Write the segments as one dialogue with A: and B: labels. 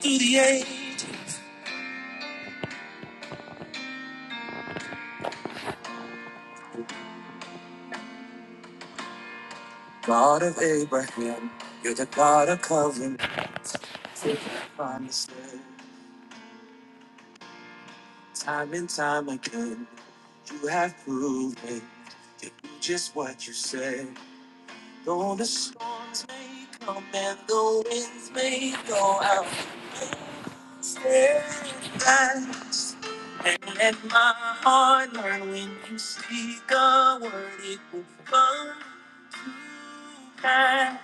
A: through the age. God of Abraham, you're the God of covenant. Faithful promises, time and time again, you have proven you do just what you said. Though the storms may come and the winds may go out, steadfast. And let my heart learn when you speak a word, it will come to pass.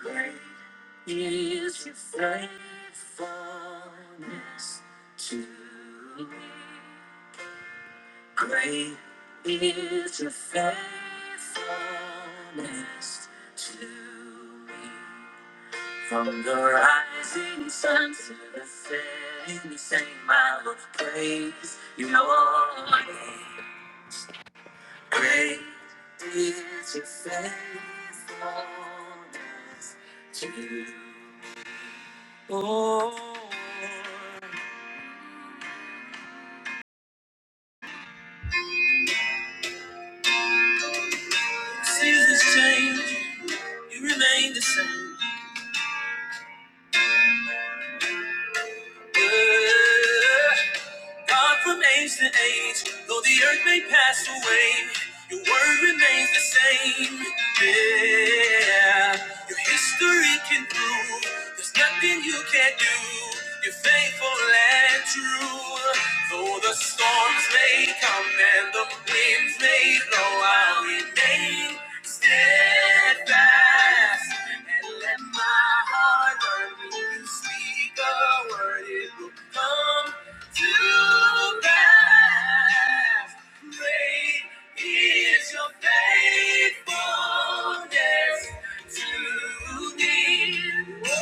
A: Great is your faithfulness to me. Great is your faithfulness to me. From the rising sun to the setting sun, I will praise your name. Great is your faithfulness to me. Lord, seasons change, you remain the same. Yeah. God from age to age, though the earth may pass away, your word remains the same. Yeah, your history can prove there's nothing you can't do. You're faithful and true. Though the storms may come and the winds may blow, I remain steadfast. And let my heart learn when you speak a word, it will come. To God, great is your faithfulness to me. Oh,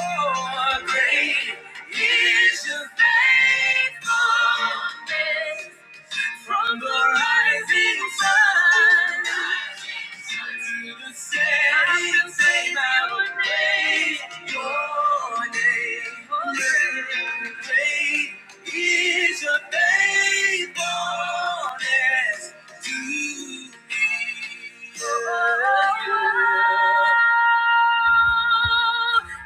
A: great is your faithfulness. From the rising sun to the setting, I I would praise your name. Great is your faithfulness to me. Oh,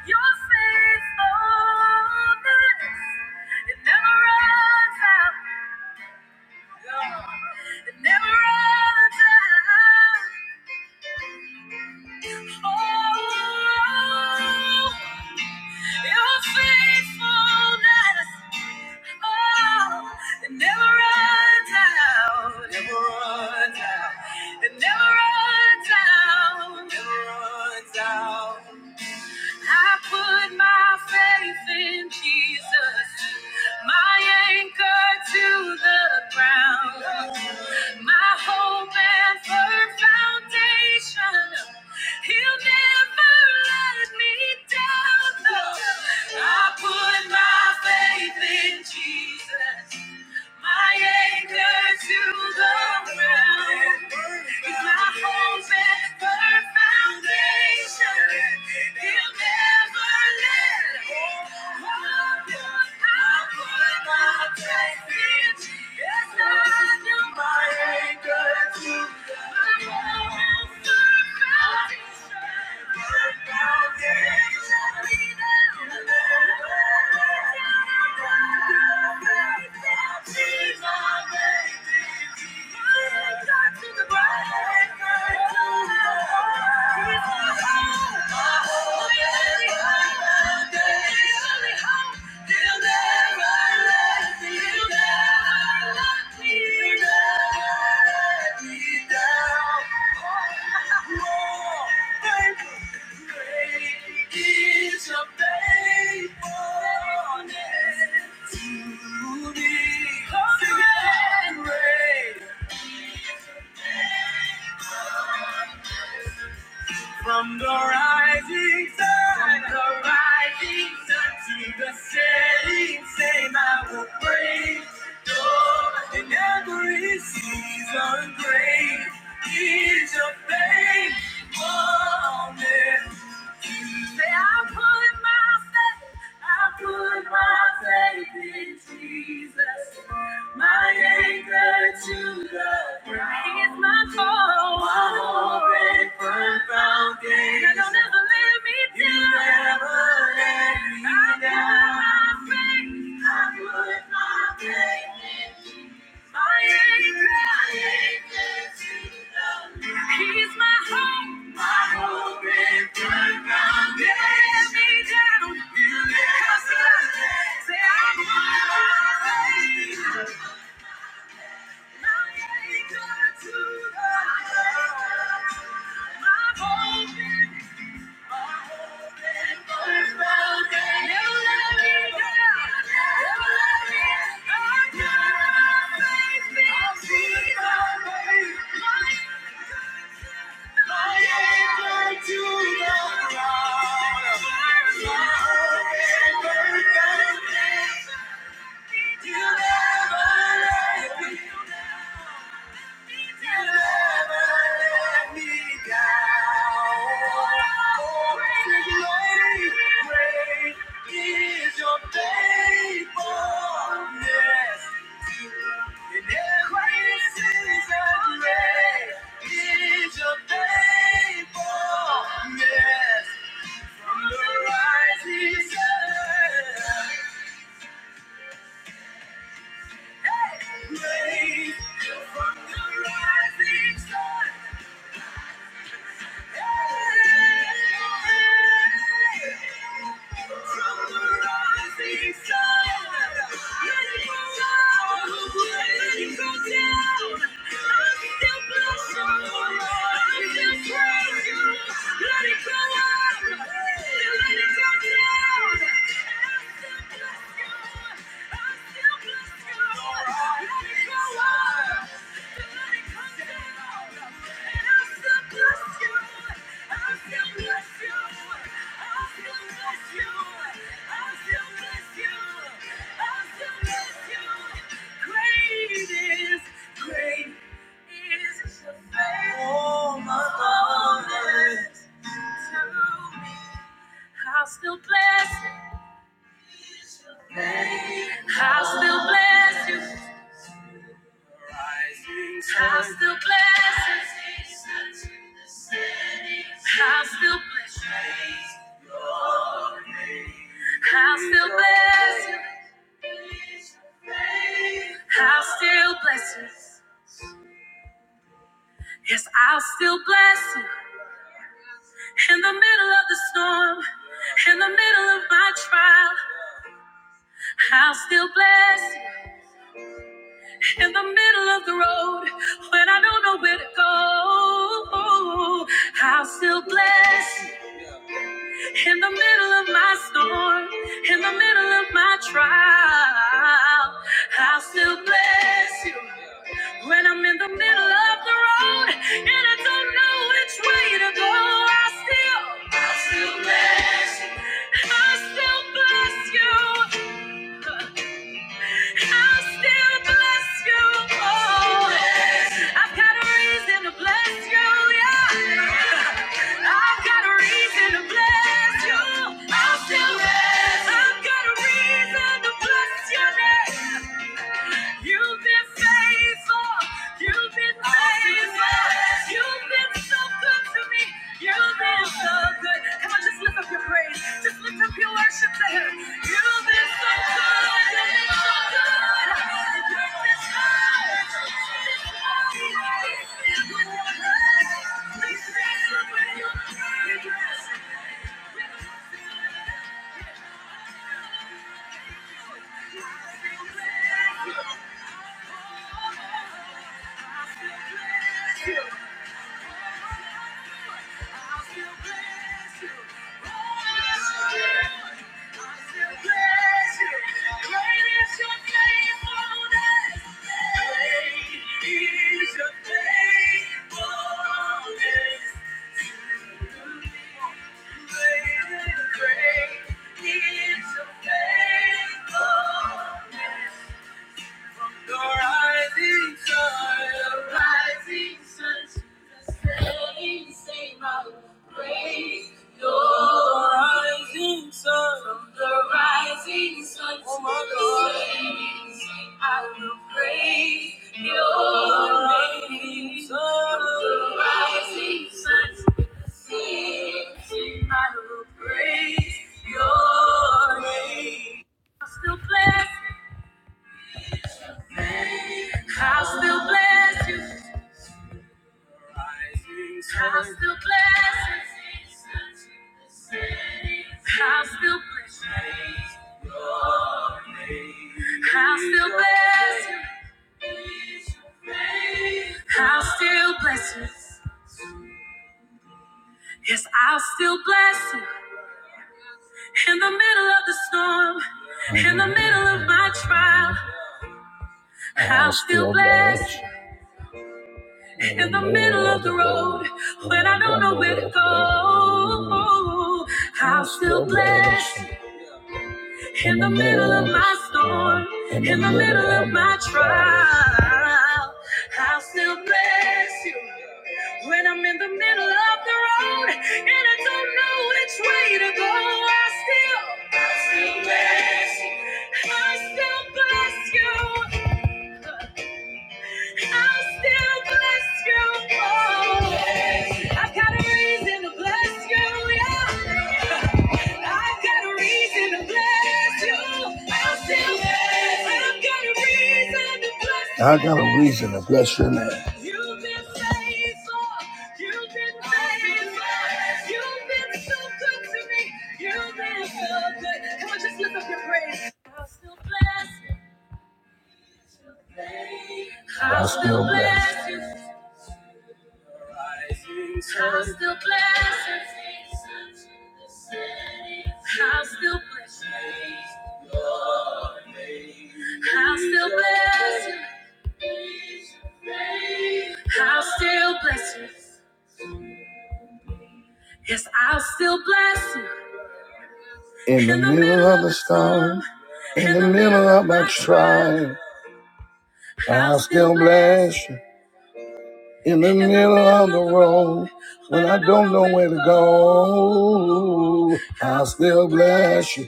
A: your faithfulness, it never runs out. It never runs out. Oh, your faithfulness. Oh, it never runs out. Never runs out. It never runs out. Never runs out. I put my faith in Jesus, my anchor to the ground, my hope and firm foundation. He'll never let me down. No, I put my faith in Jesus. My anchor to the ground is my home's firm foundation. He'll never let go. I put my faith in Jesus. My anchor to the ground. Thank you. Thank you. From the rising sun, from the rising sun to the setting, same I will praise. Lord, in every season, great is your faithfulness. I'm my faith, I'm my faith in Jesus. My anchor to the ground. He my core. My hope and firm foundation. And He'll never let me down. I put my faith, I put my faith in He's my hope. My hope is good foundation. Let me down. You never say I'm My anchor to the My hope you never let me. From the rising sun. Let it go up, let it go down. Great is the faithfulness to me. I'll still bless I will still bless you. I will still bless you. I will still bless you. I will still bless you. I will still bless you. Yes, I'll still bless you. In the middle of the storm, in the middle of my trial, I'll still bless you. In the middle of the road, when I don't know where to go, I'll still bless you. In the middle of my storm, in the middle of my trial, I'll still bless you. When I'm in the middle of the road and I don't know which way to go, I still, I still bless you. I still bless you. I'll still bless you. Oh, I've got a reason to bless you. Yeah. I've got a reason to bless you. I'll still bless. I've got a reason to bless your name. You've been faithful. You've been faithful. You've been so good to me. You've been so good. Come on, just lift up your praise. Just lift up your worship to Him. You've been so good. You've been so good. You've been so good. I'll be waiting. Great is your faithfulness. From the rising sun, the rising sun to the setting, same out praise your rising sun. From the rising sun oh to the setting, same I will praise your name. From the rising sun to the setting, I will praise your name. I'm still blessed. I'll still bless you. I'll still bless you. I'll still bless you. I'll still bless you. I'll still bless you. Yes, I'll still bless you. In the middle of the storm, in the middle of my trial, I'll still bless you. in the middle of the road when I don't know where to go. I'll still bless in the middle of my storm, in the middle of my trial. I'll still bless you when I'm in the middle of the road and I don't know which way to go. I still, I still bless you. I still bless you. I'll still bless you. Oh, I've got a reason to bless you. Yeah. I've got a reason to bless you. I'll still bless. I've got a reason to bless you. I got a reason to bless your name. You've been faithful. You've been faithful. You've been so good to me. You've been so good. Come on, just lift up your praise. I'll still bless. you. But I still bless you. I still bless you. I still bless you. I still bless you. I'll still bless you. Yes, I'll still bless you. In the middle of the storm, in the middle of my trial, I'll still bless you. in the middle of the road when I don't know where to go. I'll still bless you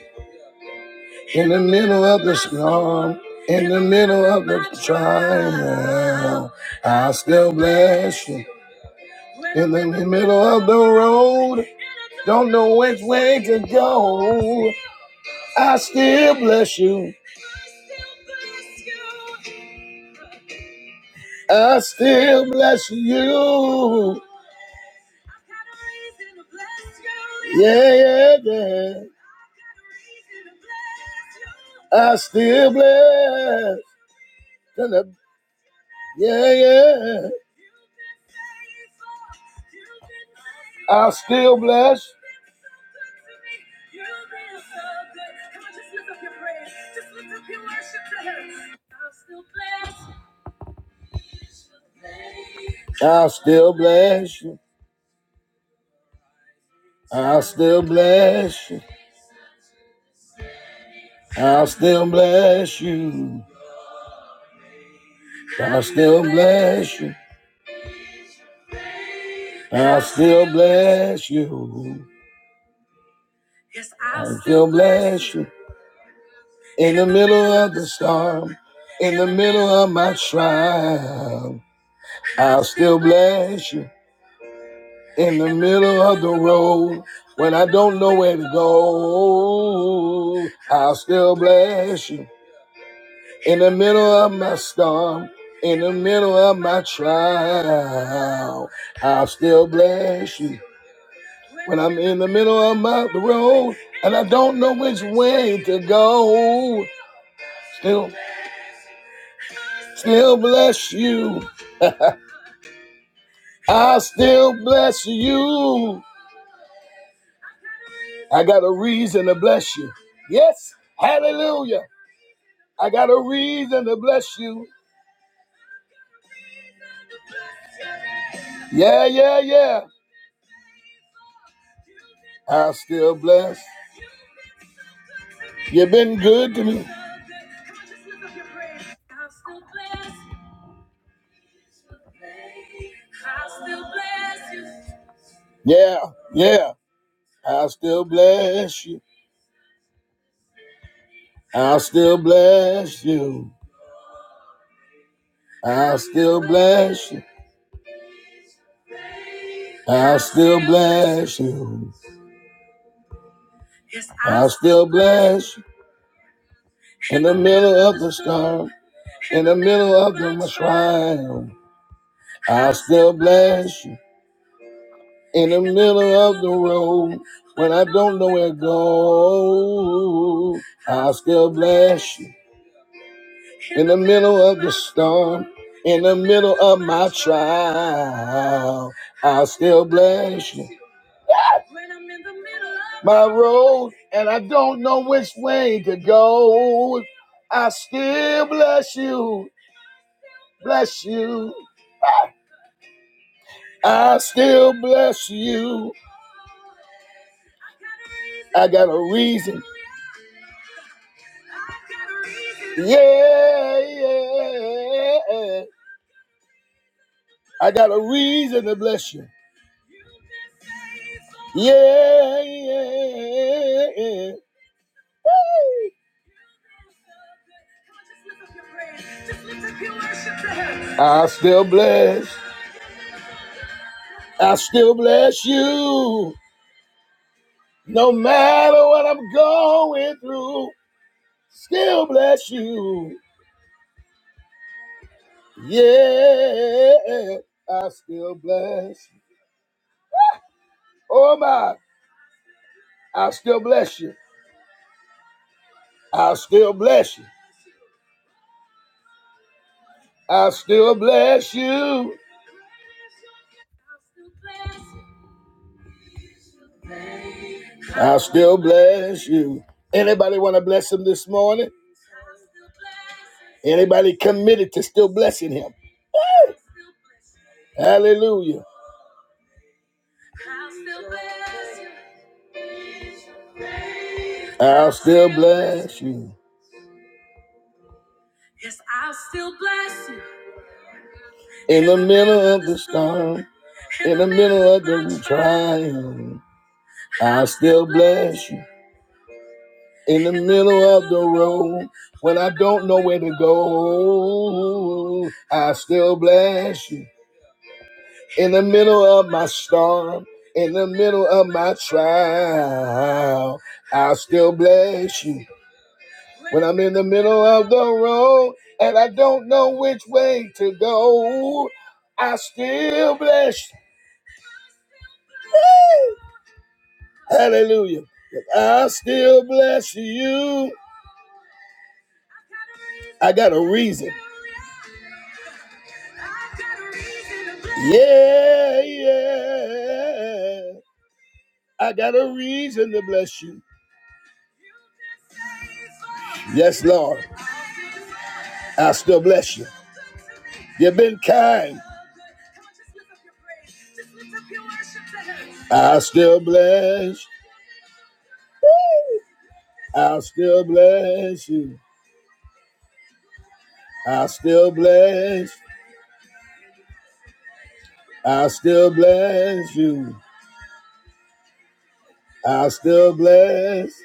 A: in the middle of the storm, in the middle of the trial. I'll still bless you in the middle of the road, don't know which way to go. I still bless you. I still bless you. Yeah, yeah, yeah. I still bless. Yeah, yeah. I'll still blessed. I'll still bless. you. I'll still bless you. I'll still bless you. I'll still bless you. I'll still bless you. I'll still bless you. In the middle of the storm, in the middle of my trial, I'll still bless you. In the middle of the road, when I don't know where to go, I'll still bless you. In the middle of my storm, in the middle of my trial, I'll still bless you. When I'm in the middle of my the road and I don't know which way to go, still, still bless you. I still bless you. I got a reason to bless you. Yes, hallelujah. I got a reason to bless you. Yeah, yeah, yeah. I still bless. You've been good to me. Yeah, yeah. I still bless you. I'll still bless you. I'll still bless you. I'll still bless you. I'll still bless you. In the middle of the storm, in the middle of the trial, I'll still bless you. In the middle of the road, when I don't know where to go, I'll still bless you. In the middle of the storm, in the middle of my trial, I'll still bless you. my road and I don't know which way to go, I still bless you, bless you, I still bless you. I got a reason. Yeah, yeah. I got a reason to bless you. Yeah, yeah. yeah, yeah. Woo! I still bless. I still bless you. No matter what I'm going through, still bless you. Yeah, I still bless you. Oh my, I still bless you. I still bless you. I still bless you. I'll still bless you. Anybody want to bless him this morning? Anybody committed to still blessing him? Woo! Hallelujah. I'll still bless you. Yes, I'll still bless you. In the middle of the storm, in the middle of the trial, I'll still bless you. in the middle of the road when I don't know where to go. I still bless you in the middle of my storm, in the middle of my trial. I still bless you when I'm in the middle of the road and I don't know which way to go. I still bless you. Woo! Hallelujah. I still bless you I got a reason. Yeah, yeah. I got a reason to bless you. Yes, Lord. I still bless you. You've been kind. I still bless. I still bless you. I still bless. I still bless you. I still bless.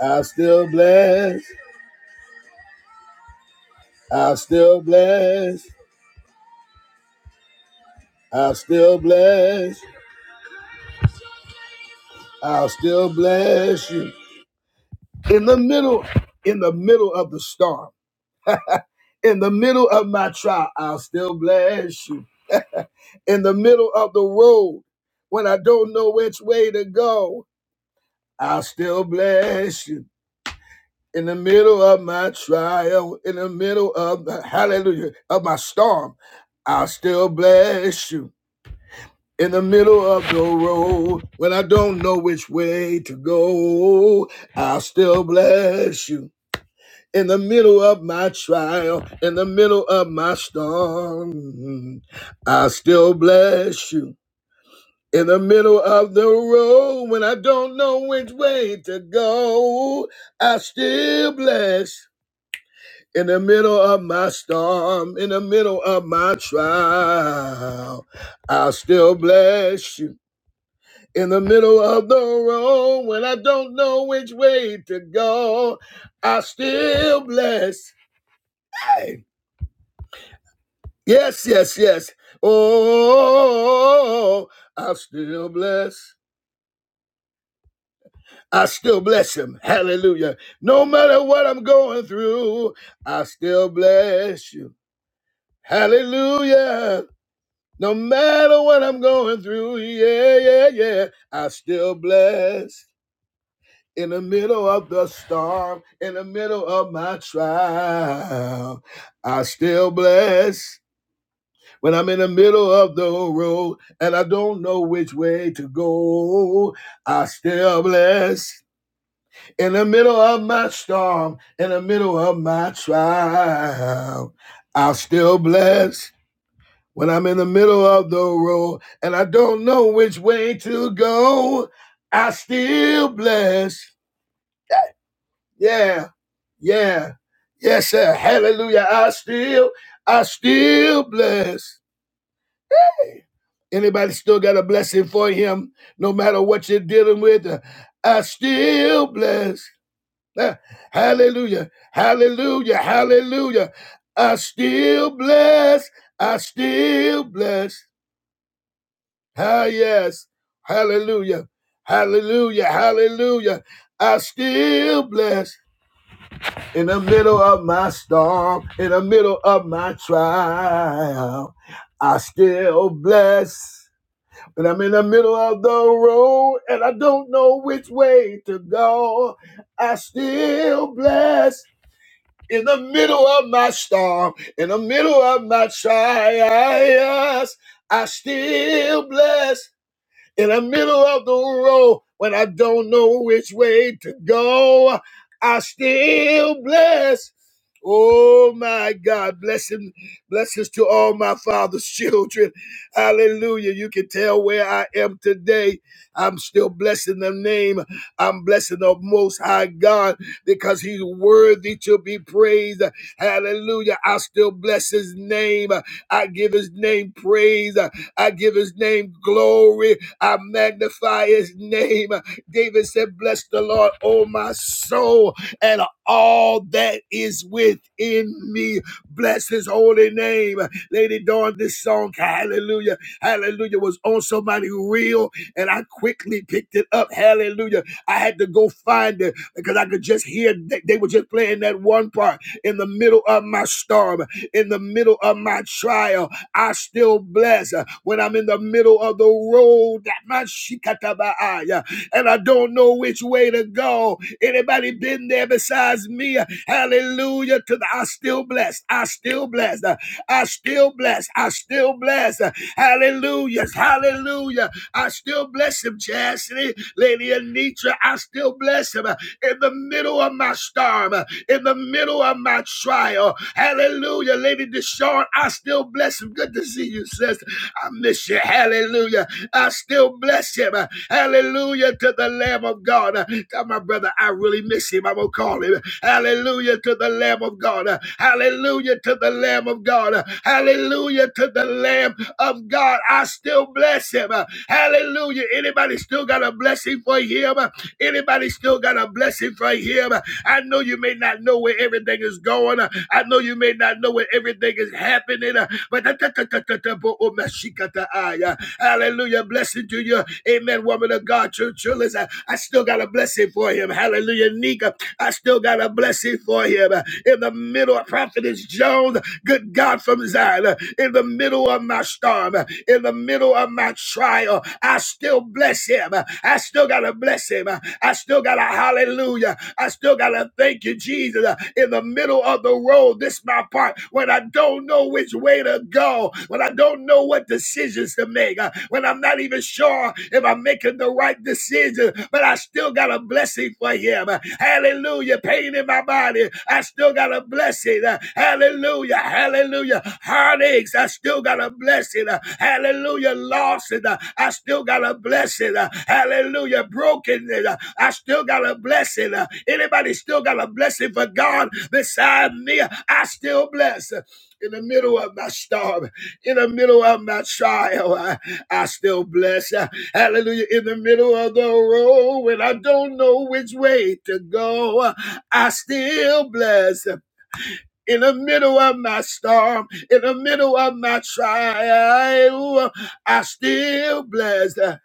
A: I still bless. I still bless. I still bless. i still bless you. In the middle, in the middle of the storm, in the middle of my trial, I'll still bless you. In the middle of the road, when I don't know which way to go, I'll still bless you. In the middle of my trial, in the middle of the hallelujah of my storm, I'll still bless you in the middle of the road when I don't know which way to go. I'll still bless you. In the middle of my trial, in the middle of my storm, I'll still bless you. In the middle of the road when I don't know which way to go, I still bless. In the middle of my storm, in the middle of my trial, I'll still bless you in the middle of the road when I don't know which way to go. I still bless. Hey. Yes, yes, yes. Oh, I still bless. I still bless him. Hallelujah. No matter what I'm going through, I still bless you. Hallelujah. No matter what I'm going through, yeah, yeah, yeah, I still bless. in the middle of the storm, in the middle of my trial, I still bless. When I'm in the middle of the road and I don't know which way to go, I still bless. In the middle of my storm, in the middle of my trial, I still bless. When I'm in the middle of the road and I don't know which way to go, I still bless. Yeah. Yeah. Yes, sir. Hallelujah. I still, I still bless. Anybody still got a blessing for him, no matter what you're dealing with? uh, I still bless. Uh, Hallelujah. Hallelujah. Hallelujah. I still bless. I still bless. Ah, yes. Hallelujah. Hallelujah. Hallelujah. I still bless. In the middle of my storm, in the middle of my trial, I still bless. When I'm in the middle of the road and I don't know which way to go, I still bless. In the middle of my storm, in the middle of my trials, I still bless in the middle of the road when I don't know which way to go. I still bless. Oh my God, blessing, blessings to all my father's children. Hallelujah. You can tell where I am today. I'm still blessing the name. I'm blessing the most high God because he's worthy to be praised. Hallelujah. I still bless his name. I give his name praise. I give his name glory. I magnify his name. David said, Bless the Lord, oh my soul, and all that is within me. Bless his holy name. Lady Dawn, this song, Hallelujah, Hallelujah, was on somebody real, and I quickly picked it up. Hallelujah. I had to go find it because I could just hear they they were just playing that one part in the middle of my storm, in the middle of my trial. I still bless uh, when I'm in the middle of the road. That my shikatabaaya, and I don't know which way to go. Anybody been there besides me? Hallelujah to the I still blessed. I still blessed. uh, I still blessed. I still blessed. uh, Hallelujah. Hallelujah. I still bless him, Chastity, Lady Anitra. I still bless him uh, in the middle of my storm. uh, in the middle of my trial. Hallelujah. Lady Deshawn, I still bless him. Good to see you, sis. I miss you. Hallelujah. I still bless him. Hallelujah to the Lamb of God. Tell my brother, I really miss him. I'm going to call him. Hallelujah to the Lamb of God. Hallelujah to the Lamb of God. Hallelujah to the Lamb of God. I still bless him. Hallelujah. Anybody still got a blessing for him? Anybody still got a blessing for him? I know you may not know where everything is going. I know you may not know where everything is happening. But Hallelujah. Blessing to you. Amen. Woman of God, true, true. Listen, I still got a blessing for him. Hallelujah. Nika, I still got a blessing for him. In the middle of Prophetess Jones, good God from Zion, in the middle of my storm, in the middle of my trial, I still bless him. I still got to bless him. I still got to hallelujah. I still got to thank you, Jesus. In the middle of the road, this is my part, when I don't know which way to go go, when I don't know what decisions to make, uh, when I'm not even sure if I'm making the right decision, but I still got a blessing for him. Uh, Hallelujah. Pain in my body, I still got a blessing. Uh, Hallelujah. Hallelujah. Heartaches, I still got a blessing. Uh, Hallelujah. Losses, uh, I still got a blessing. Uh, Hallelujah. Brokenness, uh, I still got a blessing. Uh, Anybody still got a blessing for God beside me? I still bless. In the middle of my storm, in the middle of my trial, I, I still bless. Uh, Hallelujah. In the middle of the road when I don't know which way to go, uh, I still bless. uh, In the middle of my storm, in the middle of my trial, I still bless. uh,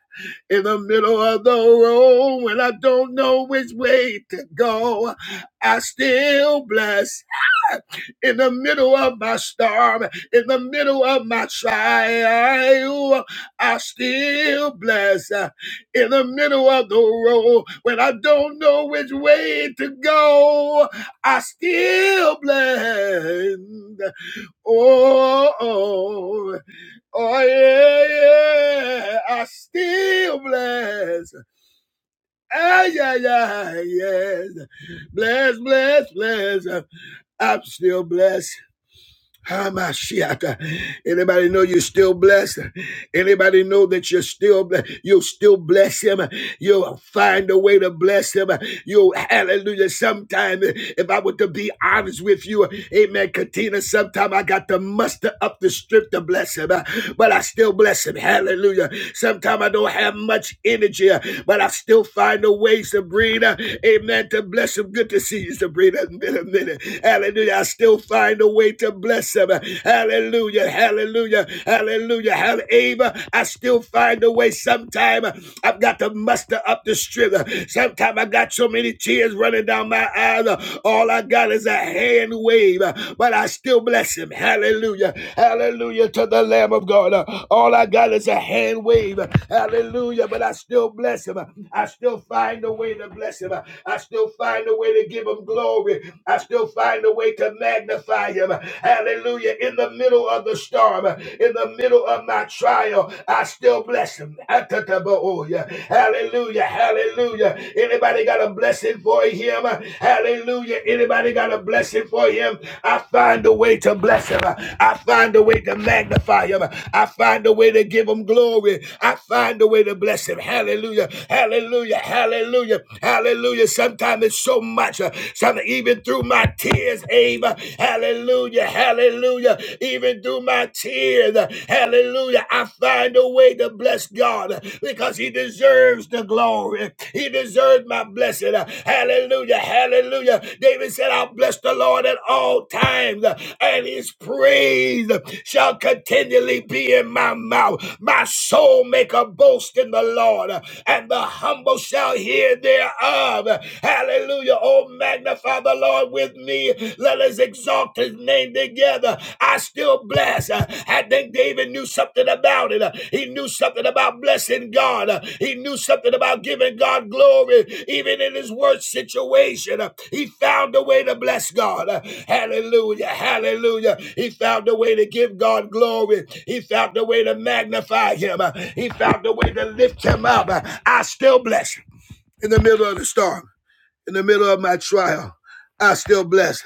A: in the middle of the road when I don't know which way to go. I still bless in the middle of my storm, in the middle of my trial. I still bless uh, in the middle of the road when I don't know which way to go. I still bless. Oh, oh, Oh yeah, yeah, I still bless. Ah yeah, yeah, yes. Bless, bless, bless. I'm still blessed. Hamashiach. Anybody know you're still blessed? Anybody know that you're still blessed? You'll still bless him. You'll find a way to bless him. You'll hallelujah. Sometime, if I were to be honest with you, amen, Katina, sometime I got to muster up the strength to bless him, but I still bless him. Hallelujah. Sometime I don't have much energy, but I still find a way, Sabrina, amen, to bless him. Good to see you, Sabrina. It's been a minute. Hallelujah. I still find a way to bless bless them. Hallelujah. Hallelujah. Hallelujah. Hallelujah. I still find a way. Sometime I've got to muster up the strength. Sometime I got so many tears running down my eyes. All I got is a hand wave. But I still bless him. Hallelujah. Hallelujah to the Lamb of God. All I got is a hand wave. Hallelujah. But I still bless him. I still find a way to bless him. I still find a way to give him glory. I still find a way way to magnify him. Hallelujah. In the middle of the storm, in the middle of my trial, I still bless him. Atatabaoya. Hallelujah. Hallelujah. Anybody got a blessing for him? Hallelujah. Anybody got a blessing for him? I find a way to bless him. I find a way to magnify him. I find a way to give him glory. I find a way to bless him. Hallelujah. Hallelujah. Hallelujah. Hallelujah. Sometimes it's so much. Sometimes Father, even through my tears, Abe. Hallelujah. Hallelujah. Even through my tears, hallelujah. I find a way to bless God because He deserves the glory. He deserves my blessing. Hallelujah. Hallelujah. David said, I'll bless the Lord at all times, and his praise shall continually be in my mouth. My soul make a boast in the Lord, and the humble shall hear thereof. Hallelujah. Oh, magnify the Lord with me. Let us exalt his name together. I still bless. Uh, I think David knew something about it. Uh, He knew something about blessing God. Uh, He knew something about giving God glory, even in his worst situation. Uh, He found a way to bless God. Uh, Hallelujah. Hallelujah. He found a way to give God glory. He found a way to magnify him. Uh, He found a way to lift him up. Uh, I still bless him in the middle of the storm in the middle of my trial, I still bless.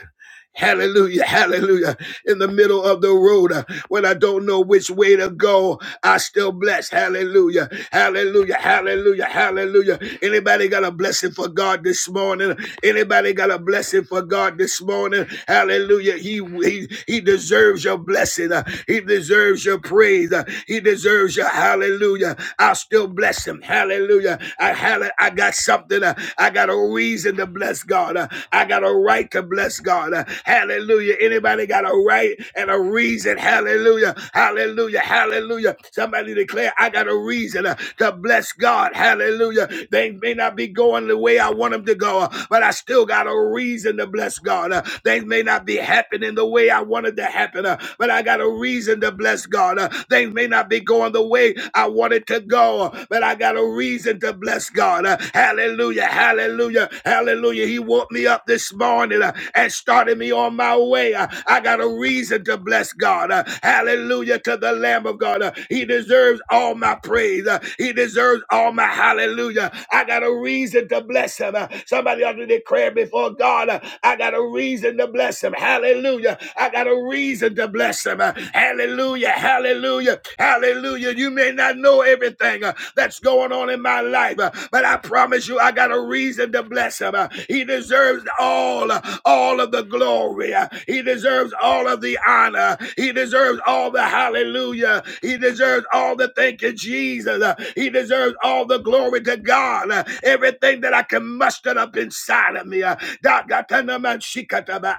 A: Hallelujah, hallelujah. In the middle of the road, uh, when I don't know which way to go, I still bless. Hallelujah, hallelujah, hallelujah, hallelujah. Anybody got a blessing for God this morning? Anybody got a blessing for God this morning? Hallelujah. He he, he deserves your blessing. Uh, He deserves your praise. Uh, He deserves your hallelujah. I still bless him. Hallelujah. I hall- I got something. uh, I got a reason to bless God. Uh, I got a right to bless God. Uh, Hallelujah. Anybody got a right and a reason? Hallelujah. Hallelujah. Hallelujah. Somebody declare I got a reason uh, to bless God. Hallelujah. They may not be going going the way I want them to go, uh, but I still got a reason to bless God. Uh, Things may not be happening the way I wanted to happen, uh, but I got a reason to bless God. Uh, Things may not be going the way I wanted to go, uh, but I got a reason to bless God. Uh, Hallelujah, hallelujah, hallelujah. He woke me up this morning uh, and started me on my way. Uh, I got a reason to bless God. Uh, Hallelujah to the Lamb of God. Uh, He deserves all my praise. Uh, He deserves all my hallelujah Hallelujah. I got a reason to bless him. Uh, Somebody ought to declare before God, uh, I got a reason to bless him. Hallelujah. I got a reason to bless him. Uh, Hallelujah. Hallelujah. Hallelujah. You may not know everything uh, that's going on in my life, uh, but I promise you, I got a reason to bless him. Uh, He deserves all, uh, all of the glory. Uh, He deserves all of the honor. He deserves all the hallelujah. He deserves all the thank you, Jesus. Uh, He deserves all the glory to God. Uh, Everything that I can muster up inside of me, uh,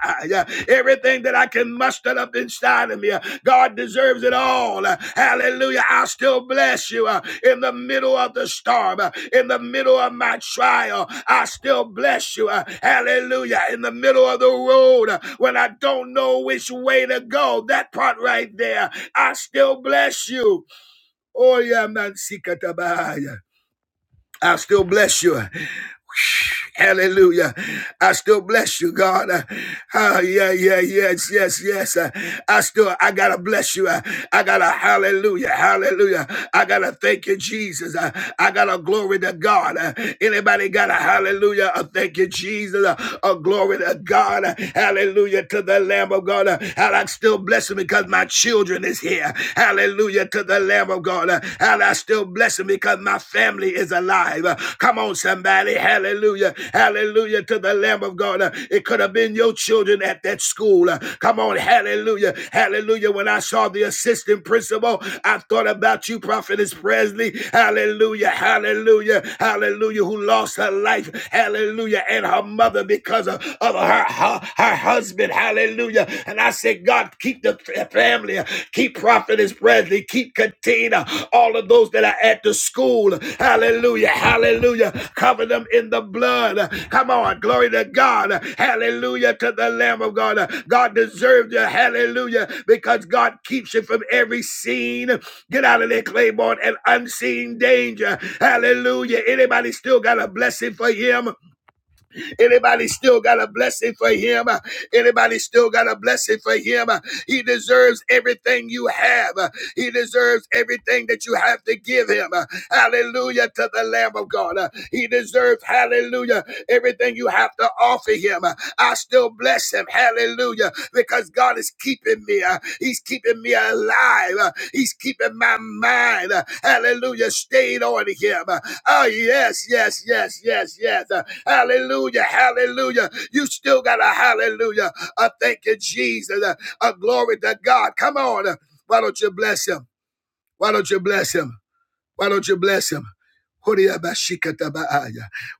A: ah, yeah. everything that I can muster up inside of me, uh, God deserves it all. Uh, Hallelujah. I still bless you uh, in the middle of the storm, uh, in the middle of my trial. I still bless you. uh, Hallelujah. In the middle of the road uh, when I don't know which way to go, that part right there, I still bless you. Oh, yeah, man, Sikatabaya. I still bless you. Hallelujah. I still bless you, God. Uh, ah, yeah, yeah, yes, yes, yes. Uh, I still, I gotta bless you. Uh, I gotta, hallelujah, hallelujah. I gotta thank you, Jesus. Uh, I gotta glory to God. Uh, anybody got a hallelujah? A thank you, Jesus. Uh, a glory to God. Uh, hallelujah to the Lamb of God. Uh, and I still bless him because my children is here. Hallelujah to the Lamb of God. Hell, I still bless him because my family is alive. Uh, Come on, somebody. Hallelujah. Hallelujah to the Lamb of God. Uh, It could have been your children at that school. Uh, Come on. Hallelujah. Hallelujah. When I saw the assistant principal, I thought about you, Prophetess Presley. Hallelujah. Hallelujah. Hallelujah. Who lost her life. Hallelujah. And her mother because of, of her, her, her husband. Hallelujah. And I and I said, God, keep the family, keep Prophetess Presley, keep Katina, all of those that are at the school. Hallelujah, hallelujah. Cover them in the blood. Come on, glory to God. Hallelujah to the Lamb of God. God deserves you, hallelujah, because God keeps you from every scene. Get out of there, Claiborne, and unseen danger. Hallelujah. Anybody still got a blessing for him? Anybody still got a blessing for him? Anybody still got a blessing for him? He deserves everything you have. He deserves everything that you have to give him. Hallelujah to the Lamb of God. He deserves, hallelujah, everything you have to offer him. I still bless him. Hallelujah. Because God is keeping me. Uh, He's keeping me alive. Uh, He's keeping my mind. uh, Hallelujah. Stayed on him. Uh, Oh, yes, yes, yes, yes, yes. Hallelujah. Hallelujah. You still got a hallelujah. A thank you, Jesus. A, a glory to God. Come on. Why don't you bless him? Why don't you bless him? Why don't you bless him?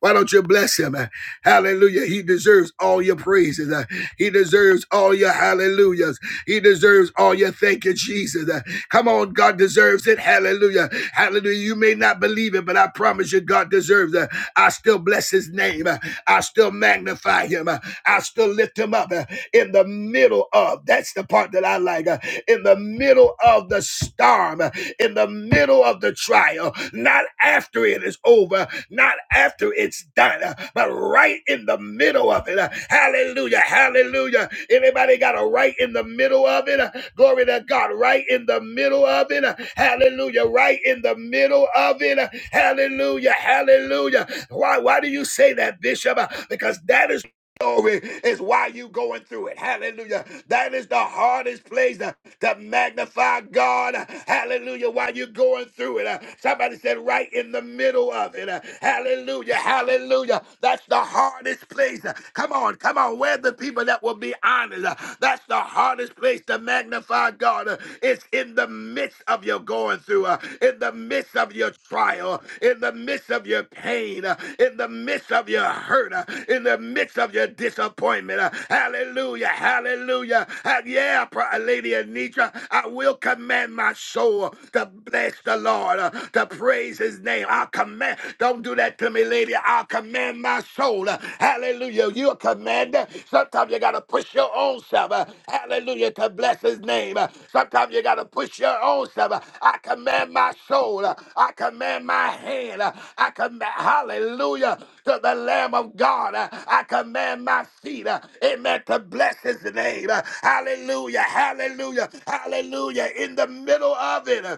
A: Why don't you bless him? Hallelujah. He deserves all your praises. He deserves all your hallelujah. He deserves all your thank you, Jesus. Uh, Come on, God deserves it. Hallelujah. Hallelujah. You may not believe it, but I promise you, God deserves it. I still bless his name. Uh, I still magnify him. Uh, I still lift him up uh, in the middle of that's the part that I like. uh, In the middle of the storm in the middle of the trial, not after it is over, not after it's done, uh, but right in the middle of it. Uh, Hallelujah. Hallelujah. Anybody got a right in the middle of it? Uh, Glory to God. Right in the middle of it. Uh, Hallelujah. Right in the middle of it. Uh, Hallelujah. Hallelujah. Why why do you say that, Bishop? Uh, Because that is Glory is why you going through it. Hallelujah. That is the hardest place to, to magnify God. Hallelujah. While you're going through it. Uh, somebody said right in the middle of it. Uh, hallelujah. Hallelujah. That's the hardest place. Uh, come on. Come on. Where the people that will be honest. Uh, that's the hardest place to magnify God. Uh, it's in the midst of your going through. Uh, in the midst of your trial. In the midst of your pain. Uh, in the midst midst of your hurt, uh, in the midst of your disappointment. uh, Hallelujah, hallelujah. Uh, Yeah, Lady Anitra, I will command my soul to bless the Lord, uh, to praise his name. I'll command, don't do that to me, lady. I'll command my soul. uh, Hallelujah. You're a commander. Sometimes you got to push your own self. uh, Hallelujah, to bless his name. Uh, Sometimes you got to push your own self. uh, I command my soul. uh, I command my hand. uh, I command, hallelujah to the Lamb of God. Uh, I command my feet, uh, amen, to bless his name. Uh, Hallelujah, hallelujah, hallelujah. In the middle of it. uh,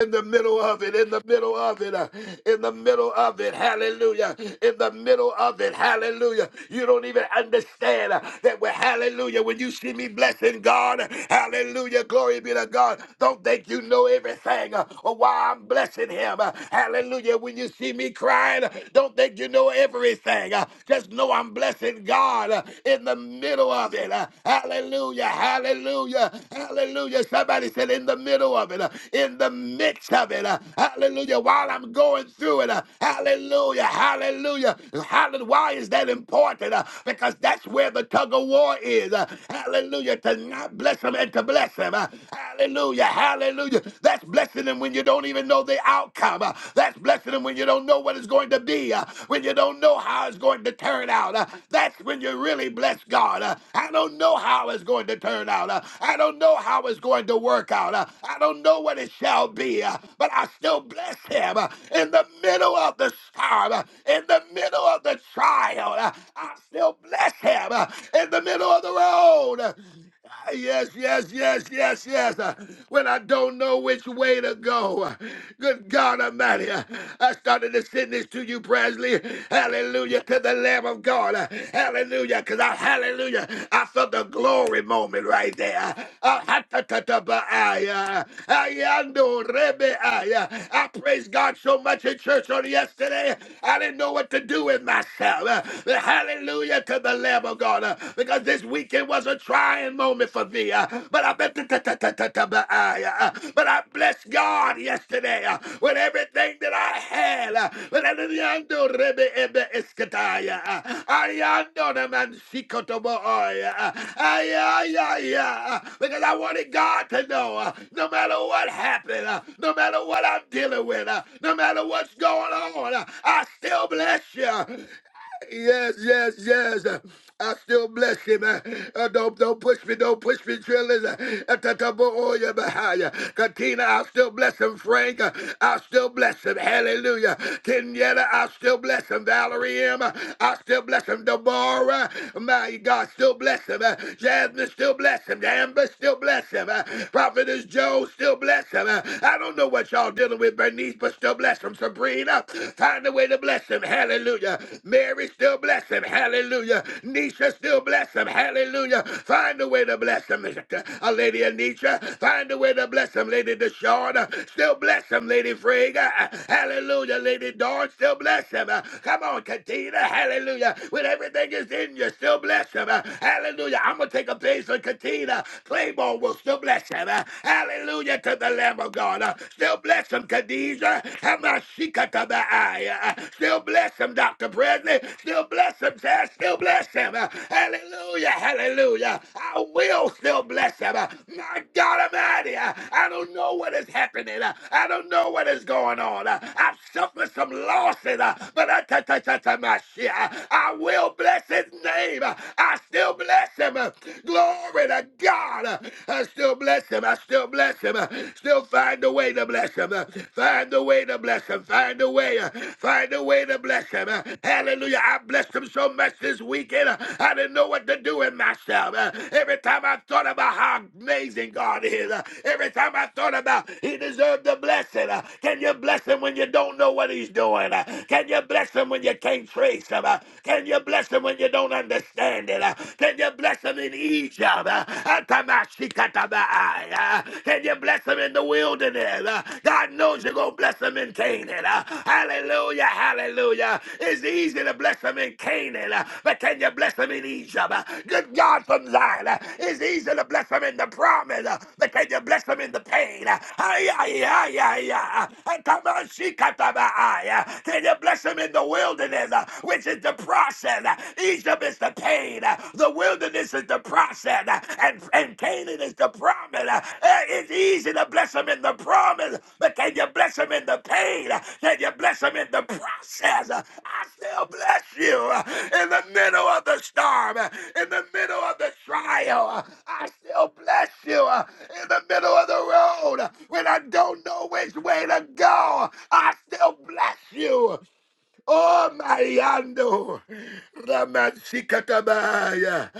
A: in the middle of it, in the middle of it, uh, in the middle of it, hallelujah, in the middle of it, hallelujah. You don't even understand uh, that we're hallelujah. When you see me blessing God, hallelujah, glory be to God. Don't think you know everything uh, or why I'm blessing Him. Uh, Hallelujah. When you see me crying, don't think you know everything. Uh, Just know I'm blessing God uh, in the middle of it. Uh, Hallelujah. Hallelujah. Hallelujah. Somebody said in the middle of it, uh, in the midst of it. uh, Hallelujah. While I'm going through it. Hallelujah. Hallelujah. Hallelujah. Why is that important? Uh, Because that's where the tug of war is. Uh, Hallelujah. To not bless him and to bless him. Hallelujah. Hallelujah! Hallelujah. That's blessing them when you don't even know the outcome. Uh, That's blessing them when you don't know what it's going to be, uh, when you don't know how it's going to turn out. Uh, That's when you really bless God. Uh, I don't know how it's going to turn out. Uh, I don't know how it's going to work out. Uh, I don't know what it shall be, uh, but I still bless Him uh, in the middle of the storm, uh, in the middle of the trial. Uh, I still bless Him uh, in the middle of the road. Yes, yes, yes, yes, yes. Uh, When I don't know which way to go, uh, good God Almighty, uh, I started to send this to you, Presley. Hallelujah to the Lamb of God. Uh, Hallelujah, because I, hallelujah, I felt the glory moment right there. Uh, ha- ta- ta- ta- ba- ay, uh, ayando rebe- ay, uh, I praise God so much in church on yesterday. I didn't know what to do with myself. Uh, Hallelujah to the Lamb of God. God, uh, because this weekend was a trying moment for me. uh, But I bet but I blessed God yesterday uh, with everything that I had. uh, I did man sikotobo oya, uh, uh, Because I wanted God to know uh, no matter what happened, uh, no matter what I'm dealing with, uh, no matter what's going on, uh, I still bless you. Yes, yes, yes. I still bless him. Uh, don't, don't push me, don't push me, trillers. Katina, I still bless him. Frank, uh, I still bless him. Hallelujah. Kenyetta, I still bless him. Valerie M, uh, I still bless him. Deborah, my God, still bless him. Uh, Jasmine, still bless him. Amber, still bless him. Uh, Prophetess Joe, still bless him. Uh, I don't know what y'all dealing with, Bernice, but still bless him. Sabrina, Find a way to bless him. Hallelujah. Mary still bless him. Hallelujah. Nisha still bless him. Hallelujah. Find a way to bless him. A lady Anisha. Find a way to bless him. Lady Deshawn. Still bless him. Lady Frega. Hallelujah. Lady Dawn. Still bless him. Come on, Katina. Hallelujah. When everything is in you, still bless him. Hallelujah. I'm going to take a page for Katina. Claymore will still bless him. Hallelujah to the Lamb of God. Still bless him, Khadijah. Hamashikatabaya. Still bless him, Dr. Presley. Still bless him, Chad. Still bless him. Hallelujah. Hallelujah. I will still bless him. My God Almighty. I don't know what is happening. I don't know what is going on. I've suffered some losses, but I, ta- ta- ta- ta- my shit. I will bless his name. I still bless him. Glory to God. I still bless bless him. I still bless him. Still find a way to bless him. Find a way to bless him. Find a way. Find a way to bless him. Hallelujah. I blessed him so much this weekend. I didn't know what to do with myself. Every time I thought about how amazing God is, every time I thought about he deserved the blessing. Can you bless him when you don't know what he's doing? Can you bless him when you can't trace him? Can you bless him when you don't understand it? Can you bless him? them in Egypt. uh, uh, Can you bless them in the wilderness? Uh, God knows you're going to bless them in Canaan. uh, Hallelujah, hallelujah. It's easy to bless them in Canaan, uh, but can you bless them in Egypt? Uh, Good God from Zion. uh, It's easy to bless them in the promise, uh, but can you bless them in the pain? Uh, ay, ay, ay, ay, ay, uh, uh, Can you bless them in the wilderness, uh, which is the process? process. Egypt is the pain. The wilderness is the process. And, and Canaan is the promise. Eh, It's easy to bless them in the promise, but can you bless them in the pain? Can you bless them in the process? I still bless you in the middle of the storm, in the middle of the trial. I still bless you in the middle of the road when I don't know which way to go. I still bless you Oh, Mariando, Ramanchikatabaya,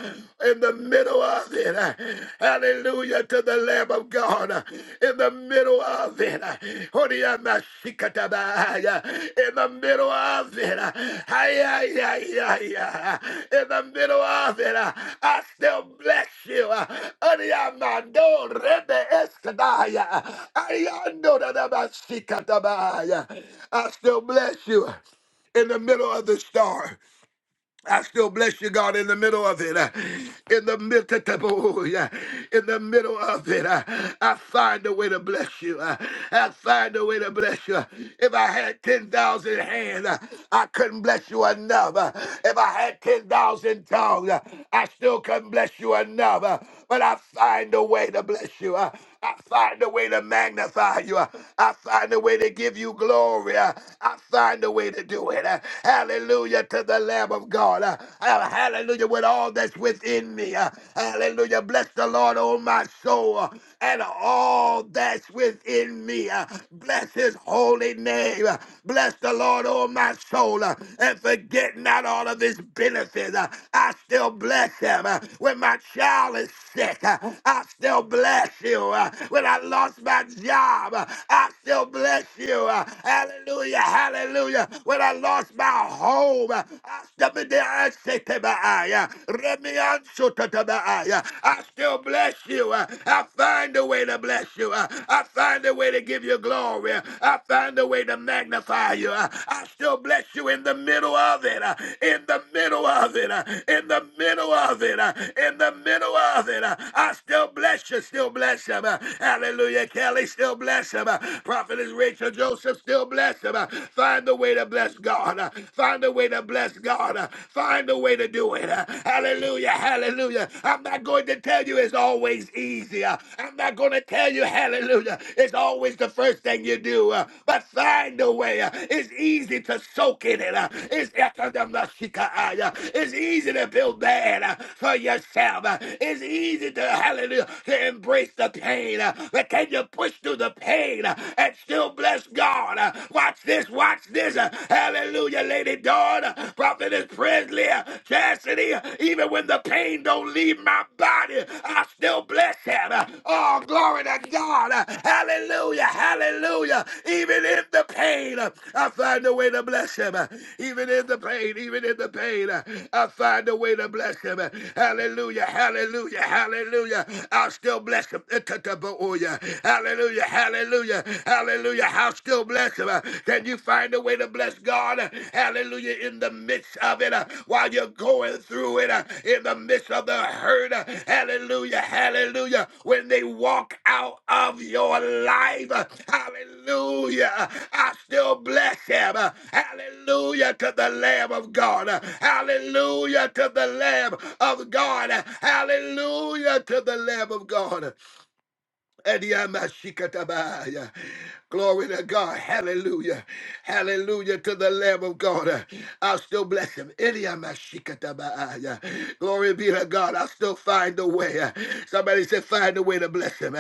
A: in the middle of it, uh, hallelujah to the Lamb of God, uh, in the middle of it, uh, Horiamashikatabaya, in the middle of it, uh, Hayayayaya, in the middle of it, uh, I still bless you, uh, Horiamando Rebe Eskadaya, Ariando Ramanchikatabaya. I still bless you in the middle of the storm, I still bless you, God, in the middle of it. uh, In the mid- oh, yeah, in the middle of it, uh, I find a way to bless you. uh, I find a way to bless you. If I had ten thousand hands, uh, I couldn't bless you enough. uh, If I had ten thousand tongues, uh, I still couldn't bless you enough. uh, But I find a way to bless you. uh, I find a way to magnify you. I find a way to give you glory. I find a way to do it. Hallelujah to the Lamb of God. Hallelujah with all that's within me. Hallelujah. Bless the Lord, oh my soul, and all that's within me. Bless his holy name. Bless the Lord, oh my soul, and forget not all of his benefits. I still bless him. When my child is sick, I still bless you you. Uh, When I lost my job, uh, I still bless you. Uh, Hallelujah, hallelujah. When I lost my home, uh, I stepped in there and say to my eye, uh, Remian Sutta to my eye, uh, I still bless you. Uh, I find a way to bless you. Uh, I find a way to give you glory. Uh, I find a way to magnify you. Uh, I still bless you in the middle of it. uh, In the middle of it. uh, In the middle of it. uh, In the middle of it. uh, I still bless you. Still bless you bless him. Hallelujah. Kelly still bless him. Prophetess Rachel Joseph still bless him. Find a way to bless God. Find a way to bless God. Find a way to do it. Hallelujah. Hallelujah. I'm not going to tell you it's always easier. I'm not going to tell you, hallelujah, it's always the first thing you do. But find a way. It's easy to soak in it. It's it's easy to build that for yourself. It's easy to, hallelujah, to embrace the the pain? Uh, But can you push through the pain uh, and still bless God? Uh, Watch this, watch this. Uh, Hallelujah, Lady Dawn, uh, Prophetess Presley, uh, Chastity. uh, Even when the pain don't leave my body, I still bless him. Uh, Oh, glory to God. Uh, Hallelujah, hallelujah. Even in the pain, uh, I find a way to bless him. Uh, Even in the pain, even in the pain, uh, I find a way to bless him. Uh, Hallelujah, hallelujah, hallelujah. I'll still bless him him. Hallelujah, hallelujah, hallelujah. How still bless him. Uh, Can you find a way to bless God? Uh, Hallelujah, in the midst of it, uh, while you're going through it, uh, in the midst of the hurt. uh, Hallelujah, hallelujah. When they walk out of your life, uh, hallelujah, uh, I still bless him. Uh, Hallelujah to the Lamb of God. Uh, Hallelujah to the Lamb of God. Uh, Hallelujah to the Lamb of God. Adiamashikatabaya. Glory to God. Hallelujah. Hallelujah to the Lamb of God. I'll still bless him. Adiamashikatabaya. Glory be to God. I'll still find a way. Somebody said, find a way to bless him.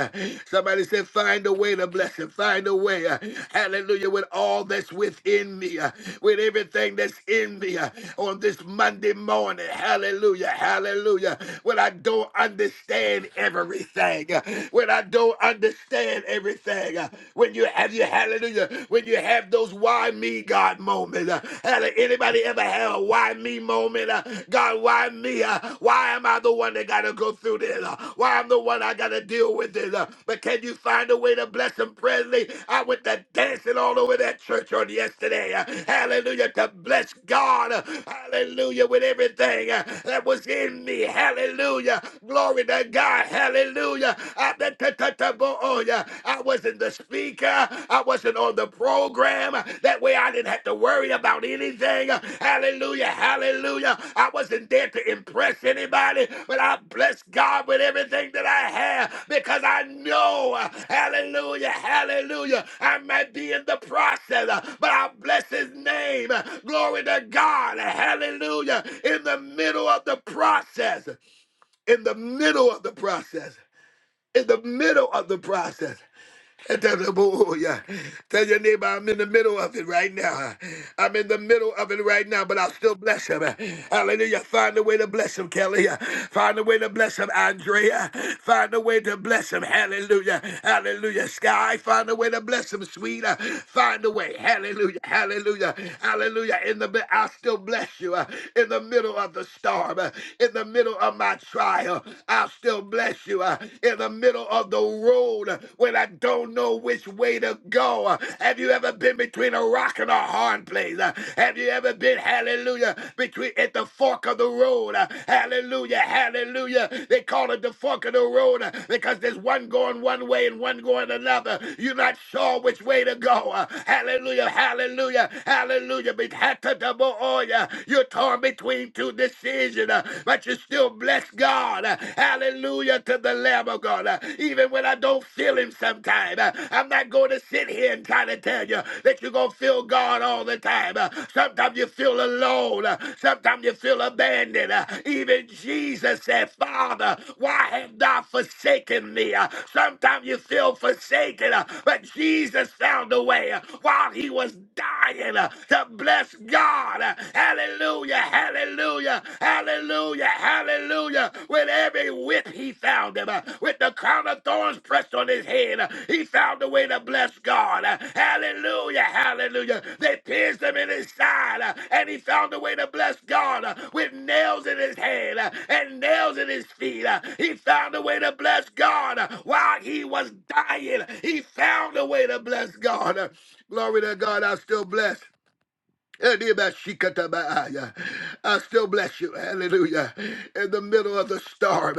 A: Somebody said, find a way to bless him. Find a way. Hallelujah. With all that's within me, with everything that's in me on this Monday morning. Hallelujah. Hallelujah. When I don't understand everything everything, uh, when I don't understand everything, uh, when you have you hallelujah, when you have those why me God moments. Uh, hallelujah. Anybody ever have a why me moment? Uh, God, why me? Uh, why am I the one that got to go through this? Uh, why I'm the one I got to deal with this? Uh, but can you find a way to bless them, Presley? I went to dancing all over that church on yesterday. Uh, hallelujah to bless God. Uh, hallelujah with everything uh, that was in me. Hallelujah. Glory Glory to God. Hallelujah. I oh, yeah. wasn't the speaker. I wasn't on the program. That way I didn't have to worry about anything. Hallelujah. Hallelujah. I wasn't there to impress anybody, but I bless God with everything that I have because I know. Hallelujah. Hallelujah. I might be in the process, but I bless his name. Glory to God. Hallelujah. In the middle of the process in the middle of the process, in the middle of the process. And tell them, oh, oh, yeah. Tell your neighbor I'm in the middle of it right now. I'm in the middle of it right now, but I'll still bless him. Hallelujah. Find a way to bless him, Kelly. Find a way to bless him, Andrea. Find a way to bless him. Hallelujah. Hallelujah. Sky, find a way to bless him, sweet. Find a way. Hallelujah. Hallelujah. Hallelujah. In the I'll still bless you. In the middle of the storm. In the middle of my trial. I'll still bless you in the middle of the road when I don't know which way to go? Have you ever been between a rock and a hard place? Have you ever been, hallelujah, between at the fork of the road? Hallelujah, hallelujah. They call it the fork of the road because there's one going one way and one going another. You're not sure which way to go. Hallelujah, hallelujah, hallelujah. Be- You're torn between two decisions, but you still bless God. Hallelujah to the Lamb of God. Even when I don't feel Him sometime, I'm not going to sit here and try to tell you that you're going to feel God all the time. Sometimes you feel alone. Sometimes you feel abandoned. Even Jesus said, Father, why have thou forsaken me? Sometimes you feel forsaken, but Jesus found a way while he was dying to bless God. Hallelujah. Hallelujah, hallelujah, hallelujah, hallelujah. With every whip he found him, uh, with the crown of thorns pressed on his head, uh, he found a way to bless God. Uh, Hallelujah, hallelujah. They pierced him in his side, uh, and he found a way to bless God. Uh, With nails in his hand uh, and nails in his feet, uh, he found a way to bless God. Uh, While he was dying, he found a way to bless God. Uh, Glory to God, I'm still blessed. I still bless you. Hallelujah. In the middle of the storm,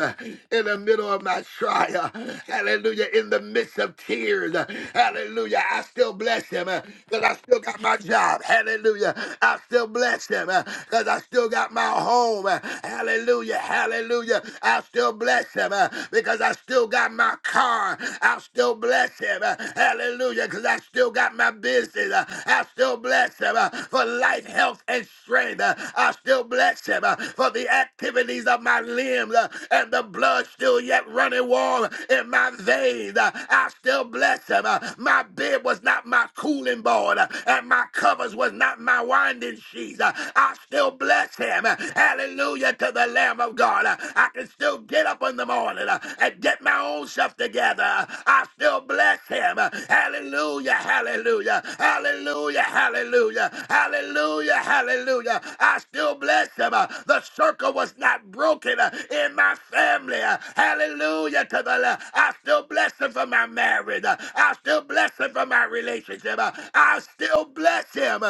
A: in the middle of my trial, hallelujah. In the midst of tears, hallelujah. I still bless him because I still got my job. Hallelujah. I still bless him because I still got my home. Hallelujah. Hallelujah. I still bless him because I still got my car. I still bless him. Hallelujah. Because I still got my business. Uh, I still bless him uh, for life, health, and strength. Uh, I still bless him uh, for the activities of my limbs uh, and the blood still yet running warm in my veins. Uh, I still bless him. Uh, My bed was not my cooling board uh, and my covers was not my winding sheets. Uh, I still bless him. uh, Hallelujah to the Lamb of God. Uh, I can still get up in in the morning uh, and get my own stuff together, I still bless him. Hallelujah, hallelujah, hallelujah, hallelujah, hallelujah, hallelujah. I still bless him. Uh, The circle was not broken uh, in my family. Uh, Hallelujah to the Lord. I still bless him for my marriage. Uh, I still bless him for my relationship. Uh, I still bless him.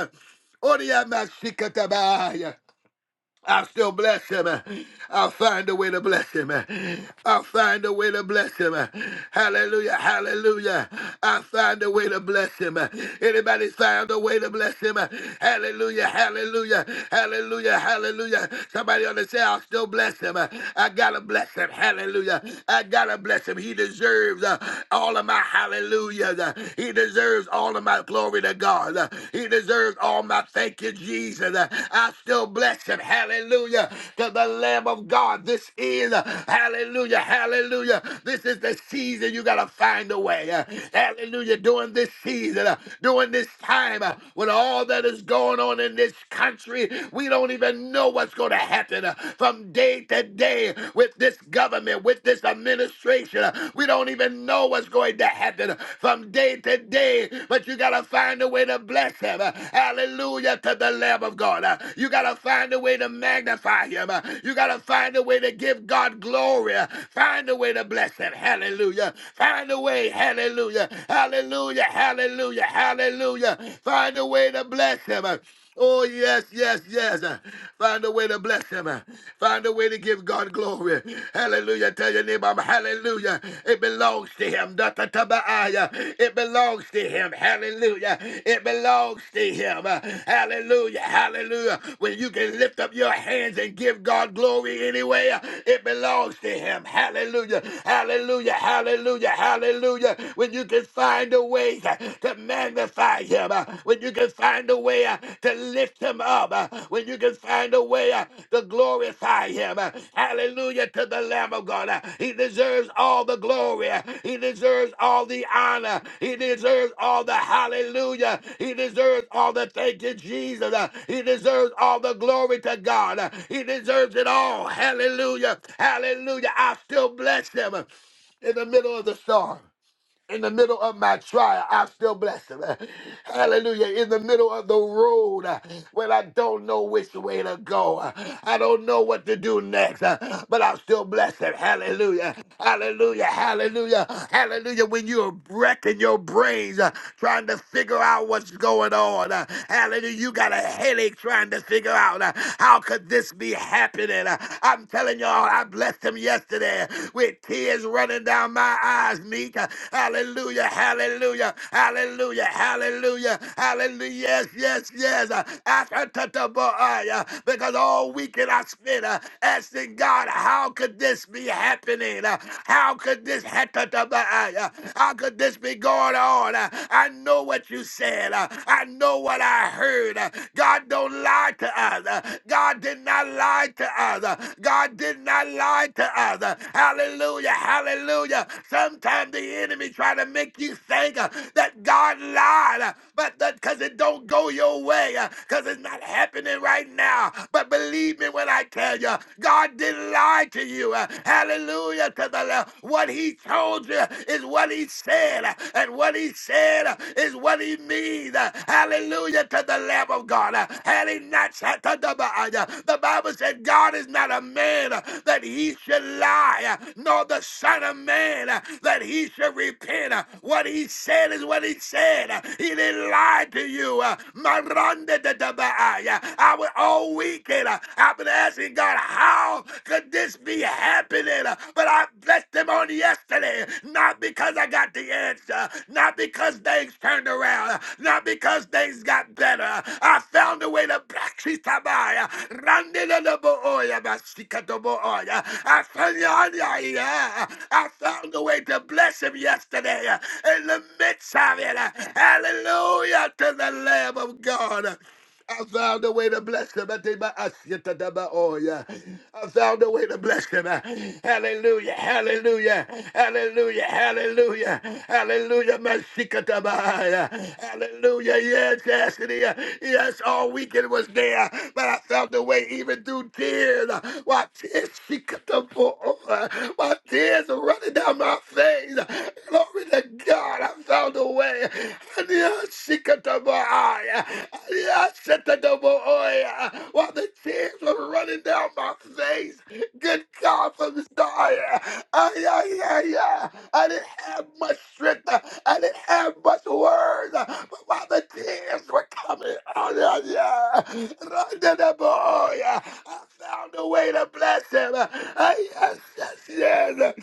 A: Oria I'll still bless him. I'll find a way to bless him. I'll find a way to bless him. Hallelujah. Hallelujah. I'll find a way to bless him. Anybody found a way to bless him? Hallelujah. Hallelujah. Hallelujah. Hallelujah. Somebody on the say, I'll still bless him. I gotta bless him. Hallelujah. I gotta bless him. He deserves uh, all of my hallelujahs. He deserves all of my glory. Glory to God. Uh, He deserves all my thank you, Jesus. Uh, I still bless him. Hallelujah. To the Lamb of God. This is, uh, hallelujah, hallelujah. This is the season you got to find a way. Uh, Hallelujah. During this season, uh, during this time, uh, with all that is going on in this country, we don't even know what's going to happen uh, from day to day with this government, with this administration generation. Uh, We don't even know what's going to happen from day to day, but you got to find a way to bless him. Uh, Hallelujah to the Lamb of God. Uh, You got to find a way to magnify him. Uh, You got to find a way to give God glory. Uh, Find a way to bless him. Hallelujah. Find a way. Hallelujah. Hallelujah. Hallelujah. Hallelujah. Find a way to bless him. Oh, yes, yes, yes. Find a way to bless him. Find a way to give God glory. Hallelujah. Tell your neighbor, hallelujah. It belongs to him. Da, ta, ta, ba, ah, yeah. It belongs to him. Hallelujah. It belongs to him. Hallelujah. Hallelujah. When you can lift up your hands and give God glory anyway, it belongs to him. Hallelujah. Hallelujah. Hallelujah. Hallelujah. When you can find a way ways uh, to magnify him, uh, when you can find a way uh, to lift him up, uh, when you can find a way uh, to glorify him. uh, Hallelujah to the Lamb of God. uh, He deserves all the glory. uh, He deserves all the honor. He deserves all the hallelujah. He deserves all the thank you, Jesus. uh, He deserves all the glory to God. uh, He deserves it all. Hallelujah. Hallelujah. I still bless him uh, in the middle of the storm. In the middle of my trial, I still bless him. Hallelujah. In the middle of the road uh, when I don't know which way to go, uh, I don't know what to do next, uh, but i still bless him. Hallelujah. Hallelujah. Hallelujah. Hallelujah. When you're wrecking your brains uh, trying to figure out what's going on, uh, hallelujah. You got a headache trying to figure out uh, how could this be happening. Uh, I'm telling you blessing, y'all. I blessed him yesterday with tears running down my eyes, Meek. Hallelujah, hallelujah, hallelujah, hallelujah, hallelujah. Yes, yes, yes. Uh, uh, yeah." Because all weekend I spent uh, asking God, how could this be happening? Uh, How could this Hatatabai, uh, yeah. How could this be going on? Uh, I know what you said. Uh, I know what I heard word. Uh, God don't lie to us. Uh, God did not lie to us. Uh, God did not lie to us. Uh, Hallelujah. Hallelujah. Sometimes the enemy try to make you think uh, that God lied, uh, but because it don't go your way, because it's not happening right now. But believe me when I tell you, God didn't lie to you. Uh, Hallelujah to the Lord. What he told you is what he said said, uh, and what he said uh, is what he means. Uh, Hallelujah to the Lamb of God. Uh, Had he not said to the Baal, uh, the Bible said, God is not a man uh, that he should lie, uh, nor the Son of Man uh, that he should repent. Uh, What he said is what he said. Uh, He didn't lie to you. Uh, Marande de de Baal. Uh, I was all weekend. uh, I've been asking God, how could would this be happening? But I blessed them on yesterday, not because I got the answer, not because things turned around, not because things got better. I found a way to bless you, Tamaya. I found you on your ear. I found a way to bless him yesterday in the midst of it. Hallelujah to the Lamb of God. I found a way to bless them. I think my- I shit that that my- oh, yeah. I found a way to bless them. Hallelujah, hallelujah, hallelujah, hallelujah, hallelujah, my shikatabaya. Hallelujah, yes, yes, it is. yes, all weekend was there, but I found a way away even through tears. Why tears she cut the over. My tears are running down my face. Glory to God, I found a way. And yeah, she cut the boy. And yeah, I shut the double oil. While the tears were running down my face. Good God from the start. Uh, yeah, yeah, yeah. I didn't have much strength. I didn't have much words. But while the tears were coming, oh, yeah, yeah. Run to the boy. I found a way to bless him. Uh, yes, yes, yes.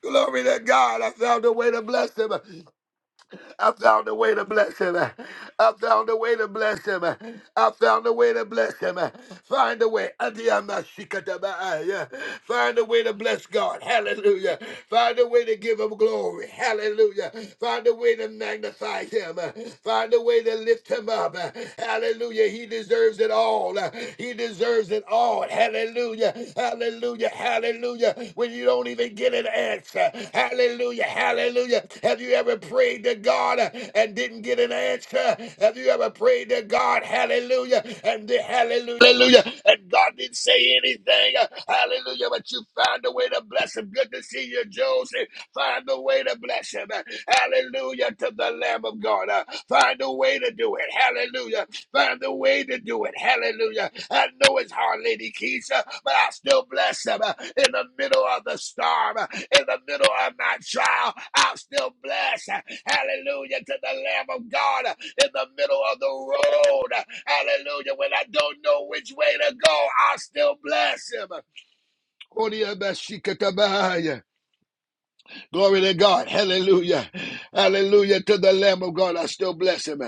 A: Glory to God. I found a way to bless him. I found a way to bless him. I found a way to bless him. I found a way to bless him. Find a way. Adiyamashikatabaaya. Find a way to bless God. Hallelujah. Find a way to give him glory. Hallelujah. Find a way to magnify him. Find a way to lift him up. Hallelujah. He deserves it all. He deserves it all. Hallelujah. Hallelujah. Hallelujah. When you don't even get an answer. Hallelujah. Hallelujah. Have you ever prayed to God uh, and didn't get an answer? Have you ever prayed to God? Hallelujah. And the hallelujah. Hallelujah. And God didn't say anything. uh, Hallelujah. But you found a way to bless him. Good to see you, Joseph find a way to bless him. Hallelujah to the Lamb of God. Uh, Find a way to do it. Hallelujah. Find a way to do it. Hallelujah. I know it's hard, Lady Keisha, but I still bless him uh, in the middle of the storm, uh, in the middle of my trial. I'll still bless. uh, Hallelujah to the Lamb of God uh, in the middle of the road. uh, Hallelujah. When I don't know which way to go, I'll still bless him. Glory to God. Hallelujah. Hallelujah to the Lamb of God. I still bless him.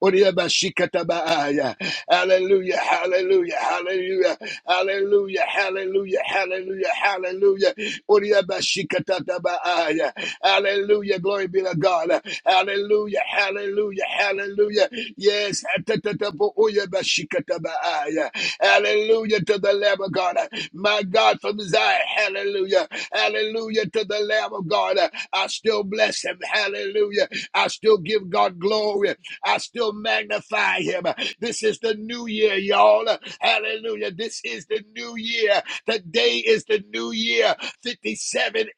A: Uriyabashikatabaaya. Hallelujah. Hallelujah. Hallelujah. Hallelujah. Hallelujah. Hallelujah. Hallelujah. Uriyabashikatabaaya. Hallelujah. Glory be to God. Hallelujah. Hallelujah. Hallelujah. Yes. Atatatabu uyabashikatabaaya. Hallelujah to the Lamb of God. My God from Zion. Hallelujah. Hallelujah to the Lamb of God. I still bless him. Hallelujah. I still give God glory. I still magnify him. This is the new year, y'all. Hallelujah. This is the new year. Today is the new year. 5786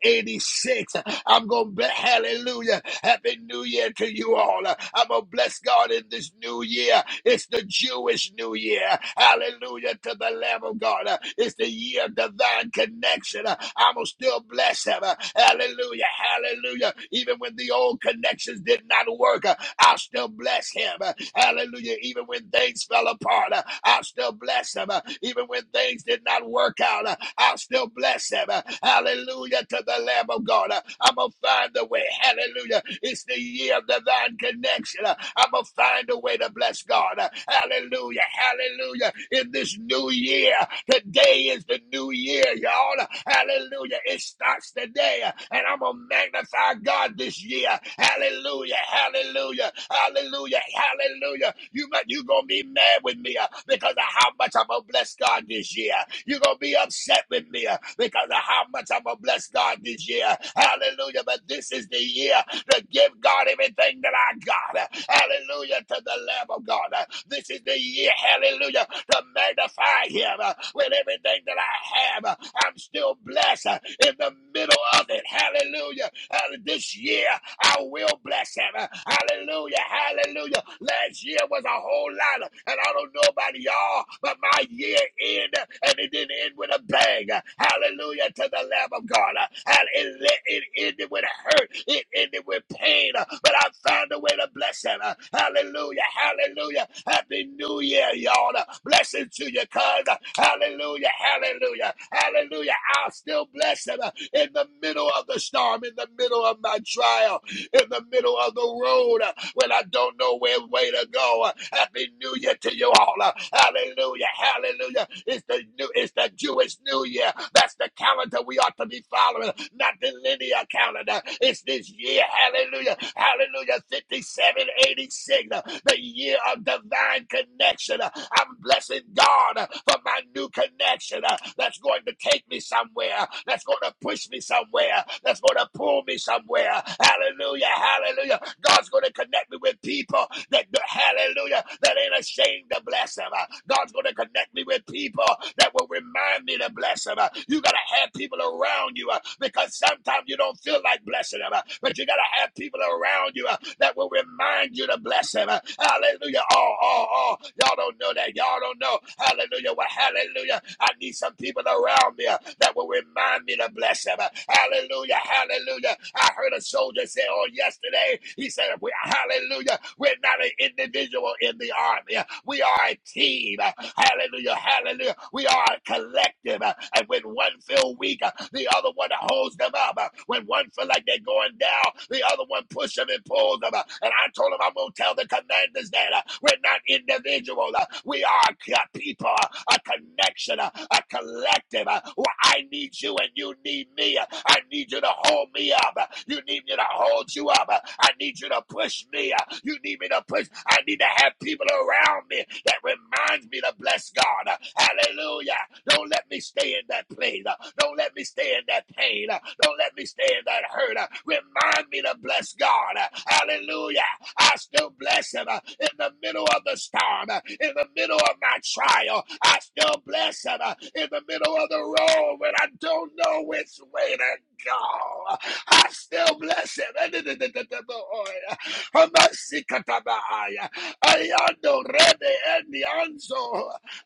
A: I'm going to bless, hallelujah. Happy New Year to you all. I'm going to bless God in this new year. It's the Jewish New Year. Hallelujah to the Lamb of God. It's the year of divine connection. I'm going to still bless him. Hallelujah. Hallelujah. Even when the old connections did not work, I'll still bless him. Hallelujah. Even when things fell apart, I'll still bless him. Even when things did not work out, I'll still bless him. Hallelujah to the Lamb of God. I'm going to find a way. Hallelujah. It's the year of divine connection. I'm going to find a way to bless God. Hallelujah. Hallelujah. In this new year, today Today is the new year, y'all. Hallelujah. It starts today. And I'm going to magnify God this year. Hallelujah. Hallelujah. Hallelujah. Hallelujah. You might, you going to be mad with me uh, because of how much I'm going to bless God this year. You're going to be upset with me uh, because of how much I'm going to bless God this year. Hallelujah. But this is the year to give God everything that I got. Hallelujah to the Lamb of God. This is the year, hallelujah, to magnify Him with everything that I have. I'm still blessed in the middle of it. Hallelujah. Uh, This year, I will bless Him. Hallelujah. Hallelujah. Last year was a whole lot, and I don't know about y'all, but my year ended, and it didn't end with a bang. Hallelujah to the Lamb of God. And it, it ended with a hurt. It ended with pain, uh, but I found a way to bless it. uh, Hallelujah. Hallelujah. Happy New Year, y'all. Uh, Blessing to your cousin. Hallelujah. Hallelujah. Hallelujah. I'll still bless him uh, in the middle of the storm, in the middle of my trial in the middle of the road uh, when I don't know where way to go. Uh, Happy New Year to you all. Uh, Hallelujah, hallelujah. It's the new, it's the Jewish New Year. That's the calendar we ought to be following, not the linear calendar. It's this year, hallelujah. Hallelujah. 5786, uh, the year of divine connection. Uh, I'm blessing God uh, for my new connection uh, that's going to take me somewhere, uh, that's going to push me somewhere, uh, that's going to pull me somewhere. Hallelujah. Hallelujah. God's going to connect me with people that, hallelujah, that ain't ashamed to bless them. Uh, God's going to connect me with people that will remind me to bless them. Uh, You got to have people around you uh, because sometimes you don't feel like blessing them, uh, but you got to have people around you uh, that will remind you to bless them. Uh, Hallelujah. Oh, oh, oh. Y'all don't know that. Y'all don't know. Hallelujah. Well, hallelujah. I need some people around me uh, that will remind me to to bless them. Hallelujah. Hallelujah. I heard a soldier say on yesterday, he said, we, Hallelujah. We're not an individual in the army. We are a team. Hallelujah. Hallelujah. We are a collective. And when one feel weak, the other one holds them up. When one feel like they're going down, the other one push them and pulls them. And I told him I'm going to tell the commanders that uh, we're not individual. uh, We are collective people, a connection, a collective. Well, I need you and you need me. I need you to hold me up. You need me to hold you up. I need you to push me. You need me to push. I need to have people around me that reminds me to bless God. Hallelujah. Don't let me stay in that place. Don't let me stay in that pain. Don't let me stay in that hurt. Remind me to bless God. Hallelujah. I still bless him uh, in the middle of the storm, uh, in the middle of my trial. I still bless him uh, in the middle of the road when I don't know which way to go. I still bless him.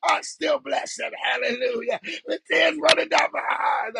A: I still bless him. Hallelujah. With tears running down my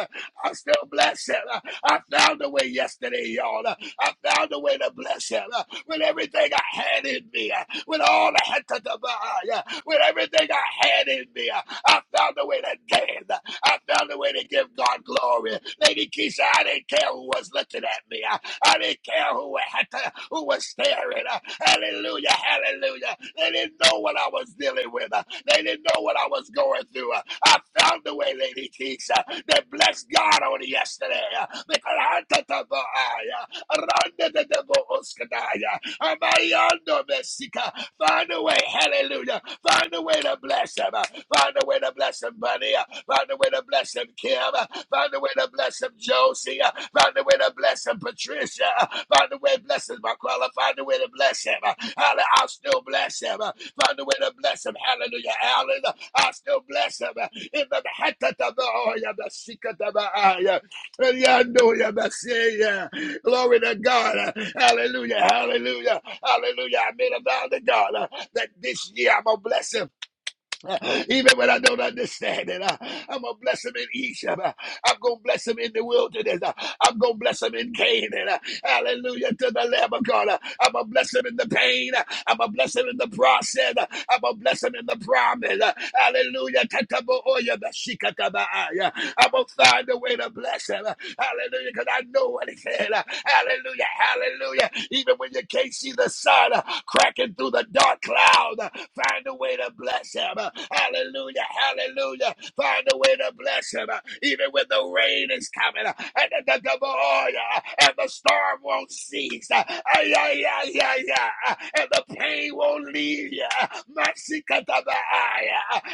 A: eyes, I still bless him. I found a way yesterday, y'all. I found a way to bless him uh, with everything I had in me, uh, with all I had to divide, uh, with everything I had in me. uh, I found a way to dance. uh, I found a way to give God glory. Lady Keisha, I didn't care who was looking at me. I, I didn't care who had to, who was staring. Uh, Hallelujah, hallelujah. They didn't know what I was dealing with. Uh, They didn't know what I was going through. Uh, I found a way, Lady Keisha, that blessed God on yesterday. uh, Because I, Randa de debo oskadaya. Amayando besika. Find a way, hallelujah. Find a way to bless him. Find a way to bless him, buddy. Find a way to bless him, Kim. Find a way to bless him, Josie. Find a way to bless him, Patricia. Find a way to bless him, Marquella. Find a way to bless him. I'll still bless him. Find a way to bless him. Hallelujah, Alan. I'll still bless him. In the Hatata, the Oya, the Sika, the Yandoya Messiah. Glory to God. Hallelujah. Hallelujah. Hallelujah. I made a vow to God uh, that this year I'm going to bless him. uh, Even when I don't understand it, Uh, I'm gonna bless him in Egypt. Uh, I'm gonna bless him in the wilderness. Uh, I'm gonna bless him in Canaan. Uh, Hallelujah to the Lamb of God. Uh, I'm gonna bless him in the pain. Uh, I'm gonna bless him in the process. Uh, I'm gonna bless him in the promise. Uh, Hallelujah. I'm gonna find a way to bless him. Uh, Hallelujah. Because I know what he said. Hallelujah. Hallelujah. Even when you can't see the sun uh, cracking through the dark cloud, uh, find a way to bless him. Uh, Hallelujah. Hallelujah. Find a way to bless him. Uh, Even when the rain is coming uh, and the, the double oil uh, and the storm won't cease. uh, Ay, ay, ay, ay, ay, uh, and the pain won't leave you. Masikatabaaya.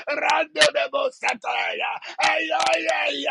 A: Rando de Bosataya. Ay, ay, ay,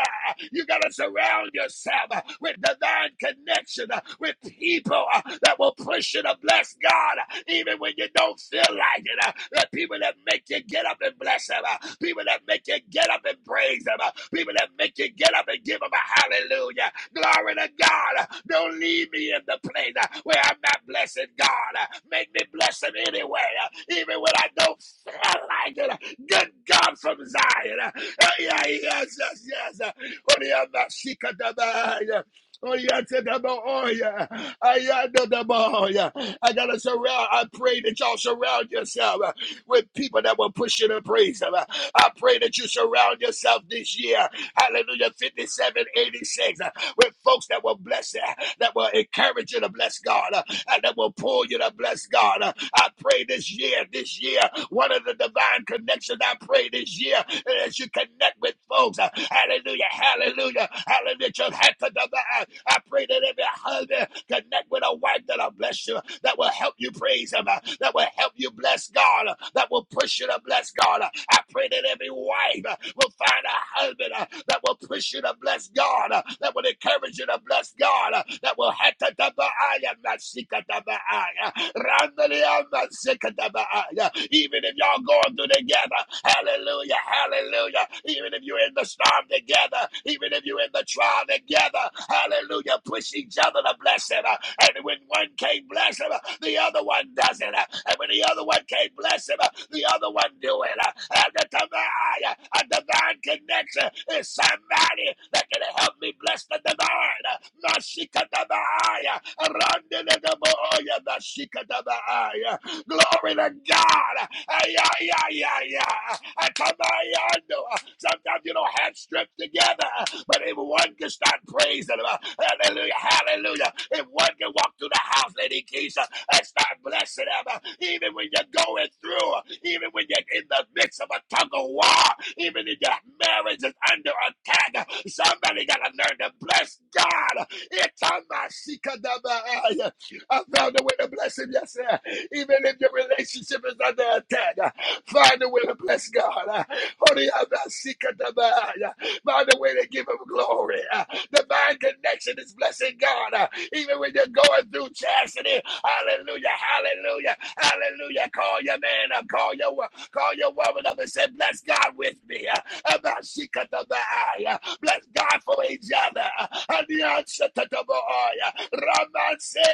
A: you got to surround yourself uh, with divine connection, uh, with people uh, that will push you to bless God, uh, even when you don't feel like it. uh, The people that make you get up and bless Him, uh, people that make you get up and praise Him, uh, people that make you get up and give Him a hallelujah. Glory to God. Uh, Don't leave me in the place uh, where I'm not blessing God. Uh, Make me bless Him anyway, uh, even when I don't feel like it. Uh, Good God from Zion. Uh, Yes, yes, yes. yes. Oriana Sikadabaya. Oh, yeah, to the boy. Oh, yeah. I yeah, to the boy. I gotta surround. I pray that y'all surround yourself uh, with people that will push you to praise them. Uh, I pray that you surround yourself this year. Hallelujah. 5786. uh, With folks that will bless you, that will encourage you to bless God. uh, and that will pull you to bless God. Uh, I pray this year, this year, one of the divine connections I pray this year uh, as you connect with folks. uh, Hallelujah, hallelujah, hallelujah. Just had to divine. I pray that every husband connect with a wife that'll bless you, that will help you praise him, uh, that will help you bless God, uh, that will push you to bless God. I pray that every wife uh, will find a husband uh, that will push you to bless God, uh, that will encourage you to bless God, uh, that will hatatabaaya, masikatabaaya, randalia, masikatabaaya. even if y'all going through together, hallelujah, hallelujah, even if you're in the storm together, even if you're in the trial together, uh, hallelujah, push each other to bless him, uh, and when one can't bless him, uh, the other one doesn't. uh, and when the other one can't bless him, uh, the other one do it. uh, and the divine, uh, a divine connection is somebody that can help me bless the divine. uh, Nashika Dabaya, Randele Dabaya, Nashika Dabaya. Glory to God. Ay, ay, ay, ay, ay. I come by yonder. Sometimes you don't have stripped together, but if one can start praising him, hallelujah, hallelujah. If one can walk through the house, Lady Keisha, and start blessing him, even when you're going through, even when you're in the midst of a tug of war, even if your marriage is under attack, somebody got to learn to bless God. It's on my I found a way to bless him, yes, sir. Even if your relationship is under attack, uh, find a way to bless God. uh, Holy, I'm not sick of the mind. uh, Find a way to give him glory. uh, Divine connection is blessing God. uh, Even when you're going through chastity, hallelujah, hallelujah, hallelujah. Call your man up, call your, wo- call your woman up and say, bless God with me. uh, I'm not sick of the mind. Bless God for each other. And the answer to the boy, Raman said,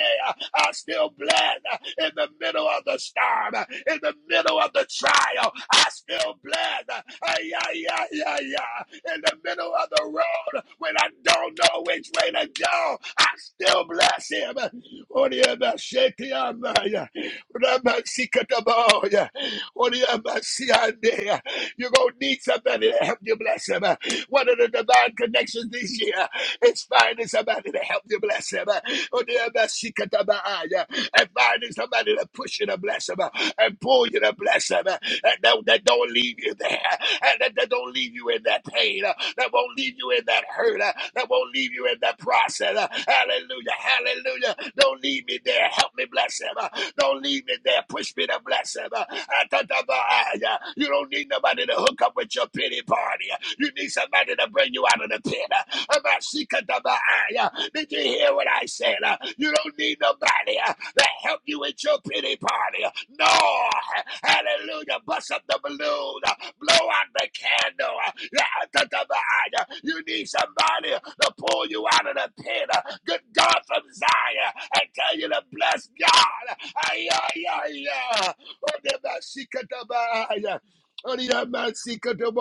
A: I still bled in the middle of the storm, in the middle of the trial. I still bled. Yeah, yeah, yeah, yeah. In the middle of the road when I don't know which way to go, I still bless him. Oriabashekiamaya. Rabasikataboya. Oriabasiandea. You're going to need somebody to help you bless him. One of the divine connections this year It's finding somebody to help you bless him. Oh, dear, bless you, Katabaya. And finding somebody to push you to bless him and pull you to bless him. And that, that don't leave you there. And that, that don't leave you in that pain. That won't leave you in that hurt. That won't leave you in that process. Hallelujah. Hallelujah. Hallelujah. Don't leave me there. Help me bless him. Uh, Don't leave me there. Push me to bless him. Uh, Atatabaaya. You don't need nobody to hook up with your pity party. You need somebody to bring you out of the pit. Uh, Amasikatabaaya. Did you hear what I said? Uh, You don't need nobody uh, to help you with your pity party. No. Hallelujah. Bust up the balloon. Blow out the candle. Yeah, ah, yeah. You need somebody to pull you out of the pit. Good God from Zion. I tell you to bless God. Ay, ay, ay, ay. Oh, the Masika, da, ba, ah, yeah. I still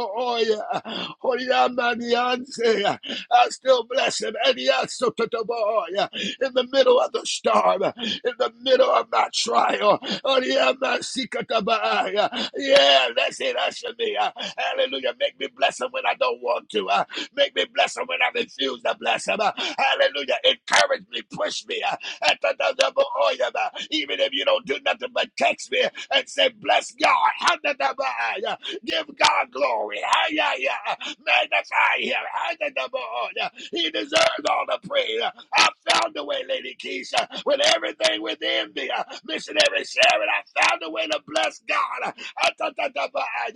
A: bless him. And yes, so to the boy in the middle of the storm, in the middle of my trial. Oh, yeah, my sikatabaaya. Yeah, that's it. That's for me. Uh, Hallelujah. Make me bless him when I don't want to. Uh, Make me bless him when I refuse to bless him. Uh, Hallelujah. Encourage me. Push me. Uh, uh, Even if you don't do nothing but text me and say, Bless God. Give God glory. Magnify him. He deserves all the praise. I found a way, Lady Keisha, with everything within me. Uh, Missionary Sharon, I found a way to bless God. Uh,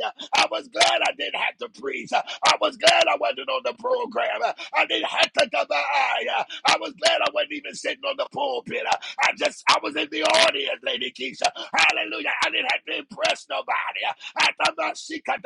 A: uh, I was glad I didn't have to preach. Uh, I was glad I wasn't on the program. Uh, I didn't have to ta- ba- uh, I was glad I wasn't even sitting on the pulpit. Uh, I just, I was in the audience, Lady Keisha. Hallelujah. I didn't have to impress nobody. Uh, I thought about she cut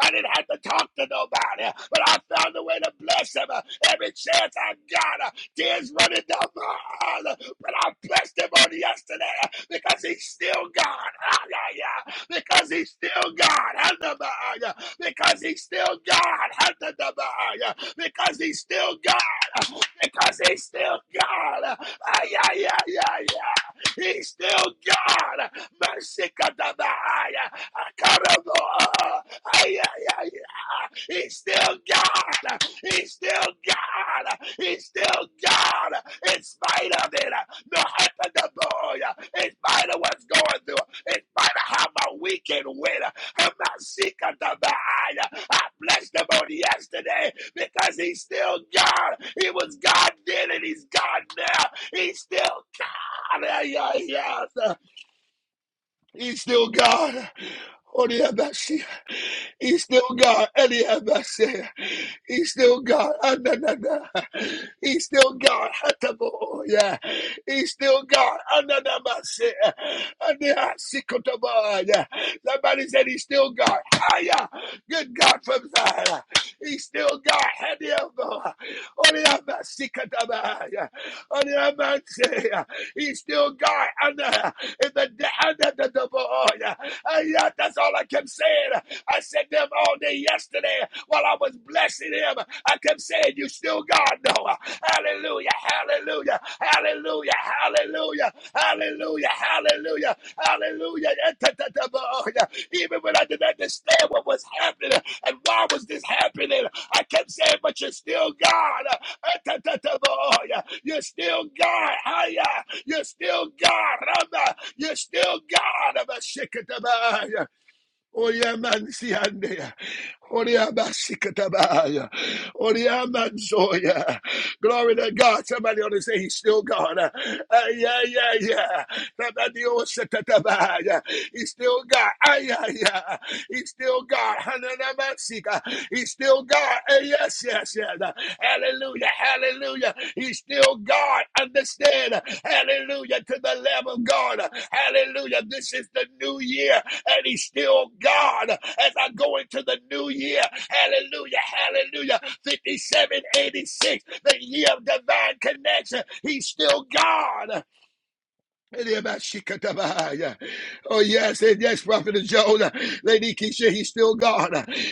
A: I didn't have to talk to nobody, but I found a way to bless him every chance I got. Tears running down my eyes. But I blessed him on yesterday because he's still God. Hallelujah. Because he's still God. Hallelujah. Because he's still God. Hallelujah. Because he's still God. Because he's still God. Ay, yeah, yeah, ay, He's still God. Mercy, God. Ay, ay, yeah, ay. He's still God. He's still God. He's still God. In spite of it, no boy, In spite of what's going through, in spite of how my weekend went, I'm not sick of the mind. I blessed him on yesterday because he's still God. He was God then and he's God now. He's still God. Yeah, yeah, yes. He's still God. Oriabashi. He's still God. Eliabasi. He's still God. Ananana. He's still God. Hatabo. Yeah. He's still God. Ananamasi. Ananasikotoba. Yeah. Somebody said he's still God. Hiya. Good God from Zion. He's still God. Hadiabo. Oriabasikataba. Yeah. Oriabasi. He's still God under in the under the double oil. Uh, yeah, that's all I kept saying. I said them all day yesterday while I was blessing him. I kept saying, You still God, Noah. Hallelujah, hallelujah, hallelujah, hallelujah, hallelujah, hallelujah, hallelujah. Yeah, oh, yeah. Even when I didn't understand what was happening and why was this happening, I kept saying, But you're still God. Ah, oh, yeah. You're still God. You're still God. Rama. You're still God. Abba, Shekataba. Oriamansiandea. Oriamashikatabaya. Oriamanzoya. Glory to God. Somebody ought to say he's still God. Uh, uh, yeah, yeah, yeah. Tabadioshatatabaya. He's still God. Ah, yeah, yeah. He's still God. Hananamansika. He's still God. Uh, yes, yes, yes. Hallelujah. Hallelujah. He's still God. Understand. Hallelujah. To the Lamb of God. Hallelujah. This is the new year and he's still God as I go into the new year. Hallelujah, hallelujah. 5786, the year of divine connection. He's still God. Oh, yes, and yes, Prophet Jonah. Lady Keisha, he's still God.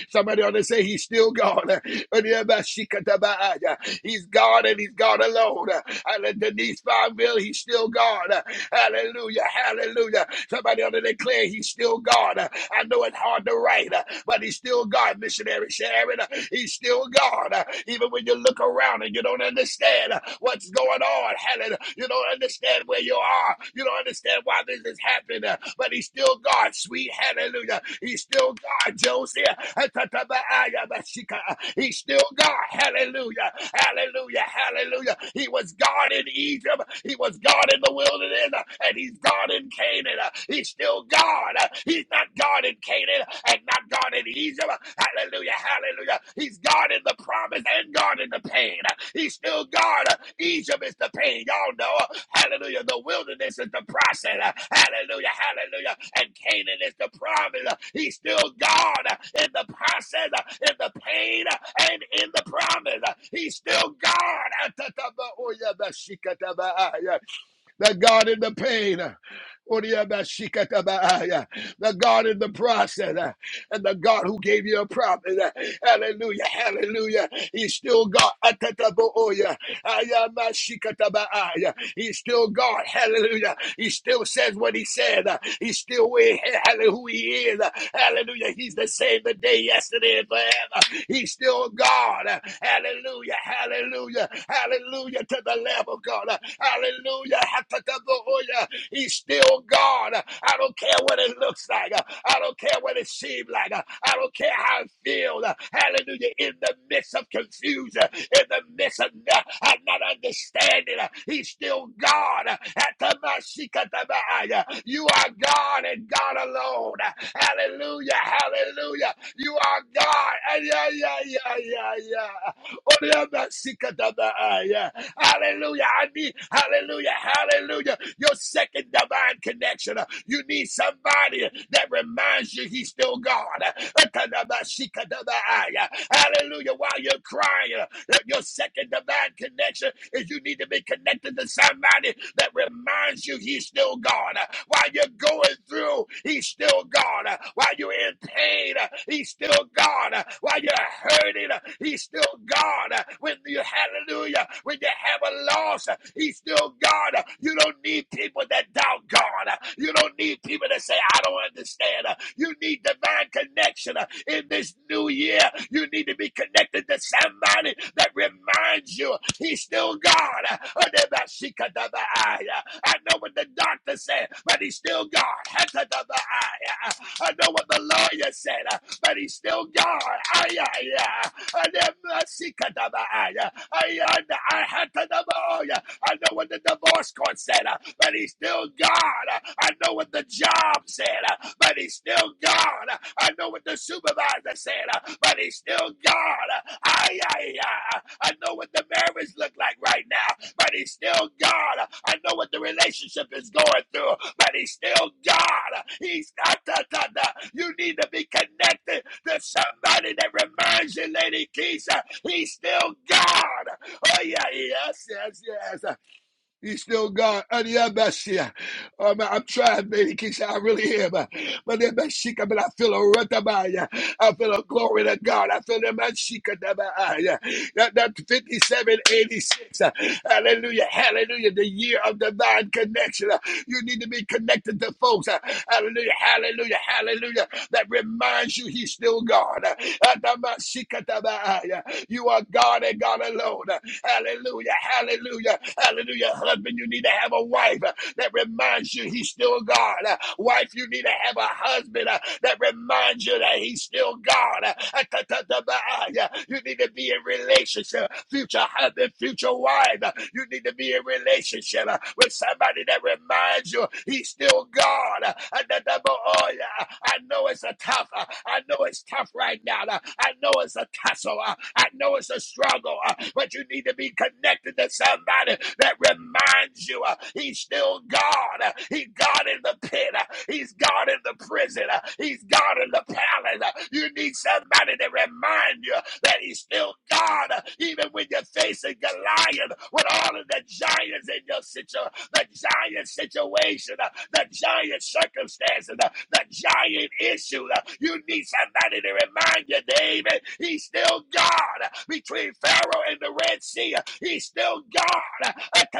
A: Somebody ought to say he's still God. But yeah, but she uh, He's God and he's God alone. Denise Farmville, he's still God. Hallelujah, hallelujah. Somebody ought to declare he's still God. I know it's hard to write, but he's still God, missionary Sharon. He's still God. Even when you look around and you don't understand what's going on, hallelujah. You don't understand where you are. You don't don't understand why this is happening, uh, but he's still God. Sweet hallelujah. He's still God, Joseph. He's still God. Hallelujah. Hallelujah. Hallelujah. He was God in Egypt. He was God in the wilderness. uh, And he's God in Canaan. Uh, He's still God. Uh, He's not God in Canaan and not God in Egypt. Uh, Hallelujah. Hallelujah. He's God in the promise and God in the pain. Uh, He's still God. Uh, Egypt is the pain. Y'all know. Hallelujah. The wilderness is the process. Uh, Hallelujah. Hallelujah. And Canaan is the promise. Uh, He's still God uh, in the process, uh, in the pain, uh, and in the promise. Uh, He's still God. The God in the pain. uh, The God in the process. uh, And the God who gave you a promise. Uh, Hallelujah. Hallelujah. He's still God. He's still God. Hallelujah. He still says what he said. Uh, He's still where, hallelujah, who he is. Uh, Hallelujah. He's the same today, yesterday, and forever. He's still God. Uh, Hallelujah. Hallelujah. Hallelujah to the Lamb of God. Uh, Hallelujah. He's still God. I don't care what it looks like. I don't care what it seems like. I don't care how it feels. Hallelujah. In the midst of confusion, in the midst of not, not understanding, he's still God. Atamashikatabaya. You are God and God alone. Hallelujah. Hallelujah. You are God. Ah, Yeah, yeah, yeah, yeah, yeah. Oriyamasikadabaaya. Hallelujah. I need, hallelujah, hallelujah. Your second divine connection. Uh, You need somebody that reminds you he's still God. Uh, Atadabasikadabaaya. Hallelujah. While you're crying. That your second divine connection is you need to be connected to somebody that reminds you he's still God. Uh, While you're going through, he's still God. Uh, While you're in pain, uh, he's still God. Uh, While you're hurting, uh, he's still God. Uh, When you hallelujah, when you have a loss, uh, he's still God. Uh, You don't need people people that doubt God. You don't need people that say, I don't understand. You need divine connection in this new year. You need to be connected to somebody that reminds you he's still God. I know what the doctor said, but he's still God. I know what the lawyer said, but he's still God. Ay, ay, ay. I had I know what the divorce court said, uh, but he's still God. Uh, I know what the job said, uh, but he's still God. Uh, I know what the supervisor said, uh, but he's still God. Uh, I, I, I, I know what the marriage looked like right now, but he's still God. Uh, I know what the relationship is going through, but he's still God. Uh, He's not, da, da, da. you need to be connected to somebody that reminds you, Lady Keisha, he's still God. Oh yeah, yes, yes, yes. He's still gone. yeah, yeah. Um, I'm trying, baby Keisha. I really am. But then best she but I feel a rut I feel a glory to God. I feel the man she yeah. That that 5786. uh, Hallelujah. Hallelujah. The year of divine connection. Uh, You need to be connected to folks. uh, Hallelujah. Hallelujah. Hallelujah. That reminds you he's still God. Uh, Atama Shikataba, uh, You are God and God alone. Hallelujah. Hallelujah. Hallelujah. Husband, you need to have a wife uh, that reminds you he's still God. Uh, Wife, you need to have a husband uh, that reminds you that he's still God. Uh, uh, You need to be in relationship. Future husband, future wife. uh, You need to be in relationship uh, with somebody that reminds you he's still God. Uh, I know it's it's a tough. uh, I know it's tough right now. uh, I know it's a tussle. uh, I know it's a struggle. uh, But you need to be connected to somebody that reminds you uh, he's still God. uh, He's God in the pit. uh, He's God in the prison. uh, He's God in the palace. uh, You need somebody to remind you that he's still God, uh, even when you're facing Goliath with all of the giants giants in your situation, the giant situation, uh, the giant circumstances, uh, the giant issue. uh, You need somebody to remind you, David, he's still God uh, between Pharaoh and the Red Sea. uh, He's still God uh,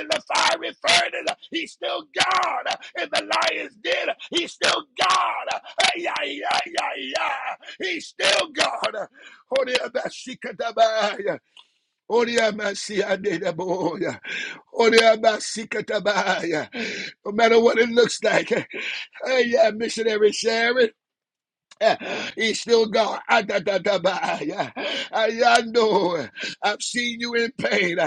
A: in the fiery furnace. uh, He's still God uh, in the lion's den. uh, He's still God. uh, ay, ay, ay, ay, ay, ay. He's still God. uh, Oriamasiadedeboya. Oriamasikatabaaya. No matter what it looks like. Hey, yeah, missionary Sharon. He's still God. Ah, yeah. Ah, yeah, I know. I've seen you in pain.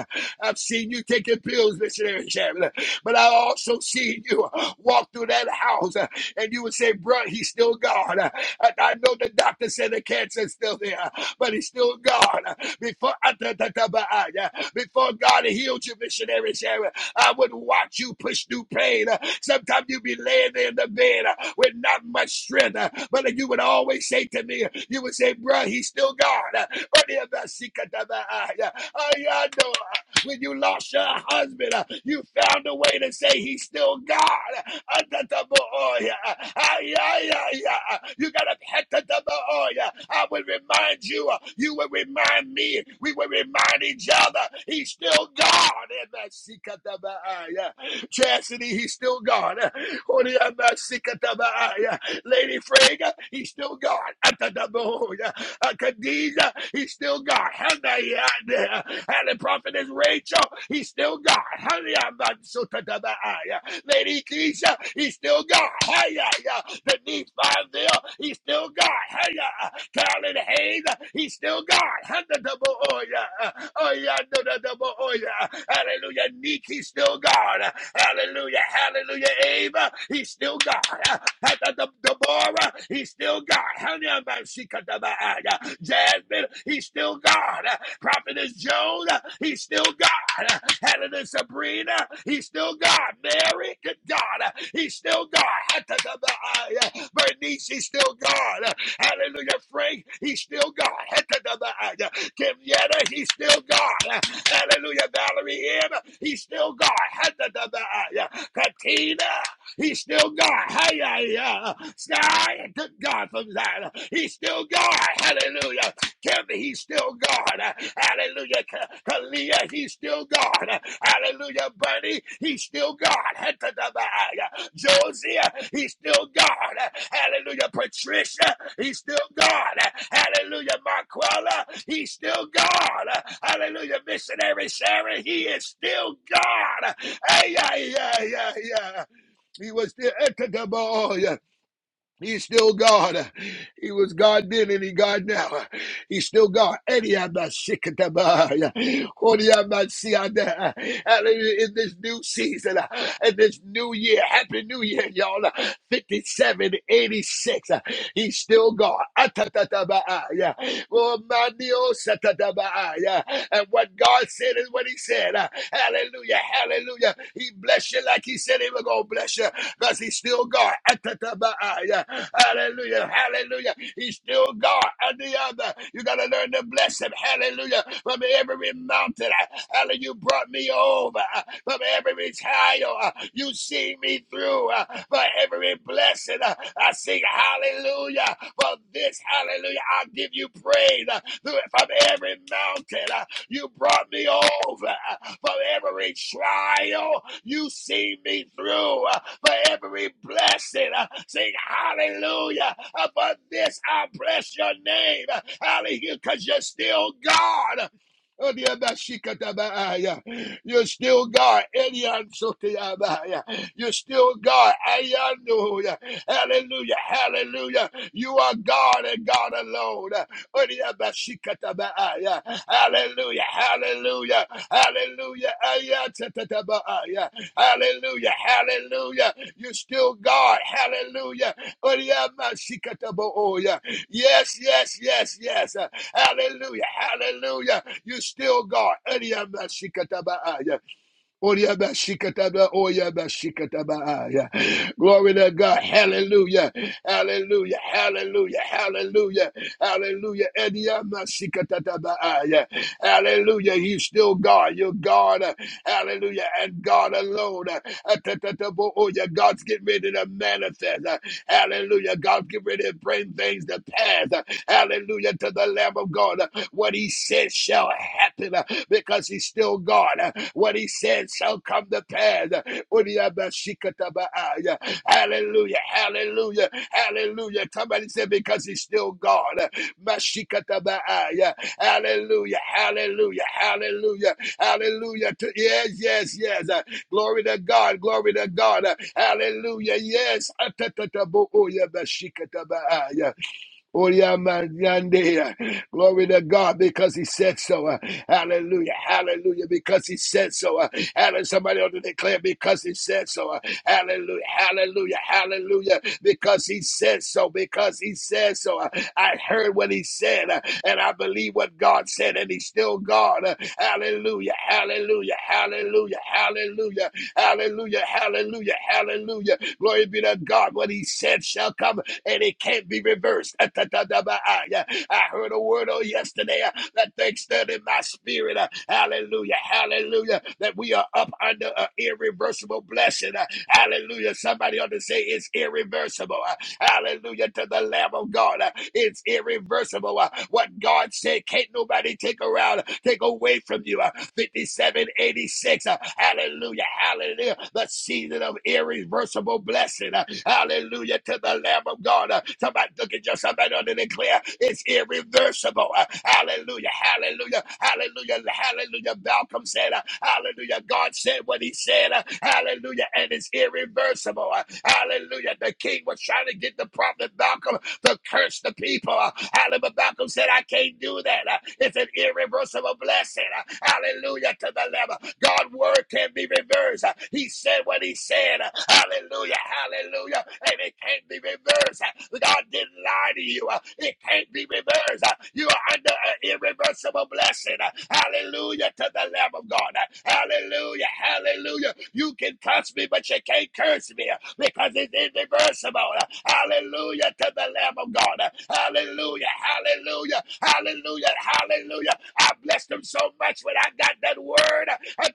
A: I've seen you taking pills, missionary Sharon. But I also seen you walk through that house uh, and you would say, bro, he's still God. Uh, I, I know the doctor said the cancer is still there, but he's still God. Uh, Before ah, ah, yeah. before God healed you, missionary Sharon, I would watch you push through pain. Uh, Sometimes you'd be laying there in the bed uh, with not much strength, uh, but uh, you would always say to me, you would say, bruh, he's still God. Uh, Uh, yeah, uh, yeah, I know. uh, when you lost your husband, uh, you found a way to say he's still God. You gotta I will remind you, uh, you will remind me, we will remind each other. He's still God. Chastity, he's still God. Uh, Lady Frega, he's still God. Atataboya. Uh, Khadijah, he's still God. Hanayana. And the prophetess Rachel, he's still God. Hanayamansotatabaya. Lady Keisha, he's still God. Hayaya. The Nephi there, he's still God. Haya down in the haze, he's still God. Handa oh yeah. Oh yeah, no no oh yeah. Hallelujah. Neek, he's still God. Hallelujah. Hallelujah. Ava, he's still God. Handa Deborah, he's still God. Handa man, she Jasmine, he's still God. Prophetess Joan, he's still God. God. Hallelujah, Sabrina. He's still God. Mary, good God. He's still God. Bernice, he's still God. Hallelujah, Frank, he's still God. Kimyetta, he's still God. Hallelujah, Valerie M, he's still God. Hatatabai. Katina, he's still God. Hiya, hiya. Sky, good God from Zion. He's still God. Hallelujah. Tell me, he's still God. Uh, Hallelujah. Kalia, he's still God. Uh, Hallelujah. Bernie, he's still God. Hetadabaya. Josiah, he's still God. Uh, Hallelujah. Patricia, he's still God. Uh, Hallelujah. Marquella, he's still God. Uh, Hallelujah. Missionary Sarah. he is still God. Uh, Ay, ay, ay, ay, ay. He was still. He's still God. He was God then and he God now. He's still God. And he had that sick at the bar. What he had that see out there. Hallelujah. In this new season, in this new year. Happy New Year, y'all. 5786. He's still God. Atatatabaa, Yeah. Oh, manio satatabaa, yeah. And what God said is what he said. Uh, Hallelujah. Hallelujah. He blessed you like he said he was going to bless you because he's still God. Atatatabaa, yeah. Hallelujah. Hallelujah. He's still God. and the other. You got to learn to bless him. Hallelujah. From every mountain. uh, Hallelujah. You brought me over. From every trial. uh, You see me through. uh, For every blessing. uh, I sing hallelujah. For this, hallelujah. I give you praise. from every mountain. uh, you brought me over from every trial. You see me through uh, for every blessing. Uh, Sing hallelujah. uh, For this I bless your name. Hallelujah, because you're still God. You're still God. You're still God. Hallelujah. Hallelujah. Hallelujah. You are God and God alone. Hallelujah! Hallelujah. Hallelujah. Hallelujah. Hallelujah. Hallelujah. You're still God. Hallelujah. Oriyamashikatabooya. Yes, yes, yes, yes. Hallelujah. Hallelujah. You're still God. Oriabashikataba, Oriabashikataba, yeah. Glory to God. Hallelujah. Hallelujah. Hallelujah. Hallelujah. Hallelujah. Ediamashikatataba, yeah. Hallelujah. He's still God. You're God. Hallelujah. And God alone. oh, yeah. God's getting ready to manifest. Hallelujah. God, get ready to bring things to pass. Hallelujah to the Lamb of God. What he said shall happen uh, because he's still God. Uh, What he said shall come to pass. Uh, Udiyabashikatabaya. Hallelujah. Hallelujah. Hallelujah. Somebody said because he's still God. Uh, Mashikatabaaya. Hallelujah. Hallelujah. Hallelujah. Hallelujah. To- Yes, yes, yes. Glory to God. Glory to God. Hallelujah. Yes. Glory to God because he said so. Uh, Hallelujah. Hallelujah. Because he said so. Uh, Hallelujah. Somebody ought to declare because he said so. Uh, Hallelujah. Hallelujah. Hallelujah. Because he said so. Because he said so. Uh, I heard what he said uh, and I believe what God said and he's still God. Uh, Hallelujah. Hallelujah. Hallelujah. Hallelujah. Hallelujah. Hallelujah. Hallelujah. Glory be to God. What he said shall come and it can't be reversed. I heard a word on yesterday uh, that thing stood in my spirit. uh, Hallelujah. Hallelujah. That we are up under an irreversible blessing. uh, Hallelujah. Somebody ought to say it's irreversible. uh, Hallelujah to the Lamb of God. Uh, It's irreversible. Uh, What God said, can't nobody take around, take away from you. Uh, 5786. Uh, Hallelujah. Hallelujah. The season of irreversible blessing. Uh, Hallelujah to the Lamb of God. Uh, Somebody look at yourself and declare it's irreversible. Uh, Hallelujah. Hallelujah. Hallelujah. Hallelujah. Malcolm said, uh, Hallelujah. God said what he said. Uh, Hallelujah. And it's irreversible. Uh, Hallelujah. The king was trying to get the prophet Malcolm to curse the people. Uh, Hallelujah. Malcolm said, I can't do that. Uh, It's an irreversible irreversible blessing. Hallelujah to the Lamb. God's word can be reversed. He said what he said. Hallelujah. Hallelujah. And it can't be reversed. God didn't lie to you. It can't be reversed. You are under an irreversible blessing. Hallelujah to the Lamb of God. Hallelujah. Hallelujah. You can curse me, but you can't curse me because it's irreversible. Hallelujah to the Lamb of God. Hallelujah. Hallelujah. Hallelujah. Hallelujah. I blessed them so much when I got that word. Uh,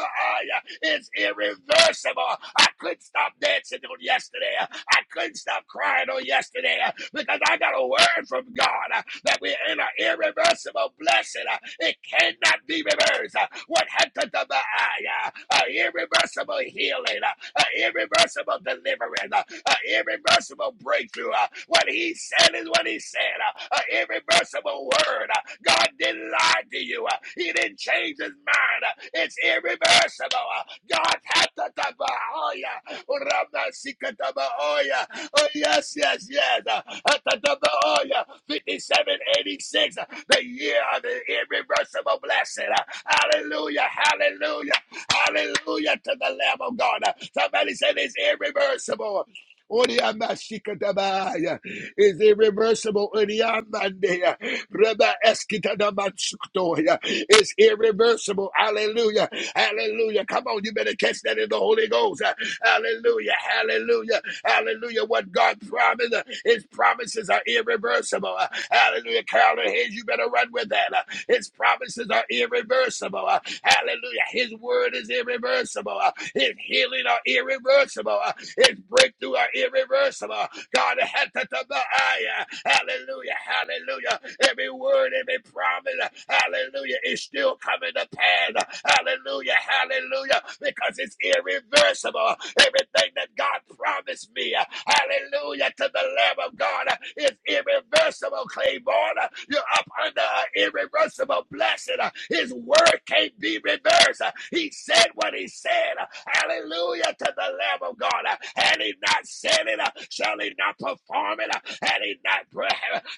A: ah, yeah. It's irreversible. I couldn't stop dancing on yesterday. I couldn't stop crying on yesterday uh, because I got a word from God uh, that we're in an irreversible blessing. uh, It cannot be reversed. Uh, What happened to my eye? uh, An irreversible healing, uh, an irreversible deliverance, uh, an irreversible breakthrough. uh, What he said is what he said. uh, An irreversible word. uh, God didn't lie to you. uh, He didn't change his mind. uh, It's irreversible. uh, God had to to, oh yeah. Ramasikataba Oya. Oh, yes, yes, yes. Atataba Oya. 5786, the year of the irreversible blessing. Hallelujah, hallelujah, hallelujah to the Lamb of God. Somebody said it's irreversible. Oriamashikatabaya is irreversible. Oriamandea. Reba eskitadamansukutoya is irreversible. Hallelujah. Hallelujah. Come on, you better catch that in the Holy Ghost. Hallelujah. Hallelujah. Hallelujah. What God promised, uh, his promises are irreversible. Uh, Hallelujah. Carolyn Hayes, you better run with that. Uh, His promises are irreversible. Uh, Hallelujah. His word is irreversible. Uh, His healing are irreversible. Uh, his breakthrough are irreversible. God, hallelujah, hallelujah. Every word, every promise, hallelujah, is still coming to pass. Hallelujah, hallelujah, because it's irreversible. Everything that God promised me, Hallelujah to the Lamb of God. It's irreversible, Claiborne. You're up under an irreversible blessing. His word can't be reversed. He said what he said. Hallelujah to the Lamb of God. Had he not said it, shall he not perform it? Had he not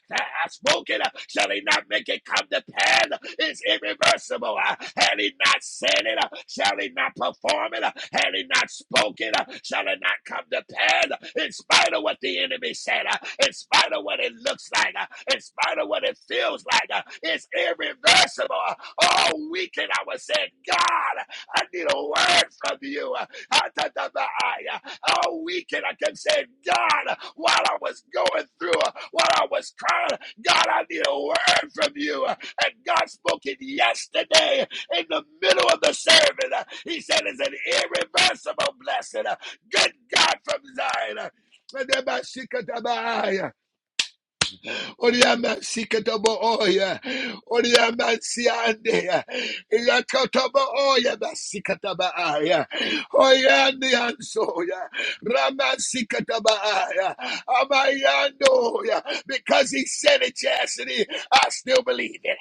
A: that hath spoken, uh, shall he not make it come to pass? It's irreversible. uh, Had he not said it, uh, shall he not perform it? uh, Had he not spoken, uh, shall it not come to pass? In spite of what the enemy said, uh, in spite of what it looks like, uh, in spite of what it feels like, uh, it's irreversible. All weekend I was saying, God, I need a word from you. Uh, all weekend. I kept saying, God, while I was going through, while I was crying, God, I need a word from you. And God spoke it yesterday in the middle of the service. He said, It's an irreversible blessing. Good God from Zion. Oriamansi ketobo oya. Oriamansi ande ya. Yakotobo oya basi kataba aya. Oya ande anso ya. Ramansi kataba aya. Amayando ya. Because he said it, chastity. I still believe it.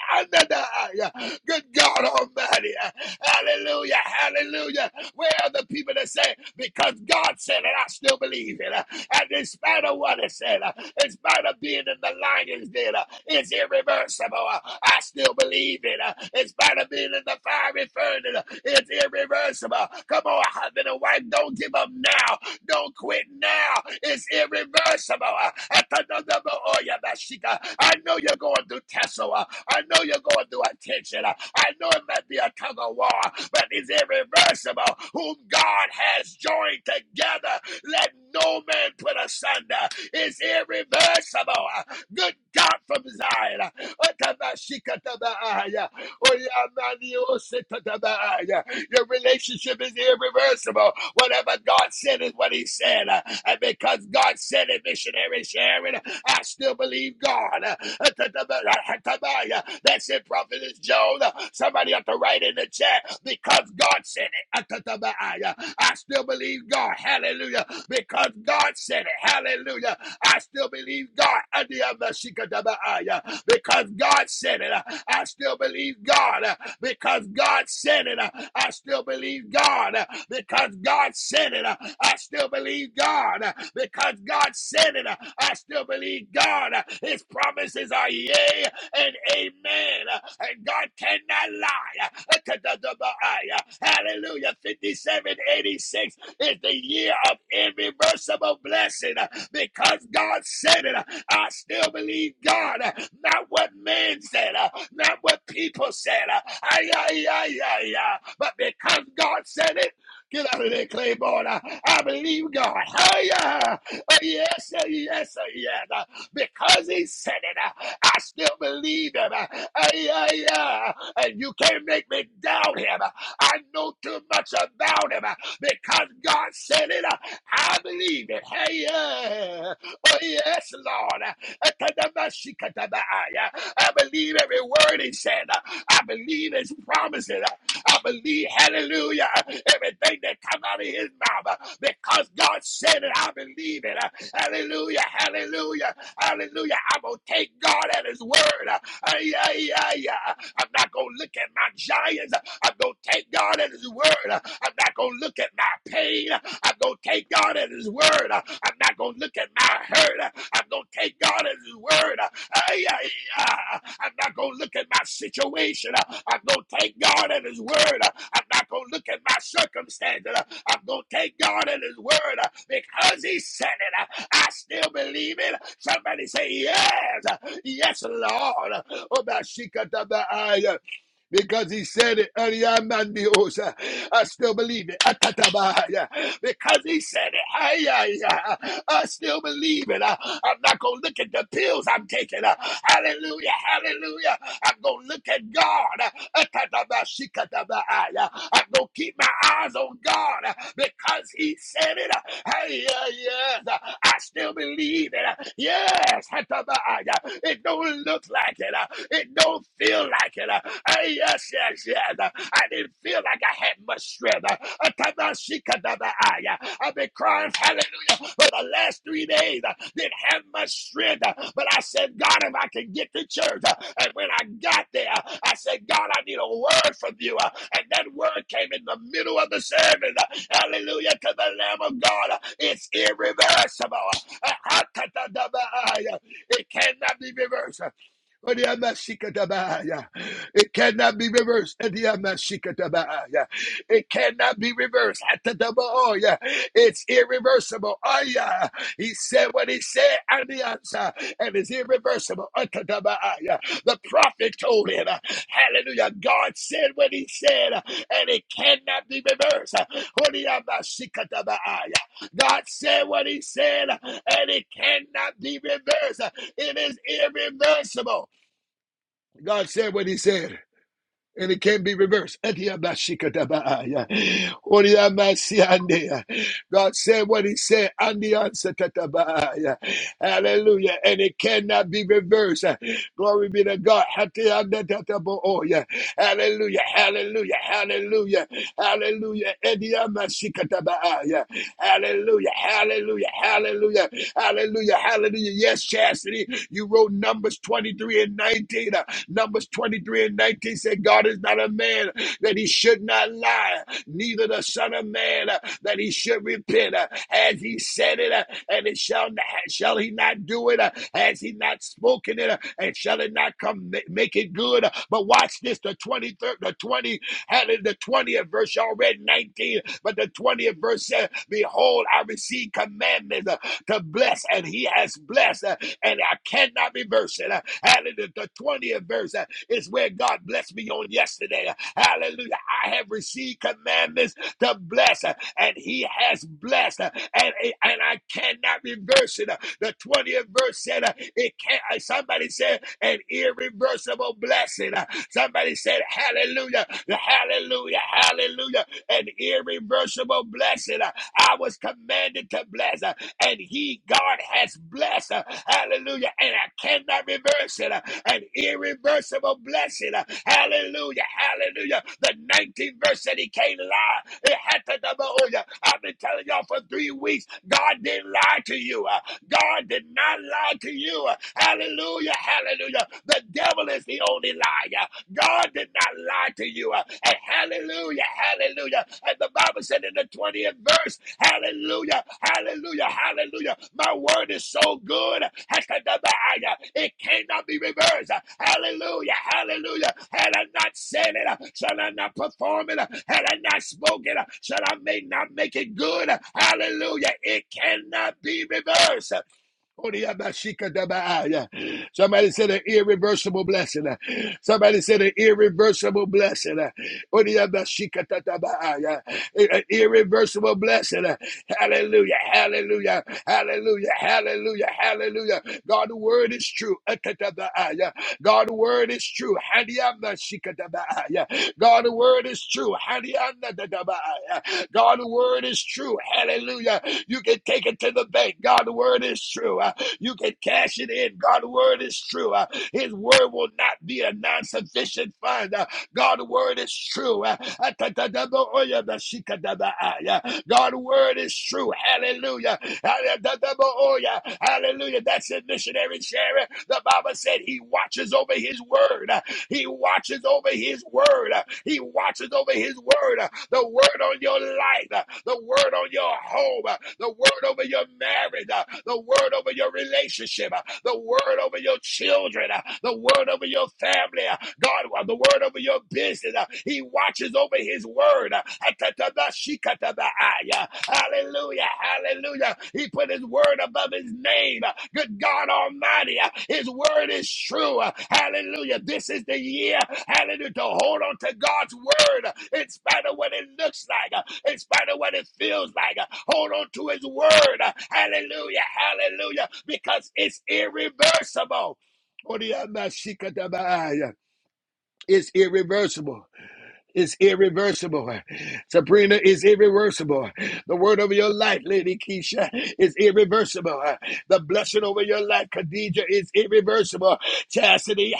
A: Good God Almighty. Hallelujah. Hallelujah. Where are the people that say, because God said it, I still believe it? And in spite of what it said, in spite of being in the lion's den, it's irreversible. I still believe it. In spite of being in the fiery furnace, it's irreversible. Come on, husband and wife, don't give up now. Don't quit now. It's irreversible. Uh, I know you're going through tussle. Uh, I know you're going through attention. Uh, I know it might be a tug of war, but it's irreversible. Whom God has joined together, let no man put asunder. It's irreversible. Uh, Good God from Zion. Your relationship is irreversible. Whatever God said is what He said. Uh, And because God said it, missionary Sharon, I still believe God. Uh, That's it, Prophetess Joan. Uh, Somebody have to write in the chat because God said it. I still believe God. Hallelujah. Hallelujah. Because God said it. Hallelujah. I still believe God. Because God said it. I still believe God. Because God said it. I still believe God. Because God said it. I still believe God. Because God said it. I still believe God. His promises are yea and amen. And God cannot lie. Hallelujah. 5786. It's the year of irreversible blessing uh, because God said it. uh, I still believe God, uh, not what man said, uh, not what people said. uh, Ay, ay, ay, ay, ay. But because God said it, get out of there, Claiborne. uh, I believe God. Oh, yeah. Oh, yes, oh, yes, oh, yes. Uh, Because He said it, uh, I still believe Him. Uh, yeah, yeah. And you can't make me doubt Him. Uh, I know too much about Him. uh, because God said it. uh, I believe it. Hey, yeah. Oh, yes, Lord. Atadabashikatabaaya. I believe every word he said. I believe his promises. I believe, hallelujah, everything that comes out of his mouth. Because God said it, I believe it. Hallelujah, hallelujah, hallelujah. I'm going to take God at his word. Ay, ay, ay, I'm not going to look at my giants. I'm going to take God at His word. I'm not going to look at my pain. I'm going to take God at His word. I'm not going to look at my hurt. I'm going to take God at His word. ah. I'm not going to look at my situation. I'm going to take God at His word. I'm not going to look at my circumstances. I'm going to take God at His word because He said it. I still believe it. Somebody say, Yes, yes, Lord. Oh, my shikata ba'aya because he said it earlier. Mandiosa. I still believe it. Atatabaya. Because he said it. Ayaya. I still believe it. I'm not going to look at the pills I'm taking. Hallelujah. Hallelujah. I'm going to look at God. I'm going to keep my eyes on God because He said it. Hey, yeah, yes, I still believe it. Yes, it don't look like it. It don't feel like it. Hey, yes, yes, yes. I didn't feel like I had much strength. I Shikadabaya. I've been crying, hallelujah, for the last three days. I didn't have much strength, but I said, God, if I can get to church. And when I got there, I said, God, I need a word from you. And that word came in the middle of the service. Hallelujah to the Lamb of God. It's irreversible. It cannot be reversed. It cannot be reversed. It it cannot be reversed. Atatabaoya. It's irreversible. Aya. He said what he said and the answer, and it's irreversible. Atatabaaya. The prophet told him, uh, Hallelujah. God said what he said, uh, and it cannot be reversed. Uh, Horiyabashikatabaaya. God said what he said, uh, and it cannot be reversed. Uh, It is irreversible. God said what he said and it can't be reversed. Etiyabashikatabaaya. Oriyamasiandeya. God said what He said, and the answer tatabaaya. Hallelujah. And it cannot be reversed. Glory be to God. Hatiyandatatabooya. Hallelujah. Hallelujah. Hallelujah. Hallelujah. Etiyamashikatabaaya. Hallelujah. Hallelujah. Hallelujah. Hallelujah. Hallelujah. Yes, Chastity, you wrote Numbers 23 and 19. Uh, Numbers 23 and 19 said, God is not a man that he should not lie, neither the Son of Man uh, that he should repent. Uh, as he said it, uh, and it shall not, shall he not do it? Uh, has he not spoken it? Uh, and shall it not come ma- make it good? Uh, but watch this, the 23rd, the 20. Hallelujah. The 20th verse, y'all read 19, but the 20th verse said, Behold, I receive commandments uh, to bless, and he has blessed, uh, and I cannot reverse it. Uh, Hallelujah. The 20th verse uh, is where God blessed me on yesterday. Uh, Hallelujah. I have received commandments to bless, uh, and he has blessed, uh, and, and I cannot reverse it. Uh, The 20th verse said, uh, it can't, uh, somebody said, an irreversible blessing. Uh, Somebody said, hallelujah, hallelujah, hallelujah, an irreversible blessing. Uh, I was commanded to bless. Uh, and he, God, has blessed. uh, Hallelujah. And I cannot reverse it. uh, An irreversible blessing. uh, Hallelujah. Hallelujah. The 19th verse said he can't lie. It had to double. oh, yeah. I've been telling y'all for three weeks, God didn't lie to you. uh, God did not lie to you. uh, Hallelujah. Hallelujah. The devil is the only liar. God did not lie to you. uh, And hallelujah. Hallelujah. And the Bible said in the 20th verse, Hallelujah. Hallelujah. Hallelujah. My word is so good. It cannot be reversed. Hallelujah. Hallelujah. Had I not said it, shall I not perform it? Had I not spoken, shall I may not make it good? Hallelujah. It cannot be reversed. Somebody said an irreversible blessing. Somebody said an irreversible blessing. An irreversible blessing. Hallelujah. Hallelujah. Hallelujah. Hallelujah. Hallelujah. God's word is true. God's word is true. God's word is true. God, the word is true. Hallelujah. You can take it to the bank. God, the word is true. Uh, You can cash it in. God, the word is true. Uh, His word will not be a non sufficient fund. Uh, God, the word is true. Uh, God, the word is true. Hallelujah. Atatatabooya. Hallelujah. That's a missionary sharing. The Bible said he watches over his word. Uh, he watches over his word. He watches over his word. The word on your life, the word on your home, the word over your marriage, the word over your relationship, the word over your children, the word over your family, God, the word over your business. He watches over his word. Hallelujah. Hallelujah. He put his word above his name. Good God Almighty. His word is true. Hallelujah. This is the year. Hallelujah. To hold on to God's word in spite of what it looks like, in spite of what it feels like. Hold on to his word. Hallelujah. Hallelujah. Because it's irreversible. It's irreversible is irreversible. Sabrina is irreversible. The word over your life, Lady Keisha, is irreversible. The blessing over your life, Khadija, is irreversible. Chastity,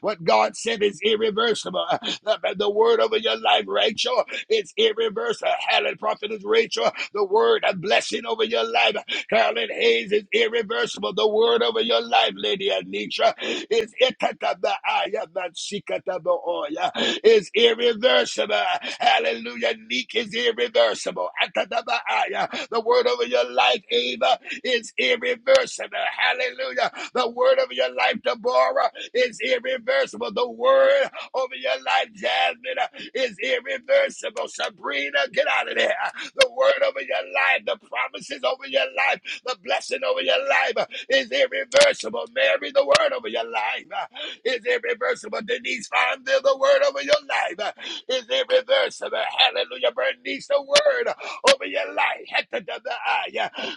A: what God said is irreversible. The, the word over your life, Rachel, is irreversible. Helen, prophetess Rachel, the word, a blessing over your life Carolyn Hayes is irreversible. The word over your life, Lady Anitra, is itatabaaya mansikatabaoya, is irreversible. Hallelujah. Neek is irreversible. Atatabaaya. The word over your life, Ava, is irreversible. Hallelujah. The word over your life, Deborah, is irreversible. The word over your life, Jasmine, uh, is irreversible. Sabrina, get out of there. The word over your life, the promises over your life, the blessing over your life uh, is irreversible. Mary, the word over your life uh, is irreversible. Denise Fonda, the word over your life uh, is irreversible. Hallelujah. Bernice, the word over your life.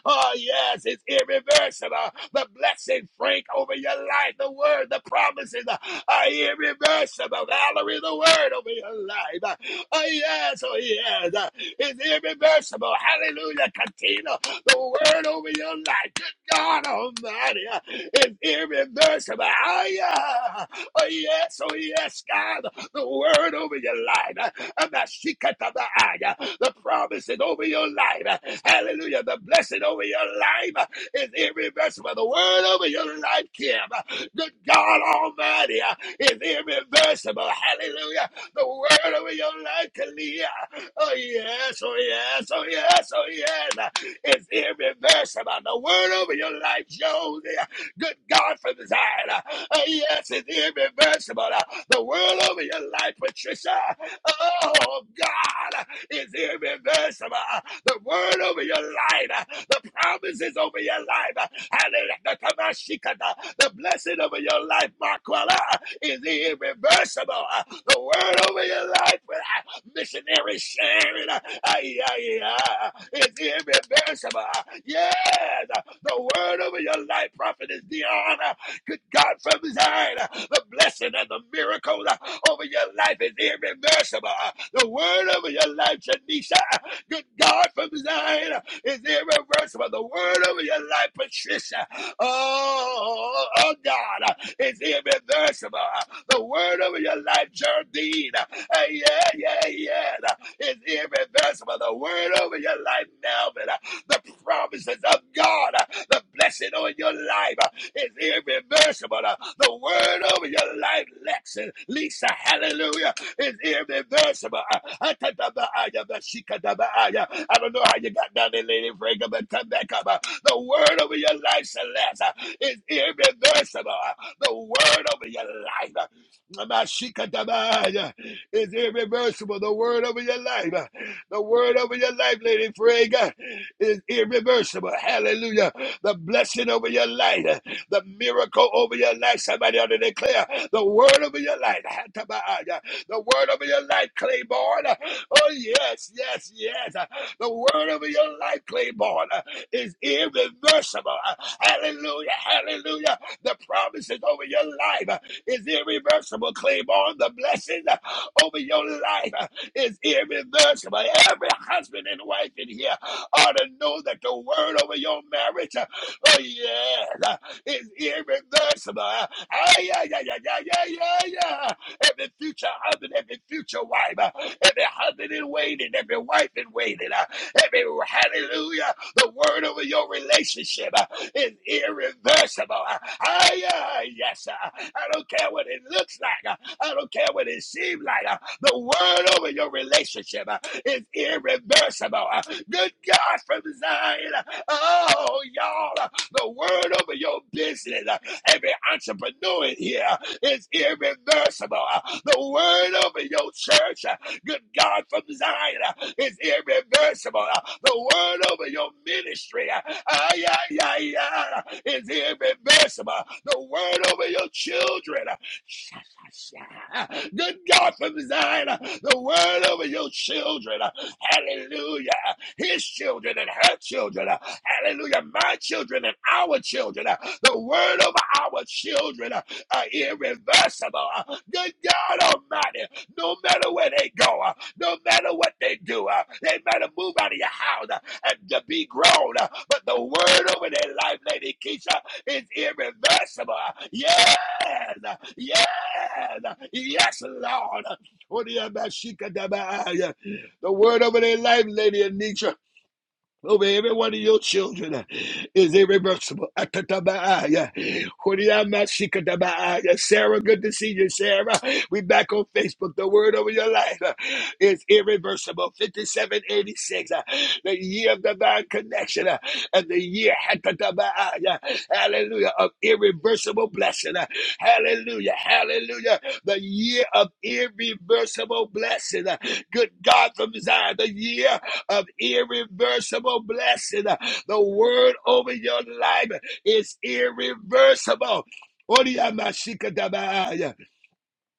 A: Oh, yes, it's irreversible. The blessing, Frank, over your life. The word, the promises uh, are irreversible. Valerie, the word over your life. Uh, Oh, yes, oh, yes. uh, It's irreversible. Hallelujah, Katina. The word over your life. Good God Almighty. uh, It's irreversible. Oh, yeah. Oh, yes, oh, yes, God. The word over your life. Amashikatabaya. The promise is over your life. Hallelujah. The blessing over your life is irreversible. The word over your life, Kim. Good God Almighty is irreversible. Hallelujah. The word over your life, Kalia. Oh, yes. Oh, yes. Oh, yes. Oh, yes. It's irreversible. The word over your life, Josie. Good God from Zion. Uh, uh, yes, it's irreversible. Uh, the world over your life, Patricia. Oh, God, is irreversible. Uh, The word over your life, uh, the promises over your life, uh, hallelujah, the blessing over your life, Marquella, is irreversible. Uh, The word over your life, uh, missionary Sharon, uh, ay, yeah! ay, uh, is irreversible. Uh, Yes, uh, the word over your life, prophet, is the honor. Good God from Zion. The blessing and the miracle uh, over your life is irreversible. The word over your life, Shanisha. Good God from Zion uh, is irreversible. The word over your life, Patricia. Oh, oh God, uh, is irreversible. The word over your life, Jardine. Uh, Yeah, yeah, yeah. uh, Is irreversible. The word over your life, Melvin. The promises of God, the blessing on your life is irreversible. The word over your life, Lexi, Lisa, hallelujah, is irreversible. I don't know how you got down there, Lady Frank, but come back up. The word over your life, Celeste, is irreversible. The word over your life. Mashikadabaya is irreversible. The word over your life the word over your life, Lady Frey, God, is irreversible. Hallelujah. The blessing over your life, uh, the miracle over your life. Somebody ought to declare the word over your life. Hatabaya. The word over your life, Claiborne. Oh, yes, yes, yes. The word over your life, Claiborne, uh, is irreversible. Hallelujah. Hallelujah. The promises over your life is irreversible. Claim on the blessings over your life is irreversible. Every husband and wife in here ought to know that the word over your marriage, uh, oh yeah, is irreversible. Ah yeah yeah yeah yeah yeah yeah. ay, Every future husband, every future wife, uh, every husband in waiting, every wife in waiting, uh, every hallelujah. The word over your relationship uh, is irreversible. Uh, I, uh, yes, uh, I don't care what it looks like. uh, I don't care what it seems like. uh, The word over your relationship uh, is irreversible. Uh, Good God from Zion. uh, Oh, y'all, uh, the word over your business. uh, Every entrepreneur in here is irreversible. The word over your church, good God from Zion, is irreversible. The word over your ministry, ay, ay, ay, ay, is irreversible. The word over your children, sha, sha, sha, good God from Zion, the word over your children, hallelujah, his children and her children. Hallelujah. My children and our children. uh, The word of our children uh, are irreversible. Uh, Good God Almighty. No matter where they go, uh, no matter what they do, uh, they better move out of your house uh, and to be grown. uh, But the word over their life, Lady Keisha, is irreversible. Uh, Yes. uh, Yes. uh, Yes, Lord. Uh, The word over their life, Lady Anisha. Over every one of your children uh, is irreversible. Atatabaaya. Horiamashikatabaaya. Sarah, good to see you, Sarah. We back on Facebook. The word over your life uh, is irreversible. 5786, uh, the year of divine connection, uh, and the year, atatabaaya, hallelujah, of irreversible blessing. uh, Hallelujah, hallelujah, the year of irreversible blessing. uh, Good God from Zion, the year of irreversible blessing. The word over your life is irreversible.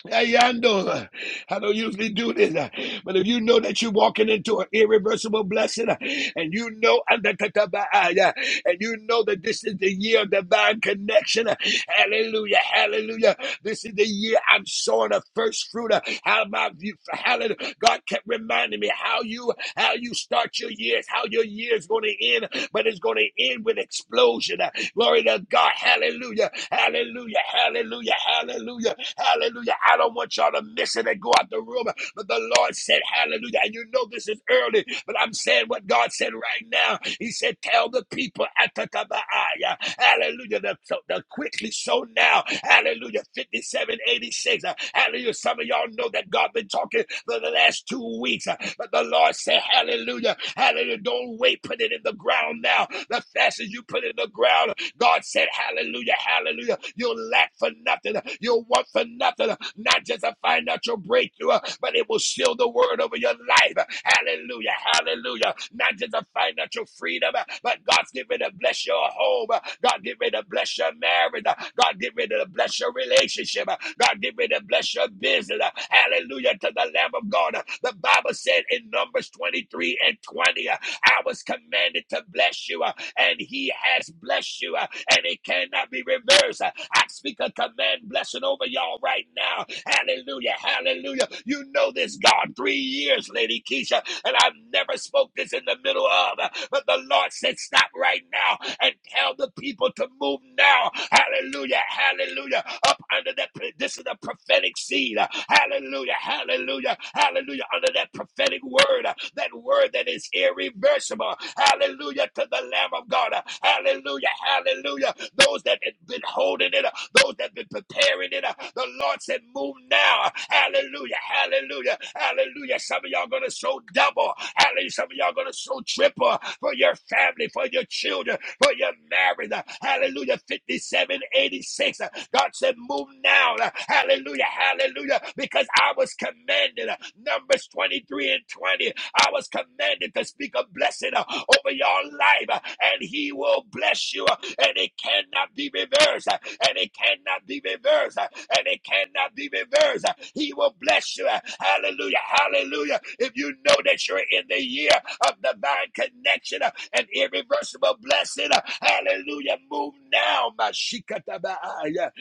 A: Hey, Yando, I don't usually do this, uh, but if you know that you're walking into an irreversible blessing, uh, and you know under and you know that this is the year of divine connection, uh, hallelujah, hallelujah. This is the year I'm sowing a first fruit. uh, How my view, hallelujah. God kept reminding me how you how you start your years, how your year is going to end, but it's going to end with explosion. uh, Glory to God, hallelujah, hallelujah, hallelujah, hallelujah. Hallelujah. I don't want y'all to miss it and go out the room. But the Lord said, Hallelujah. And you know this is early, but I'm saying what God said right now. He said, Tell the people, Atakabaaya, Hallelujah. The, so, the quickly so now. Hallelujah. 5786. Uh, Hallelujah. Some of y'all know that God been talking for the last two weeks. uh, But the Lord said, Hallelujah. Hallelujah. Don't wait. Put it in the ground now. The faster you put it in the ground, God said, Hallelujah, hallelujah. You'll lack for nothing. You'll want for nothing. Not just a financial breakthrough, but it will seal the word over your life. Hallelujah, hallelujah. Not just a financial freedom, but God's getting ready to bless your home. God get ready to bless your marriage. God get ready to bless your relationship. God get ready to bless your business. Hallelujah to the Lamb of God. The Bible said in Numbers 23 and 20, I was commanded to bless you and he has blessed you, uh, and it cannot be reversed. Uh, I speak a command blessing over y'all right now. Hallelujah, hallelujah. You know this, God. Three years, Lady Keisha, and I've never spoke this in the middle of, uh, but the Lord said, Stop right now and tell the people to move now. Hallelujah. Hallelujah. Up under that, this is the prophetic seed. Hallelujah. Hallelujah. Hallelujah. Under that prophetic word, that word that is irreversible. Hallelujah to the Lamb of God. Hallelujah. Hallelujah. Those that have been holding it, those that have been preparing it, the Lord said, move now. Hallelujah. Hallelujah. Hallelujah. Some of y'all gonna sow double. Hallelujah. Some of y'all gonna sow triple for your family, for your children for your marriage. Hallelujah. 5786. God said, move now. Hallelujah. Hallelujah. Because I was commanded. Numbers 23 and 20. I was commanded to speak a blessing uh, over your life, uh, and He will bless you, uh, and it cannot be reversed, uh, and it cannot be reversed, uh, and it cannot be reversed. uh, He will bless you. uh, Hallelujah, hallelujah. If you know that you're in the year of divine connection, and irreversible blessing. Hallelujah. Move now. Mashikatabaaya.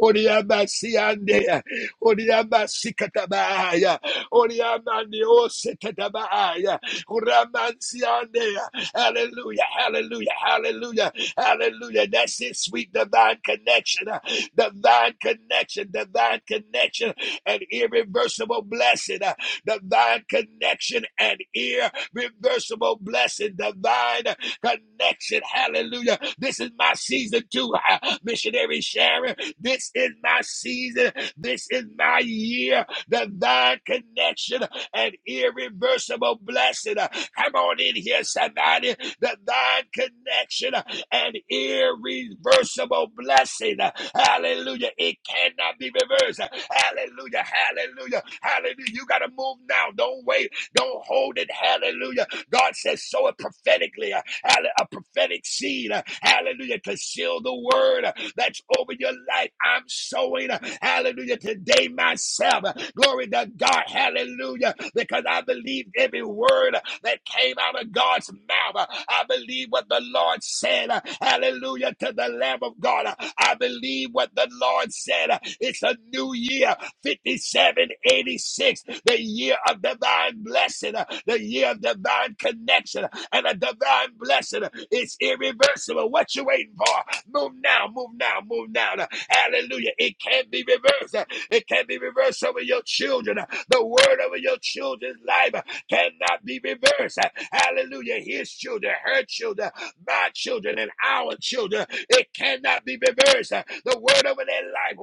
A: Oriabasiande. Oriabasikatabaaya. Oriamaniosetatabaaya. Uramansiande. Hallelujah. Hallelujah. Hallelujah. Hallelujah. That's it, sweet divine connection. Divine connection. Divine connection and irreversible blessing. Divine connection and irreversible reversible blessing, divine connection. Hallelujah. This is my season too, uh, missionary Sharon. This is my season. This is my year. Divine connection and irreversible blessing. Uh, Come on in here, somebody. Divine connection uh, and irreversible blessing. Uh, Hallelujah. It cannot be reversed. Uh, Hallelujah. Hallelujah. Hallelujah. You got to move now. Don't wait. Don't hold it. Hallelujah. God says, sow it prophetically. uh, A prophetic seed. uh, Hallelujah. To seal the word uh, that's over your life. I'm sowing. uh, Hallelujah. Today myself. Uh, Glory to God. Hallelujah. Because I believe every word uh, that came out of God's mouth. Uh, I believe what the Lord said. Uh, Hallelujah. To the Lamb of God. Uh, I believe what the Lord said. Uh, It's a new year. 5786 the year of divine blessing, uh, the year of divine connection, and a divine blessing. uh, It's irreversible. What you waiting for? Move now, move now, move now. Uh, Hallelujah. It can be reversed. Uh, It can be reversed over your children. Uh, The word over your children's life uh, cannot be reversed. Uh, Hallelujah. His children, her children, my children, and our children. It cannot be reversed. Uh, The word over their life.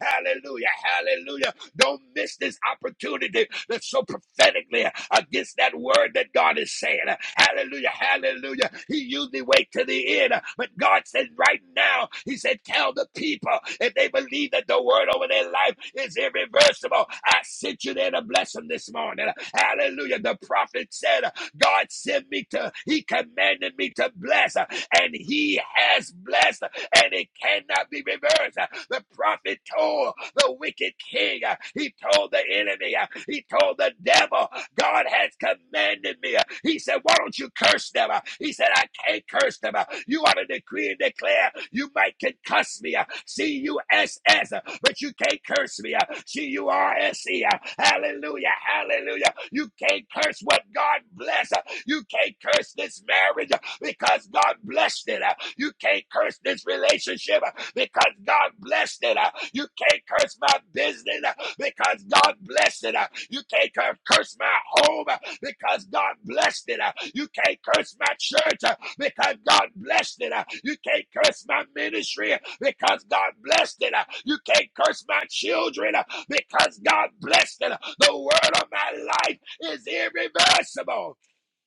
A: Hallelujah. Hallelujah. Don't miss this opportunity that's so prophetically against that word that God is saying. Hallelujah, hallelujah. He usually waits to the end, but God said right now, He said, Tell the people if they believe that the word over their life is irreversible. I sent you there to bless them this morning. Hallelujah. The prophet said, God sent me to, He commanded me to bless, and He has blessed and it cannot be reversed. The prophet told the wicked king, he told the enemy, he told the devil, God has commanded me. He said, Why don't you curse them? He said, I can't curse them. You ought to decree and declare. You might can cuss me, C U S S, but you can't curse me, C U R S E. Hallelujah, hallelujah. You can't curse what God bless. You can't curse this marriage because God blessed it. You can't curse this relationship because God blessed it. You can't curse my business because God blessed it. You can't curse my home because God blessed it. You can't curse my church because God blessed it. You can't curse my ministry because God blessed it. You can't curse my children because God blessed it. The word of my life is irreversible.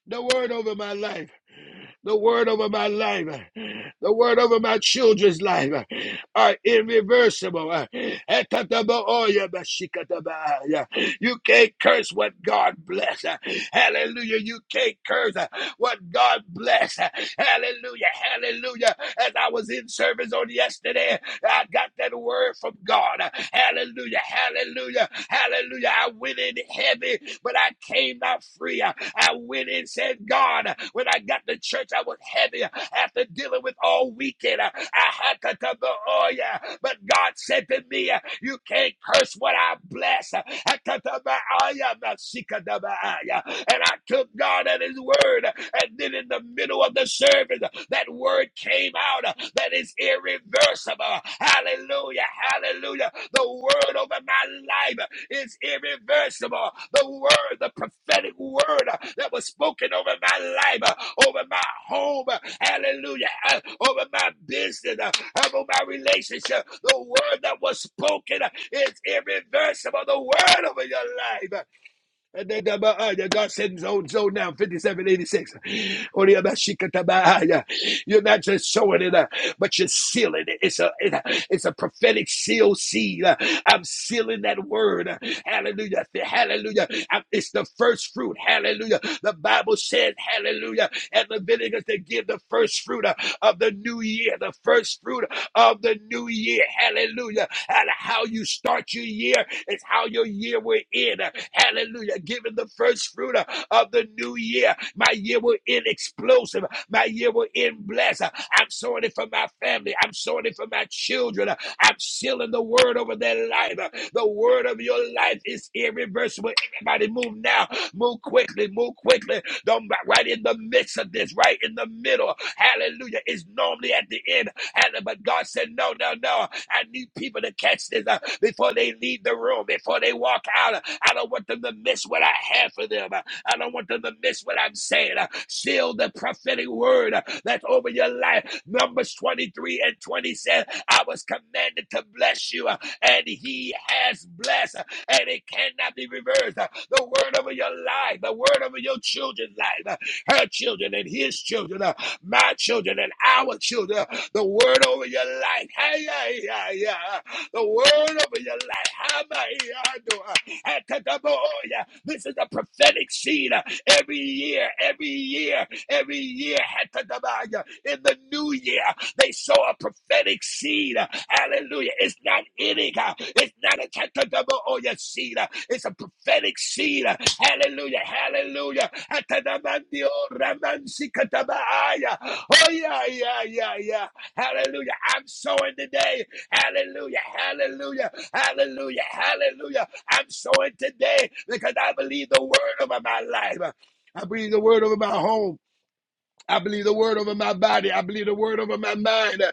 A: The word over my life. The word over my life. The word over my children's life are irreversible. You can't curse what God bless. Hallelujah. You can't curse what God bless. Hallelujah. Hallelujah. As I was in service on yesterday, I got that word from God. Hallelujah. Hallelujah. Hallelujah. I went in heavy, but I came out free. I went and said, God, when I got to church, I was heavy after dealing with all weekend. I had to come to oh yeah. But God said to me, You can't curse what I bless. oh, yeah, yeah. And I took God at His word. And then in the middle of the service, that word came out. That is irreversible irreversible. Hallelujah. Hallelujah. The word over my life is irreversible. The word, the prophetic word uh, that was spoken over my life, uh, over my home. uh, Hallelujah. uh, Over my business, uh, over my relationship. The word that was spoken uh, is irreversible. The word over your life. And then the Bahaya, God sends zone zone now, 5786. Only about Shikata Bahaya. You're not just showing it, uh, but you're sealing it. It's a, it- it's a prophetic seal seed. Uh, I'm sealing that word. Uh, Hallelujah. Hallelujah. I'm- It's the first fruit. Hallelujah. The Bible says, Hallelujah. And the vinegar to give the first fruit uh, of the new year, the first fruit of the new year. Hallelujah. And how you start your year it's how your year will end. Hallelujah. Giving the first fruit of the new year. My year will end explosive. My year will end blessed. I'm sowing it for my family. I'm sowing it for my children. I'm sealing the word over their life. The word of your life is irreversible. Everybody move now. Move quickly. Move quickly. Don't right in the midst of this, right in the middle. Hallelujah. It's normally at the end. But God said, no, no, no. I need people to catch this uh, before they leave the room, before they walk out. I don't want them to miss what I have for them. I don't want them to miss what I'm saying. Seal the prophetic word uh, that's over your life. Numbers 23 and 20 said, I was commanded to bless you, uh, and he has blessed, uh, and it cannot be reversed. Uh, The word over your life, the word over your children's life, uh, her children and his children my children and our children. The word over your life. Hey, yeah, yeah, yeah. The word over your life. How about you? I uh, This is a prophetic seed uh, every year, every year, every year. I In the new year, they sow a prophetic seed. uh, Hallelujah. It's not eating. uh, It's not a cut the seed. uh, It's a prophetic seed. uh, Hallelujah. Hallelujah. Atanamandio ramansikatabaaya. Oh, yeah, yeah, yeah, yeah. Hallelujah. I'm sowing today. Hallelujah. Hallelujah. Hallelujah. Hallelujah. I'm sowing today because I believe the word over my life. I believe the word over my home. I believe the word over my body. I believe the word over my mind.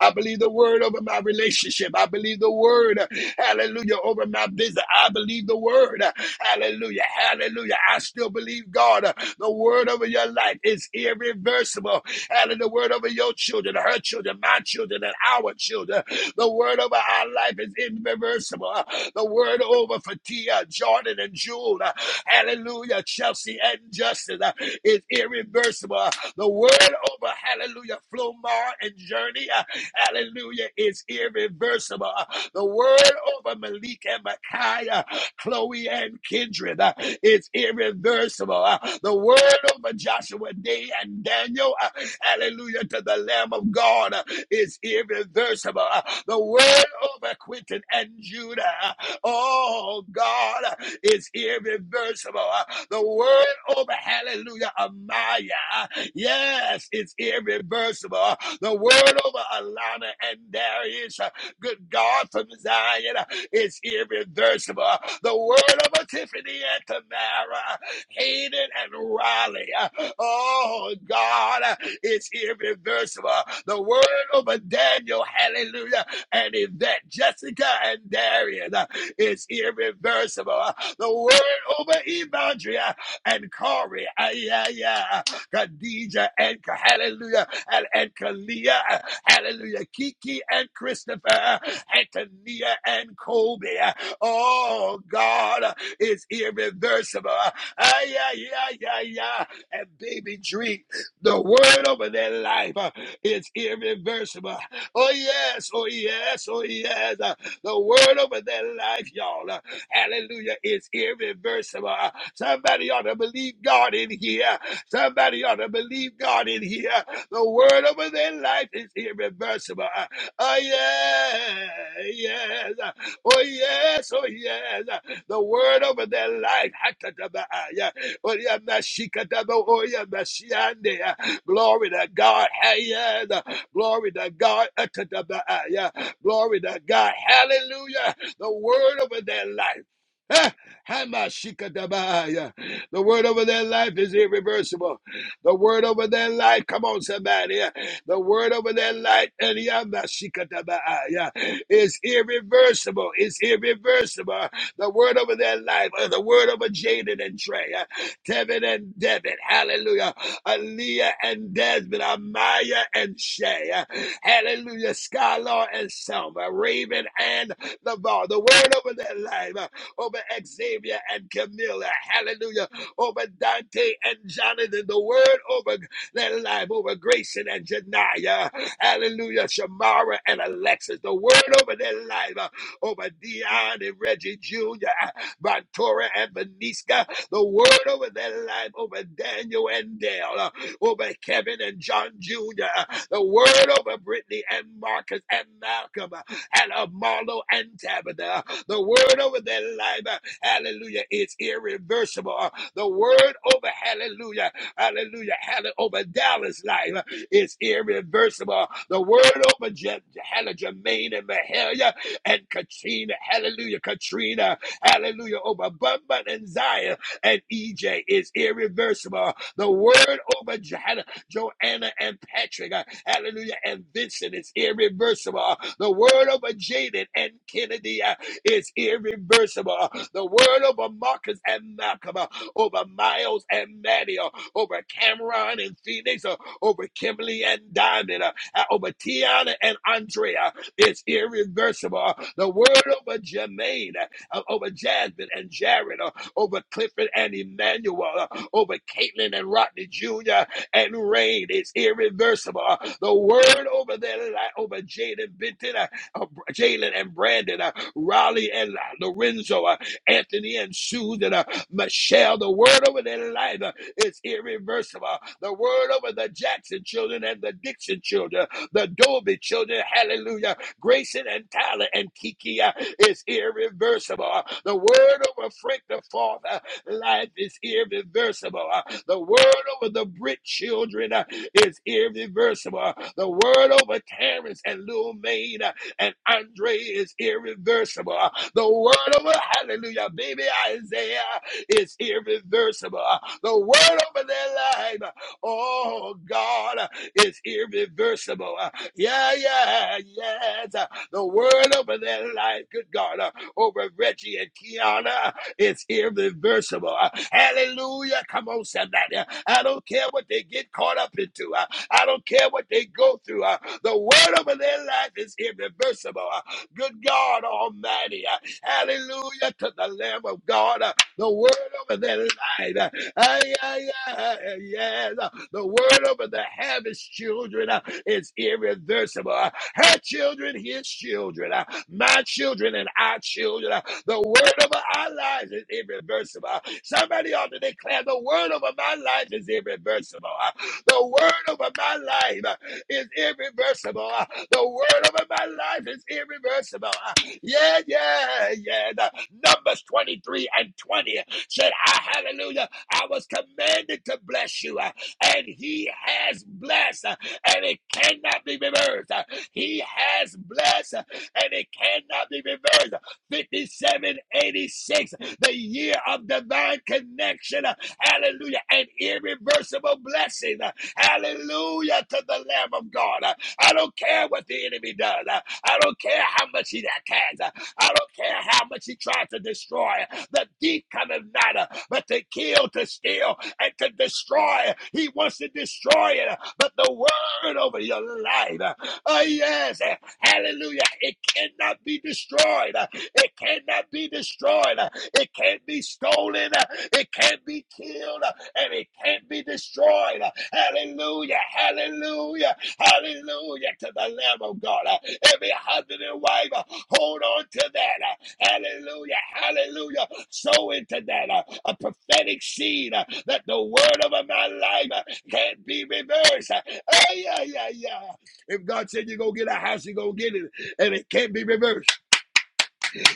A: I believe the word over my relationship. I believe the word, hallelujah, over my business. I believe the word, hallelujah, hallelujah. I still believe God. The word over your life is irreversible. Hallelujah. The word over your children, her children, my children, and our children. The word over our life is irreversible. The word over for Tia, Jordan, and Jewel. Hallelujah. Chelsea and justice uh, is irreversible. Uh, The word over, hallelujah, Flomar and Journey, uh, hallelujah, is irreversible. Uh, The word over Malik and Micaiah, uh, Chloe and Kindred uh, is irreversible. Uh, The word over Joshua Day and Daniel uh, Hallelujah to the Lamb of God uh, is irreversible. Uh, The word over Quentin and Judah, uh, oh God, uh, is irreversible. Uh, The word over Hallelujah Amaya, uh, yes, it's irreversible. Uh, The word over Alana and Darius, uh, good God from Zion, uh, is irreversible. Uh, The word over Tiffany and Tamara uh, Hayden and Raleigh. Oh, God is irreversible. The word over Daniel, hallelujah, and Yvette, Jessica, and Darian is irreversible. The word over Evandria and Corey, ah, yeah, yeah, Khadija, and hallelujah, and, and Kalia, uh, hallelujah, Kiki, and Christopher, uh, Antonia, and Kobe. Oh, God is irreversible. Ay, ay, ay, ay, ay. And baby drink the word over their life uh, is irreversible. Oh, yes, oh, yes, oh, yes. Uh, The word over their life, y'all, uh, hallelujah, is irreversible. Uh, Somebody ought to believe God in here. Somebody ought to believe God in here. The word over their life is irreversible. Uh, Oh, yeah, yes. Uh, Oh, yes, oh, yes. The word over their life. Hakatabaya. Oh, yeah, Mashikataba. Oh, yeah, Mashiande. Glory to God. Hey, yes. Glory to God. Hakatabaya. Glory to God. Hallelujah. The word over their life. Ah, Hamashikatabaya. The word over their life is irreversible. The word over their life, come on, somebody. The word over their life and Yamashikatabaya, is irreversible, is irreversible. The word over their life, uh, the word over Jaden and Trey, uh, Tevin and Devin, hallelujah. Aaliyah and Desmond, Amaya and Shay, uh, hallelujah. Skylar and Selma, Raven and Lavar, the word over their life, uh, over Xavier and Camilla, hallelujah over Dante and Jonathan. The word over let life over Grayson and Janiyah. Hallelujah. Shamara and Alexis. The word over their life, uh, over Dion and Reggie Jr., uh, Vontora and Vaniska. The word over their life, over Daniel and Dale, uh, over Kevin and John Jr., uh, the word over Brittany and Marcus and Malcolm uh, and Marlo and Tabitha. Uh, The word over their life, uh, hallelujah, is irreversible. Uh, The word over, hallelujah, Hallelujah. Hallelujah. Over Dallas' life uh, is irreversible. The word over Je- Hannah Jermaine and Mahalia and Katrina. Hallelujah. Katrina. Hallelujah. Over Bumba and Zion and EJ is irreversible. The word over Je- Hallelujah, Joanna and Patrick. uh, Hallelujah. And Vincent is irreversible. The word over Jaden and Kennedy uh, is irreversible. The word over Marcus and Malcolm, uh, over Miles and Maddie. uh, over Cameron and Phoenix, uh, over Kimberly and Diamond, uh, uh, over Tiana and Andrea. It's irreversible. Uh, The word over Jermaine, uh, uh, over Jasmine and Jared, uh, over Clifford and Emmanuel, uh, over Caitlin and Rodney Jr. and Rain it's irreversible. Uh, The word over there, li over Jaden Benton, uh, uh, Jalen and Brandon, uh, Raleigh and uh, Lorenzo, uh, Anthony and Susan, uh, Michelle, the word over their life uh, is irreversible. The word over the Jackson children and the Dixon children, the Dolby children, hallelujah, Grayson and Tyler and Kiki uh, is irreversible. Uh, The word over Frank the Father, life is irreversible. Uh, The word over the Brit children uh, is irreversible. Uh, The word over Terrence and Lil Maine uh, and Andre is irreversible. The word over, hallelujah, baby Isaiah is irreversible. The word over their life, oh God, is irreversible. Yeah, yeah, yes. The word over their life, good God, over Reggie and Kiana. It's irreversible. Uh, Hallelujah. Come on, somebody. Uh, I don't care what they get caught up into. Uh, I don't care what they go through. Uh, The word over their life is irreversible. Uh, Good God Almighty. Uh, Hallelujah to the Lamb of God. Uh, The word over their life side. Uh, Ay, ay, ay, Yes, uh, the word over the harvest children uh, is irreversible. Uh, Her children, his children, uh, my children, and our children. uh, The word over our lives is irreversible. Uh, Somebody ought to declare the word over my life is irreversible. Uh, The word over my life uh, is irreversible. Uh, The word over my life is irreversible. Uh, Yeah, yeah, yeah. The Numbers 23 and 20 said, I, hallelujah, I was commanded to bless you, uh, and he has blessed, uh, and it cannot be reversed. Uh, He has blessed, uh, and it cannot be reversed. 5786, the year of divine connection, uh, hallelujah, An irreversible blessing, uh, hallelujah, to the Lamb of God. Uh, I don't care what the enemy does, Uh, I don't care how much he attacks, uh, I don't care how much he tried to destroy. The thief cometh not, uh, but to kill, to steal, and to destroy. He wants to destroy it. But the word over your life, uh, oh yes, uh, hallelujah, it cannot be destroyed. Uh, It cannot be destroyed. Uh, It can't be stolen. Uh, It can't be killed. Uh, And it can't be destroyed. Uh, Hallelujah, hallelujah. Hallelujah to the Lamb of God. Uh, Every husband and wife, uh, hold on to that. Uh, Hallelujah. Hallelujah. Sow into that uh, a prophetic seed uh, that the word of my life uh, can't be reversed. Uh, ay, ay, ay, ay. If God said you're going to get a house, you're going to get it, and it can't be reversed.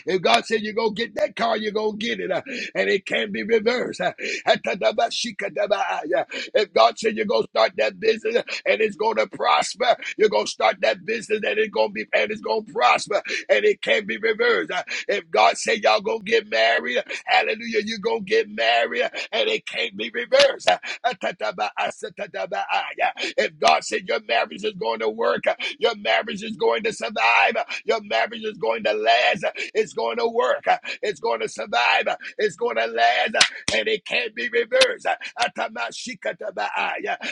A: If God said you're going to get that car, you're going to get it. uh, and it can be reversed. uh, If God said you're going to start that business uh, and it's going to prosper, you're going to start that business and it's going to be and it's going to prosper and it can be reversed. Uh, If God said y'all going to get married Hallelujah. You're going to get married and it can't be reversed. If God said your marriage is going to work, your marriage is going to survive, your marriage is going to last, it's going to work, it's going to survive, it's going to last and it can't be reversed.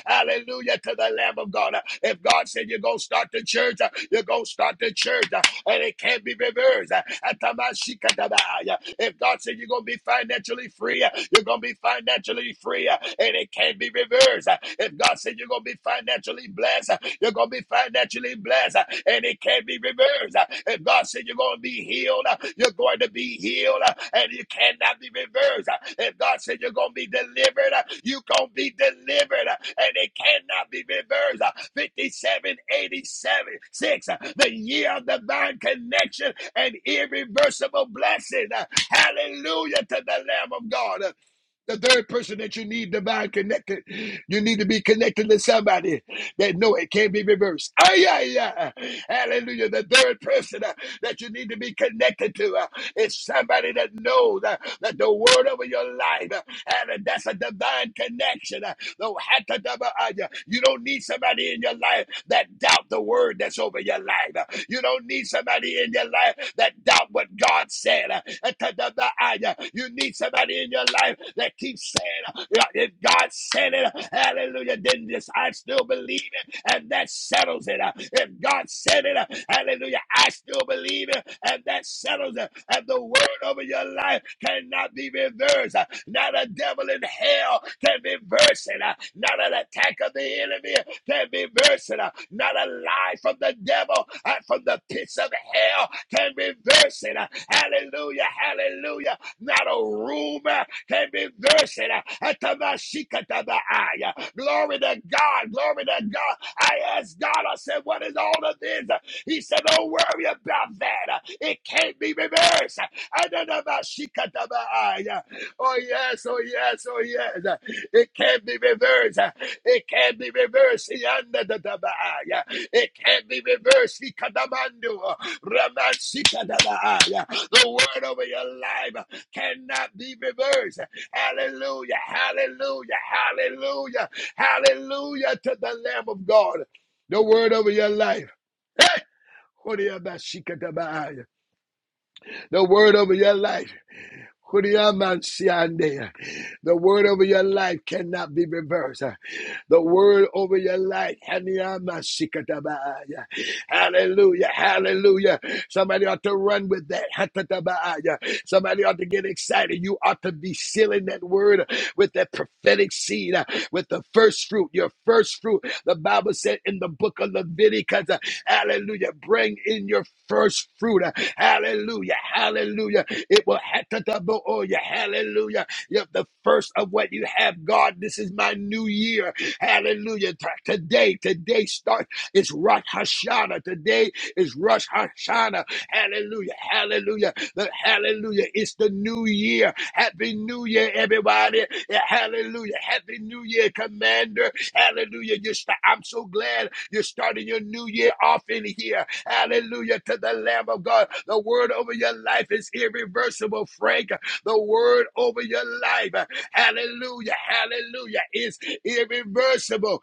A: Hallelujah to the Lamb of God. If God said you're going to start the church, you're going to start the church, and it can't be reversed. Atamashikatabaaya. If God said you're going to be financially free, you're going to be financially free, and it can't be reversed. If God said you're going to be financially blessed, you're going to be going to be financially blessed uh, and it can't be reversed. Uh, If God said you're going to be healed, uh, you're going to be healed uh, and you cannot be reversed. Uh, If God said you're going to be delivered, uh, you going to be delivered uh, and it cannot be reversed. uh, Fifty-seven, eighty-seven 6, uh, the year of divine connection and irreversible blessing. Uh, Hallelujah to the Lamb of God. Uh, the third person that you need divine connected. You need to be connected to somebody that no, it can't be reversed. Ah, yeah, yeah. Hallelujah. The third person uh, that you need to be connected to uh, is somebody that knows uh, that the word over your life, uh, and that's a divine connection. uh, no, hatadabaya. You don't need somebody in your life that doubt the word that's over your life. You don't need somebody in your life that doubt what God said. Hatadabaya. You need somebody in your life that keeps saying, "Yeah, if God said it, hallelujah, then this I still believe it and that settles it. Uh, If God said it, uh, hallelujah, I still believe it, and that settles it. And the word over your life cannot be reversed. Uh, Not a devil in hell can reverse it. Uh, Not an attack of the enemy can reverse it. Uh, Not a lie from the devil uh, from the pits of hell can reverse it. Uh, Hallelujah, hallelujah. Not a rumor can reverse it. Uh, Atamashikatabaaya. Glory to God. Glory to God. I asked God, I said, What is all of this? He said, Don't worry about that. It can't be reversed. I don't know about Shikatabaaya. Oh, yes. Oh, yes. Oh, yes. It can't be reversed. It can't be reversed. Yandatabaaya. It can't be reversed. Shikatamandu. Ramanshikatabaaya. The word over your life cannot be reversed. Hallelujah. Hallelujah. Hallelujah. Hallelujah to the Lamb of God. The word over your life. Hey! The word over your life. Kuriyamansiande. The word over your life cannot be reversed. The word over your life. Haniyamasikatabaya. Hallelujah. Hallelujah. Somebody ought to run with that. Somebody ought to get excited. You ought to be sealing that word with that prophetic seed, uh, with the first fruit, your first fruit. The Bible said in the book of Leviticus uh, Hallelujah. Bring in your first fruit. Hallelujah. Hallelujah. It will hatatabo-oya. Hallelujah. Yep, the first of what you have, God. This is my new year. Hallelujah. T- Today, today start. It's Rosh Hashanah. Today is Rosh Hashanah. Hallelujah. Hallelujah. The- hallelujah. It's the new year. Happy New Year, everybody. Yeah, hallelujah. Happy New Year, Commander. Hallelujah. You start, I'm so glad you're starting your new year off in here. Hallelujah to the Lamb of God. The word over your life is irreversible, Frank. The word over your life. Hallelujah. Hallelujah. Is irreversible.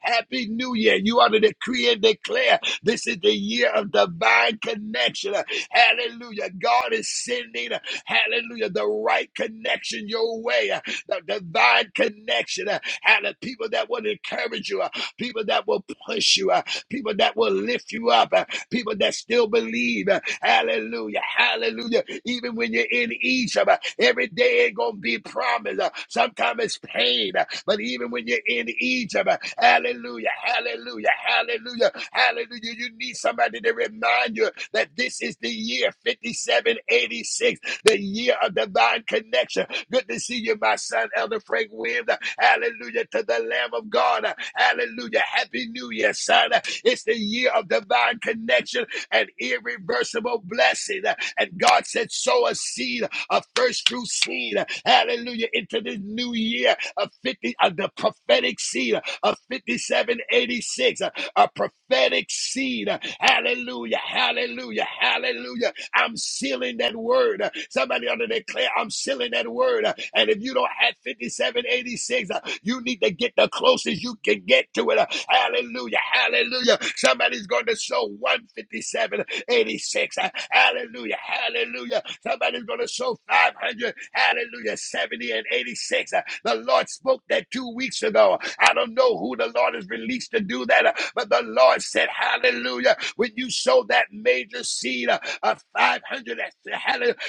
A: Happy New Year. You ought to decree and declare this is the year of divine connection. Hallelujah. God is sending, hallelujah, the right connection your way that divine connection. uh, And the people that will encourage you, uh, people that will push you, uh, people that will lift you up, uh, people that still believe. uh, Hallelujah. Hallelujah. Even when you're in Egypt, uh, every day ain't going to be promised. uh, Sometimes it's pain. uh, But even when you're in Egypt, uh, hallelujah. Hallelujah. Hallelujah. Hallelujah. You need somebody to remind you that this is the year 5786 the year of divine connection. Good to see you, my son, Elder Frank Williams. Hallelujah to the Lamb of God. Hallelujah. Happy New Year, son. It's the year of divine connection and irreversible blessing. And God said, sow a seed, a first fruit seed. Hallelujah. Into this new year of 50, of the prophetic seed of 5786, a prophetic seed. Hallelujah. Hallelujah. Hallelujah. I'm sealing that word. Somebody ought to declare, I'm sealing that word. And if you don't have 5786, uh, you need to get the closest you can get to it. Hallelujah. Hallelujah. Somebody's going to sow 15786. Hallelujah. Hallelujah. Somebody's going to sow 500. Hallelujah. 70 and 86. Uh, The Lord spoke spoke that two weeks ago. I don't know who the Lord has released to do that, uh, but the Lord said, Hallelujah. When you sow that major seed uh, of five hundred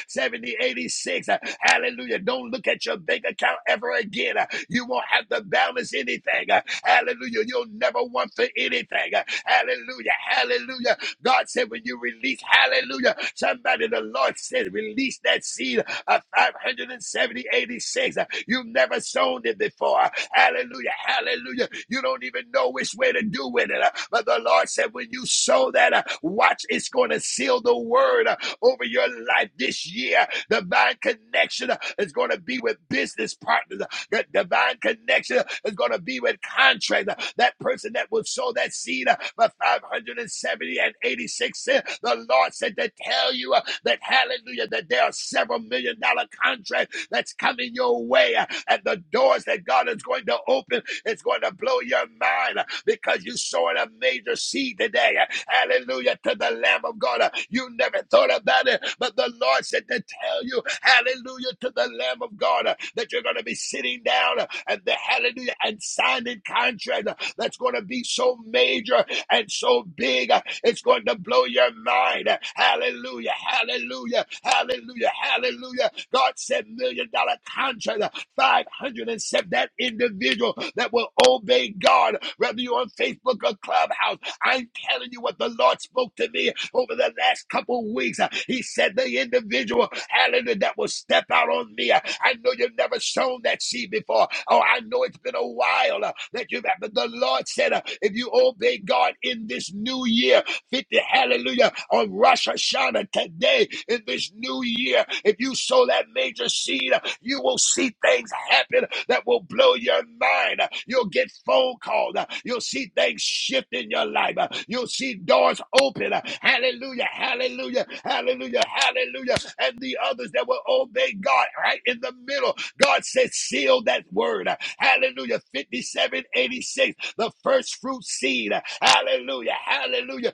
A: seventy eighty six, hallelujah, uh, hallelujah, don't look at your bank account ever again. uh, You won't have to balance anything. uh, Hallelujah. You'll never want for anything. uh, Hallelujah. Hallelujah. God said, when you release, hallelujah, somebody, the Lord said, release that seed of five hundred seventy, eighty-six. You've never sown it before. Hallelujah, hallelujah. You don't even know which way to do with it. But the Lord said, when you sow that, uh, watch, it's going to seal the word uh, over your life this year. Divine connection uh, is going to be with business partners. That divine connection is going to be with contract. That person that will sow that seed uh, for 570 and 86 cents. The Lord said to tell you uh, that hallelujah, that there are several million dollar contracts that's coming your way. uh, And the doors that God is going to open, it's going to blow your mind uh, because you sowed a major seed today. Uh, Hallelujah to the Lamb of God. Uh, You never thought about it, but the Lord said to tell you, hallelujah to the Lamb of God, uh, that you're going to be sitting down uh, and the hallelujah and signing contract uh, that's going to be so major and so big, uh, it's going to blow your mind. Hallelujah, hallelujah, hallelujah, hallelujah. God said, million dollar contract, uh, 500 and said that individual that will obey God, whether you're on Facebook or Clubhouse. I'm telling you what the Lord spoke to me over the last couple of weeks. Uh, He said the individual, hallelujah, that will step out on me. uh, I know you've never sown that seed before. Oh, I know it's been a while uh, that you've had, but the Lord said, uh, if you obey God in this new year, 50, hallelujah, on Rosh Hashanah today in this new year. If you sow that major seed, you will see things happen that will blow your mind. You'll get phone calls. You'll see things shift in your life. You'll see doors open. Hallelujah, hallelujah, hallelujah, hallelujah. And the others that will obey God right in the middle. God said, seal that word. Hallelujah, 5786 the first fruit seed. Hallelujah. Hallelujah.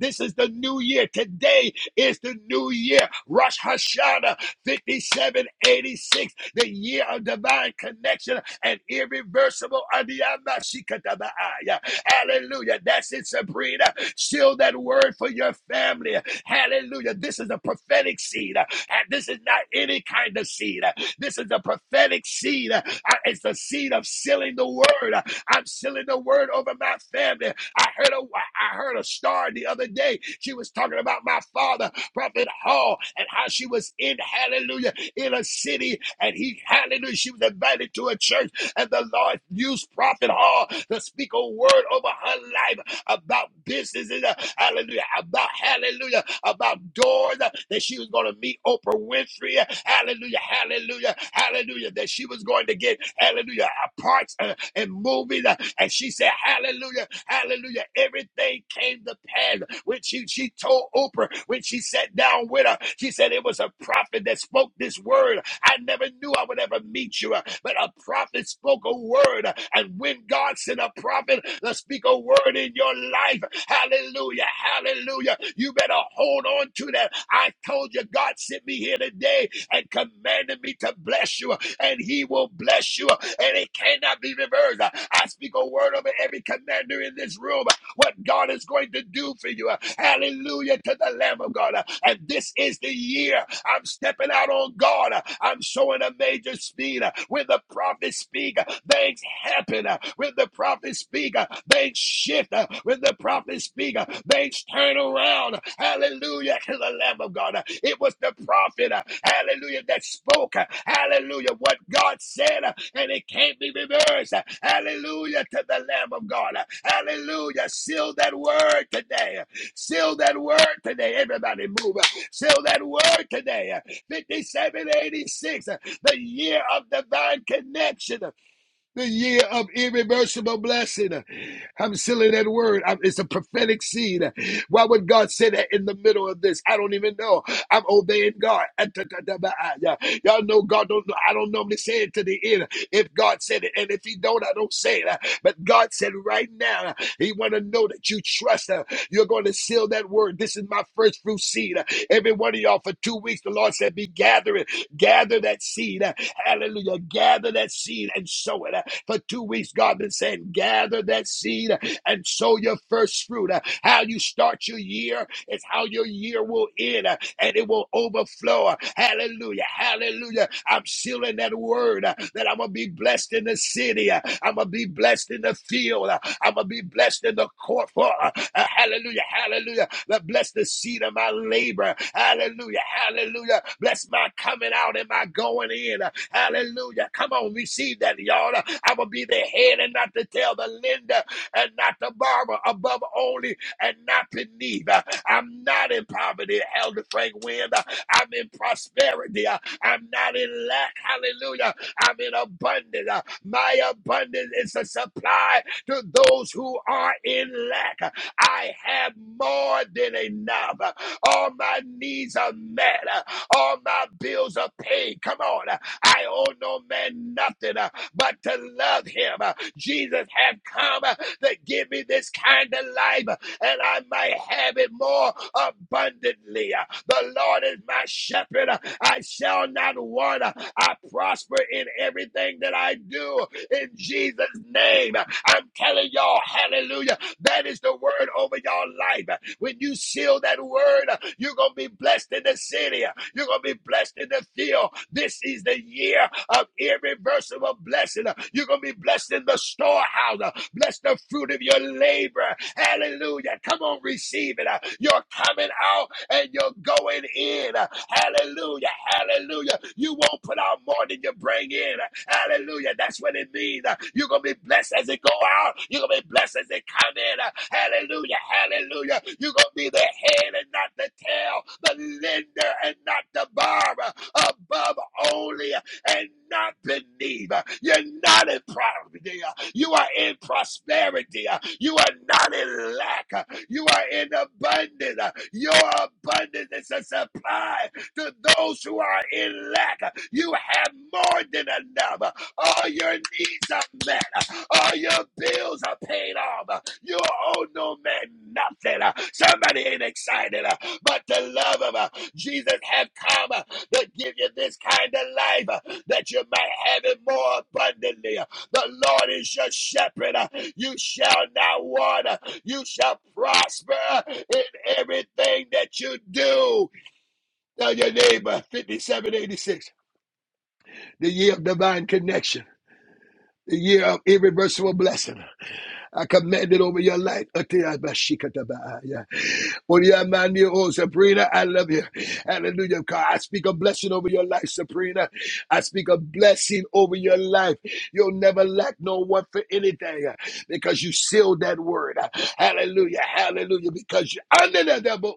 A: This is the new year. Today is the new year. Rosh Hashanah 5786, the year of divine connection and irreversible. Hallelujah. That's it, Sabrina. Seal that word for your family. Hallelujah. This is a prophetic seed. And this is not any kind of seed. This is a prophetic seed. Uh, It's the seed of sealing the word. I'm sealing the word over my family. I heard a I heard a star the other day. She was talking about my father, Prophet Hall, and how she was in Hallelujah in a city, and he Hallelujah. She was invited to a church, and the Lord used Prophet Hall to speak a word over her life about business. uh, Hallelujah. About Hallelujah about doors uh, that she was going to meet Oprah Winfrey. uh, Hallelujah, hallelujah, hallelujah. That she was going to get, hallelujah, uh, parts uh, in movies. uh, And she said, hallelujah, hallelujah. Everything came to pass. When she, she told Oprah, when she sat down with her, she said, it was a prophet that spoke this word I never knew I would ever meet you, uh, but a prophet spoke a word. uh, And when God sent a prophet to speak a word in your life, hallelujah, hallelujah, you better hold on to that. I told you, God sent me here today and commanded me to bless you, and He will bless you and it cannot be reversed. I speak a word over every commander in this room. What God is going to do for you. Hallelujah to the Lamb of God. And this is the year I'm stepping out on God. I'm showing a major speed. When the prophets speak, things happen. When the prophets speak, speak, uh, things shift. uh, When the prophets speak, uh, things turn around. Hallelujah to the Lamb of God. Uh, It was the prophet, uh, hallelujah, that spoke. uh, Hallelujah, what God said, uh, and it can't be reversed. Uh, Hallelujah to the Lamb of God. Uh, Hallelujah. Seal that word today. Seal that word today. Everybody move. Uh, Seal that word today. Uh, 5786, uh, the year of divine connection the year of irreversible blessing. I'm still in that word. I'm- it's a prophetic seed. Why would God say that in the middle of this? I don't even know. I'm obeying God. Y'all know God don't know. I don't normally say it to the end. If God said it, and if He don't, I don't say it. But God said right now, He want to know that you trust Him. You're going to seal that word. This is my first fruit seed. Every one of y'all for two weeks, the Lord said, be gathering, gather that seed. Hallelujah. Gather that seed and sow it. For two weeks, God been saying, gather that seed and sow your first fruit. Uh, How you start your year is how your year will end uh, and it will overflow. Uh, Hallelujah. Hallelujah. I'm sealing that word uh, that I'm going to be blessed in the city. uh, I'm going to be blessed in the field. uh, I'm going to be blessed in the court. For, uh, uh, hallelujah. Hallelujah. bless the seed of my labor. Hallelujah. Hallelujah. Bless my coming out and my going in. Hallelujah. Come on, receive that, y'all. I will be the head and not the tail, the lender and not the borrower, above only and not beneath. Uh, I'm not in poverty, Elder Frank Wynn. Uh, I'm in prosperity. Uh, I'm not in lack. Hallelujah. I'm in abundance. Uh, My abundance is a supply to those who are in lack. Uh, I have more than enough. Uh, All my needs are met. Uh, All my bills are paid. Come on. I owe no man nothing uh, but to love him. Uh, Jesus have come uh, to give me this kind of life uh, and I might have it more abundantly. Uh, The Lord is my shepherd. Uh, I shall not want. Uh, I prosper in everything that I do in Jesus' name. Uh, I'm telling y'all, hallelujah. That is the word over your life. When you seal that word, you're going to be blessed in the city. You're going to be blessed in the field. This is the year of irreversible blessing. You're going to be blessed in the storehouse. Bless the fruit of your labor. Hallelujah. Come on, receive it. Your coming out and you're going in. Hallelujah. Hallelujah. You won't put out more than you bring in. Hallelujah. That's what it means. You're going to be blessed as it go out. You're going to be blessed as it come in. Hallelujah. Hallelujah. You're going to be the head and not the tail, the lender and not the borrower, above only and not beneath. You're not in poverty. You are in prosperity. Uh, You are not in lack. Uh, You are in abundance. Uh, Your abundance is a supply to those who are in lack. Uh, You have more than enough. Uh, All your needs are met. Uh, All your bills are paid off. Uh, You owe no man nothing. Uh, Somebody ain't excited, uh, but the love of uh, Jesus have come uh, to give you this kind of life uh, that you might have it more abundantly. The Lord is your shepherd. You shall not want. You shall prosper in everything that you do. Tell your neighbor, 5786, the year of divine connection, the year of irreversible blessing. I command it over your life. Atiyabashikatabaya. Onyamani, Oh, Sabrina, I love you. Hallelujah. God, I speak a blessing over your life, Sabrina. I speak a blessing over your life. You'll never lack no one for anything uh, because you sealed that word. Uh, Hallelujah. Hallelujah. Because you under the devil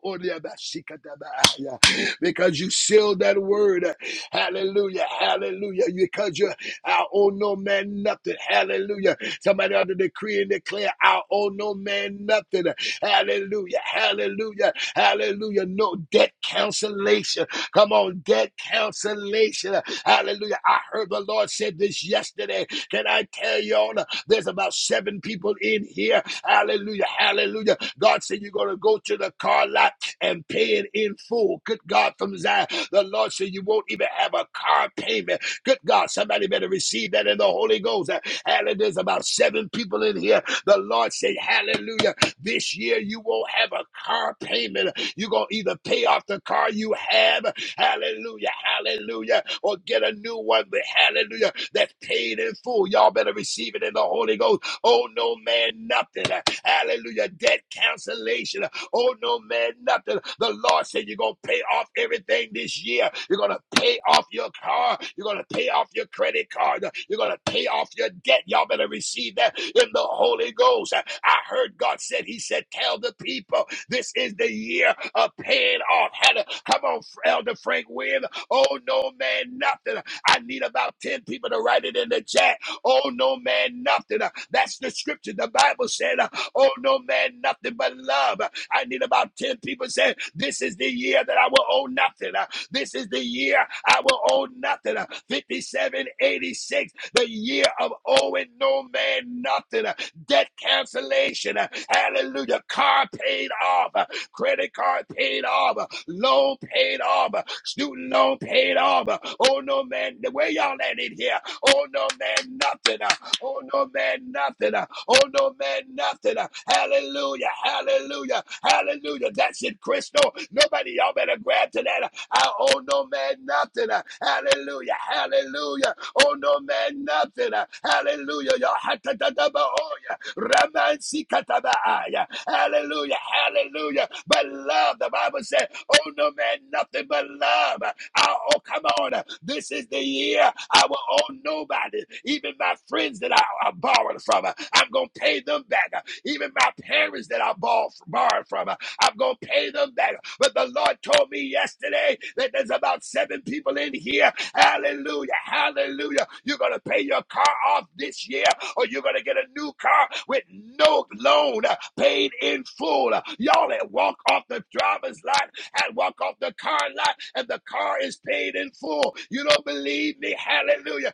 A: because you sealed that word. Uh, Hallelujah. Hallelujah. Because you I owe no man nothing. Hallelujah. Somebody ought to decree and declare, I owe no man nothing. Hallelujah. Hallelujah. Hallelujah. No debt cancellation. Come on, debt cancellation. Hallelujah. I heard the Lord said this yesterday. Can I tell you all There's about seven people in here. Hallelujah. Hallelujah. God said you're going to go to the car lot and pay it in full. Good God from Zion. The Lord said you won't even have a car payment. Good God, somebody better receive that in the Holy Ghost. Uh, Hallelujah. There's about seven people in here. The Lord said, Hallelujah. This year you won't have a car payment. You're going to either pay off the car you have, hallelujah, hallelujah, or get a new one, but hallelujah, that's paid in full. Y'all better receive it in the Holy Ghost. Oh, no man, nothing. Hallelujah. Debt cancellation. Oh, no man, nothing. The Lord said you're going to pay off everything this year. You're going to pay off your car. You're going to pay off your credit card. You're going to pay off your debt. Y'all better receive that in the Holy Ghost. I heard God said, He said, tell the people this is the year of paying off. come on, Elder Frank Wynn. Oh, no man, nothing. I need about 10 people to write it in the chat. Oh, no man, nothing. That's the scripture. The Bible said, Oh, no man, nothing but love. I need about 10 people saying, This is the year that I will owe nothing. This is the year I will owe nothing. 5786, the year of owing no man nothing. Debt cancellation. Hallelujah. Car paid off. Credit card paid off. Loan paid off. Student loan paid off. Oh, no man, where y'all at in here? Oh, no man, nothing. Oh, no man, nothing. Uh, Oh, no man, nothing. Uh, Hallelujah. Hallelujah. Hallelujah. That's it, Crystal. Nobody, y'all better grab to that. Uh, I owe no man nothing. Uh, Hallelujah. Hallelujah. Oh, no man, nothing. Uh, Hallelujah. Y'all, ha, ta, ta, ta, ba, oh, yeah. Raman, si, ka, ta, ba, ah, yeah. Hallelujah. Hallelujah. But love, the Bible said, oh no man, nothing but love. Oh, oh, come on. This is the year I will owe nobody. Even my friends that I, I borrowed from, I'm going to pay them back. Even my parents that I borrowed, borrowed from, I'm going to pay them back. But the Lord told me yesterday that there's about seven people in here. Hallelujah. Hallelujah. You're going to pay your car off this year or you're going to get a new car with no loan paid in full. Y'all that walk off the driver's lot and walk off the car lot and the car is paid in full. You don't believe me? Hallelujah.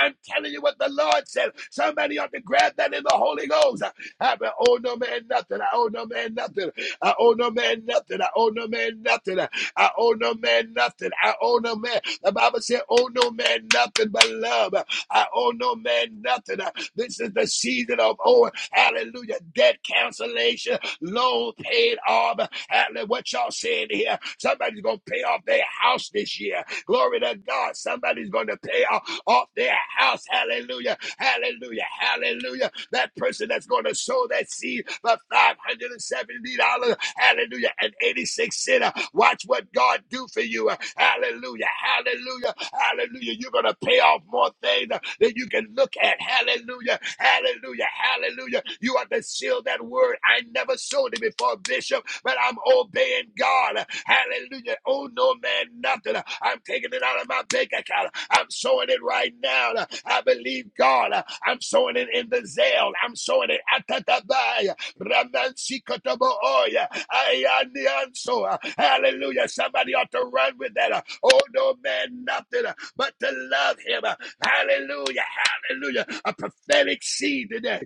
A: I'm telling you what the Lord said. Somebody ought to grab that in the Holy Ghost. I I owe no man nothing. I owe no man nothing. I owe no man nothing. I owe no man nothing. I owe no man nothing. I owe no man. The Bible said, owe no man nothing but love. I owe no man nothing. This is the season of owing. Hallelujah. Debt cancellation, loan paid off. Hallelujah. What y'all saying here? Somebody's going to pay off their house this year. Glory to God. Somebody's going to pay off, off their house. Hallelujah. Hallelujah. Hallelujah. That person that's going to sow that seed for $570. Hallelujah. And 86 cents. Watch what God do for you. Hallelujah. Hallelujah. Hallelujah. You're going to pay off more things than you can look at. Hallelujah. Hallelujah. Hallelujah. You are to seal that word. I never sold it before, Bishop, but I'm obeying God. Hallelujah. Oh, no, man, nothing. I'm taking it out of my bank account. I'm sowing it right now. I believe God. I'm sowing it in the zeal. I'm sowing it. Atatabai. Ramansikotobooya. Ayanianso. Hallelujah. Somebody ought to run with that. Oh, no, man, nothing but to love him. Hallelujah. Hallelujah. A prophetic seed today.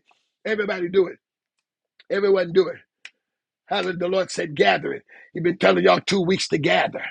A: Everybody do it. Everyone do it. Hallelujah. The Lord said "Gather it." He's been telling y'all two weeks to gather.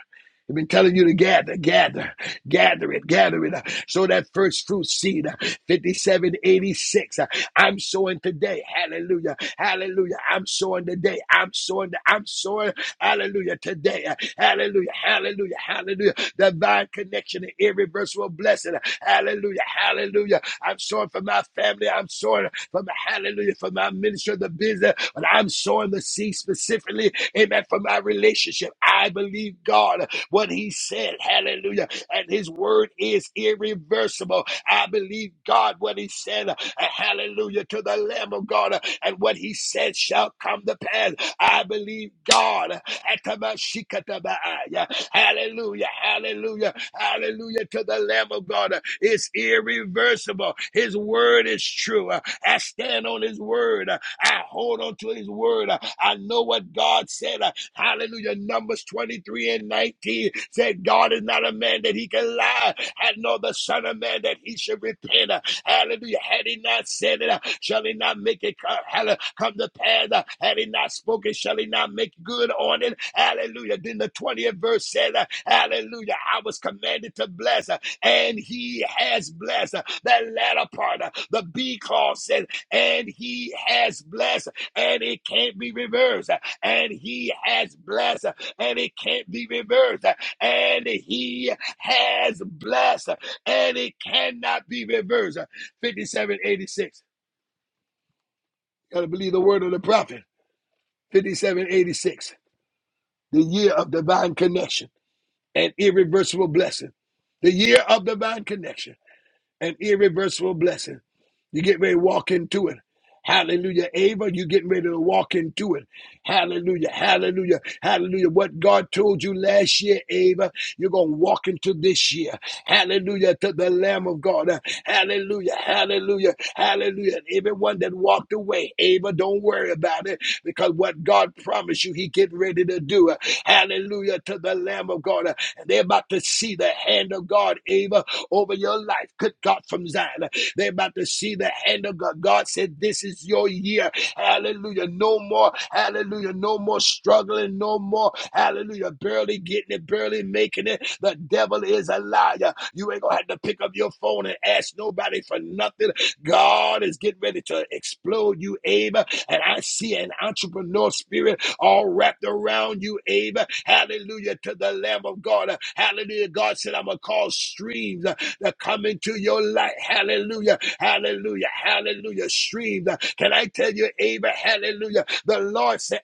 A: He's been telling you to gather, gather, gather it, gather it. uh, So that first fruit seed, uh, 5786, uh, I'm sowing today. Hallelujah. Hallelujah. I'm sowing today. I'm sowing. I'm sowing. Hallelujah. Today. Uh, Hallelujah. Hallelujah. Hallelujah. Divine connection and irreversible blessing. Hallelujah. Hallelujah. I'm sowing for my family. I'm sowing from the hallelujah, for my ministry, the business, but I'm sowing the seed specifically, amen, for my relationship. I believe God, what He said, hallelujah, and His word is irreversible. I believe God, what He said, uh, hallelujah, to the Lamb of God, uh, and what He said shall come to pass. I believe God. Atamashikatabaaya. Hallelujah, hallelujah, hallelujah to the Lamb of God. It's irreversible. His word is true. uh, I stand on his word. I hold on to his word. I know what God said. Hallelujah. Numbers 23 and 19 said, God is not a man that he can lie. I know the son of man that he should repent. Hallelujah. Had he not said it, shall he not make it come, hallelujah, come to pass? Had he not spoken, shall he not make good on it? Hallelujah. Then the 20th verse said, Hallelujah. I was commanded to bless and he has blessed. That latter part, uh, the B clause says, and he has blessed, and it can't be reversed. And he has blessed, and it can't be reversed. And he has blessed, and it cannot be reversed. 5786. Gotta believe the word of the prophet. 5786. The year of divine connection and irreversible blessing. The year of divine connection an irreversible blessing. You get ready to walk into it. Hallelujah. Ava, you getting ready to walk into it. Hallelujah. Hallelujah. Hallelujah. What God told you last year, Ava, you're going to walk into this year. Hallelujah to the Lamb of God. Uh, Hallelujah. Hallelujah. Hallelujah. And everyone that walked away, Ava, don't worry about it because what God promised you, He get ready to do. Uh, Hallelujah to the Lamb of God. Uh, And they're about to see the hand of God, Ava over your life. Good God from Zion. They're about to see the hand of God. God said, This is your year. Hallelujah. No more. Hallelujah. No more struggling. No more. Hallelujah. Barely getting it, barely making it. The devil is a liar. You ain't going to have to pick up your phone and ask nobody for nothing. God is getting ready to explode you, Ava. And I see an entrepreneur spirit all wrapped around you, Ava. Hallelujah to the Lamb of God. Hallelujah. God said, I'm going to cause streams that come into your light. Hallelujah. Hallelujah. Hallelujah. Streams. Can I tell you, Amen? Hallelujah. The Lord said,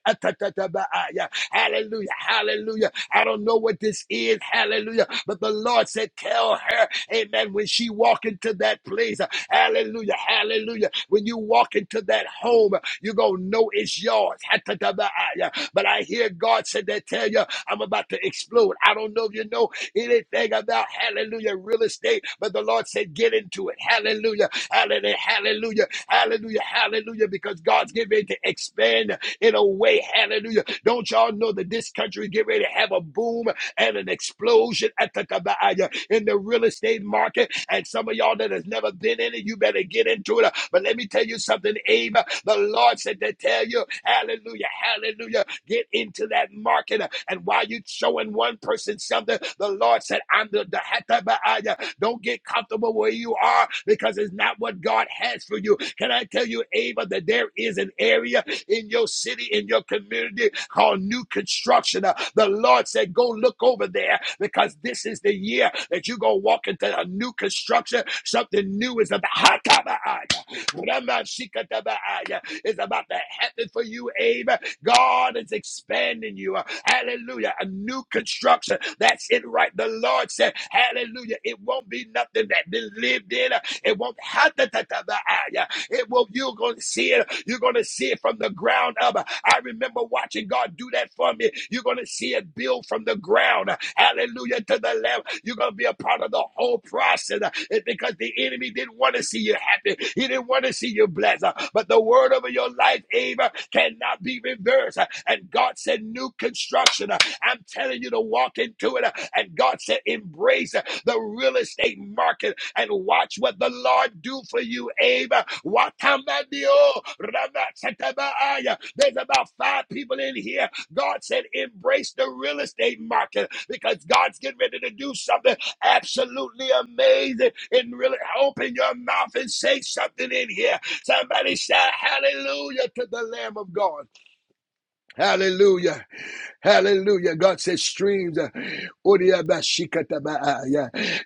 A: Hallelujah. Hallelujah. I don't know what this is. Hallelujah. But the Lord said, tell her, Amen, when she walk into that place. Hallelujah. Hallelujah. When you walk into that home, you're going to know it's yours. But I hear God said that tell you, I'm about to explode. I don't know if you know anything about hallelujah real estate. But the Lord said, get into it. Hallelujah. Hallelujah. Hallelujah. Hallelujah. Hallelujah. Because God's getting ready to expand in a way. Hallelujah. Don't y'all know that this country is getting ready to have a boom and an explosion at the Kabaya in the real estate market. And some of y'all that has never been in it, you better get into it. But let me tell you something, Abe. The Lord said to tell you, hallelujah, hallelujah. Get into that market. uh, And while you're showing one person something, the Lord said, I'm the, the Don't get comfortable where you are because it's not what God has for you. Can I tell you, Ava, that there is an area in your city, in your community called new construction. Uh, The Lord said, Go look over there because this is the year that you're going to walk into a new construction. Something new is about. Ramashikatabaaya is about to happen for you, Abe. God is expanding you. Hallelujah. A new construction. That's it, right? The Lord said, Hallelujah. It won't be nothing that been lived in. It won't have to. It will, you're going to see it. You're going to see it from the ground up. I remember watching God do that for me. You're going to see it build from the ground. Hallelujah to the Lamb. You're going to be a part of the whole process. It's because the enemy didn't want to see you happy. He didn't want to see you blessed. But the word over your life, Ava, cannot be reversed. And God said, new construction. I'm telling you to walk into it. And God said, embrace the real estate market and watch what the Lord do for you, Abe. Watamandio ramasatabaaya. There's about five people in here. God said, embrace the real estate market because God's getting ready to do something absolutely amazing. And really open your mouth and say something in here. Somebody shout hallelujah to the Lamb of God. Hallelujah. Hallelujah. God says streams. uh,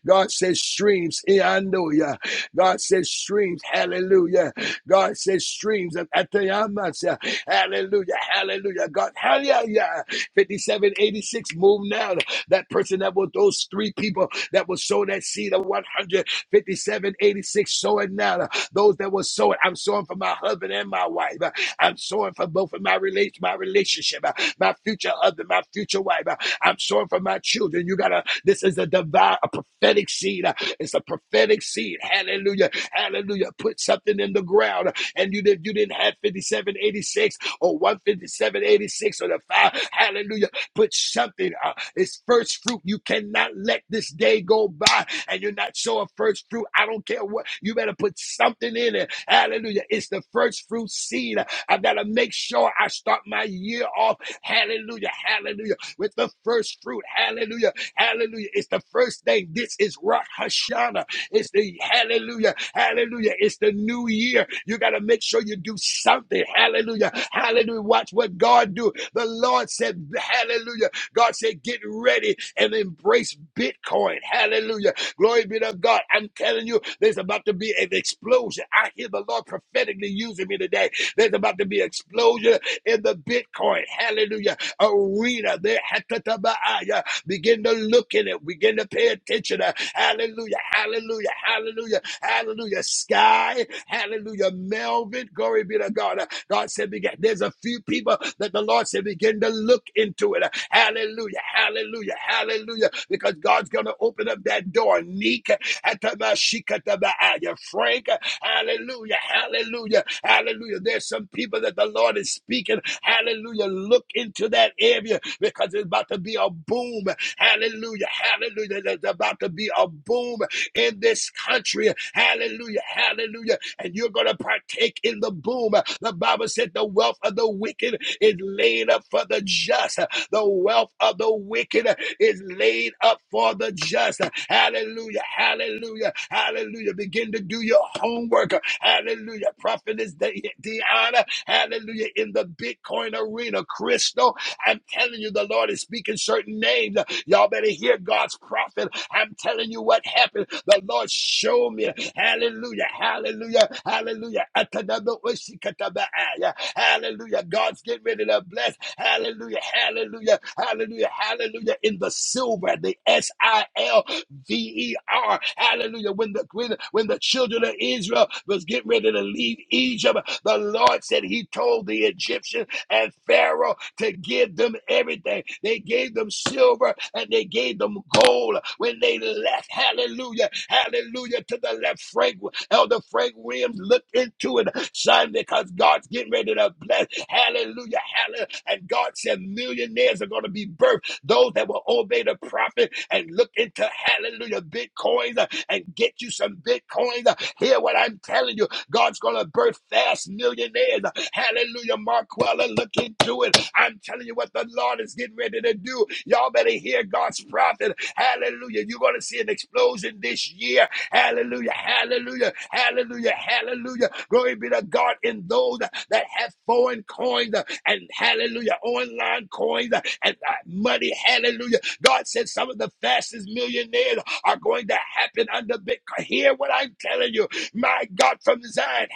A: God says streams. Iandoya. God says streams. Hallelujah. God says streams of Atayamas. Hallelujah. Hallelujah. God. Hallelujah. 5786. Move now. That person that was those three people that was sown that seed of 100. Fifty-seven, eighty-six. sowing now. Those that were sowing, I'm sowing for my husband and my wife. I'm sowing for both of my, rela- my relationship, my future husband, my future wife. I'm sowing for my children. You gotta, this is a divine, a prophetic seed. It's a prophetic seed. Hallelujah. Hallelujah. Put something in the ground and you didn't, you didn't have 5786 or 15786 or the five. Hallelujah. Put something. uh, it's first fruit. You cannot let this day go by and you're not showing first fruit. I don't care what. You better put something in it. Hallelujah. It's the first fruit seed. I gotta make sure I start my year off. Hallelujah. Hallelujah. With the first fruit. Hallelujah. Hallelujah. It's the first thing. This is Rosh Hashanah. It's the hallelujah. Hallelujah. It's the new year. You gotta make sure you do something. Hallelujah. Hallelujah. Watch what God do. The Lord said, Hallelujah. God said, get ready and embrace Bitcoin. Hallelujah. Glory be to God. I'm telling you, there's about to be an explosion. I hear the Lord prophetically using me today. There's about to be an explosion in the Bitcoin. Hallelujah. Arena. There. Hatatabaaya. Begin to look in it. Begin to pay attention. Hallelujah. Hallelujah. Hallelujah. Hallelujah. Sky. Hallelujah. Melvin. Glory be to God. God said, begin. There's a few people that the Lord said, begin to look into it. Hallelujah. Hallelujah. Hallelujah. Because God's going to open up that door. Neek. atabashikatabaaya. Frank. Hallelujah. Hallelujah. Hallelujah. There's some people that the Lord is speaking. Hallelujah. Look into that area because it's about to be a boom. Hallelujah. Hallelujah. There's about to be a boom in this country. Hallelujah. Hallelujah. And you're going to partake in the boom. The Bible said the wealth of the wicked is laid up for the just. The wealth of the wicked is laid up for the just. Hallelujah. Hallelujah. Hallelujah. Begin to do your homework. Hallelujah. Prophetess De- Deanna. Hallelujah. In the Bitcoin arena, Crystal. I'm telling you, the Lord is speaking certain names. Y'all better hear God's prophet. I'm telling you what happened. The Lord showed me. Hallelujah. Hallelujah. Hallelujah. Atanada oshikatabaaya. Hallelujah. God's getting ready to bless. Hallelujah. Hallelujah. Hallelujah. Hallelujah. In the silver, the S I L V E R. Hallelujah. When the when, when the children of Israel was getting ready to leave Egypt, the Lord said He told the Egyptian and Pharaoh to give them everything. They gave them silver and they gave them gold when they left. Hallelujah. Hallelujah to the left. Frank. Elder Frank Williams, look into it, son, because God's getting ready to bless. Hallelujah. Hallelujah. And God said millionaires are going to be birthed. Those that will obey the prophet and look into hallelujah bitcoins uh, and get you some bitcoins. uh, Hear what I'm telling you. God's going to birth fast millionaires. uh, Hallelujah, Marquella, look into it. I'm telling you what the Lord is getting ready to do. Y'all better hear God's prophet. Hallelujah. You're going to see an explosion this year Hallelujah. Hallelujah. Hallelujah. Hallelujah. Glory be to God in those that have foreign coins uh, and hallelujah, online coins uh, and uh, money. Hallelujah. God said some of the fastest millionaires are going to happen under Bitcoin. Hear what I'm telling you. My God from Zion.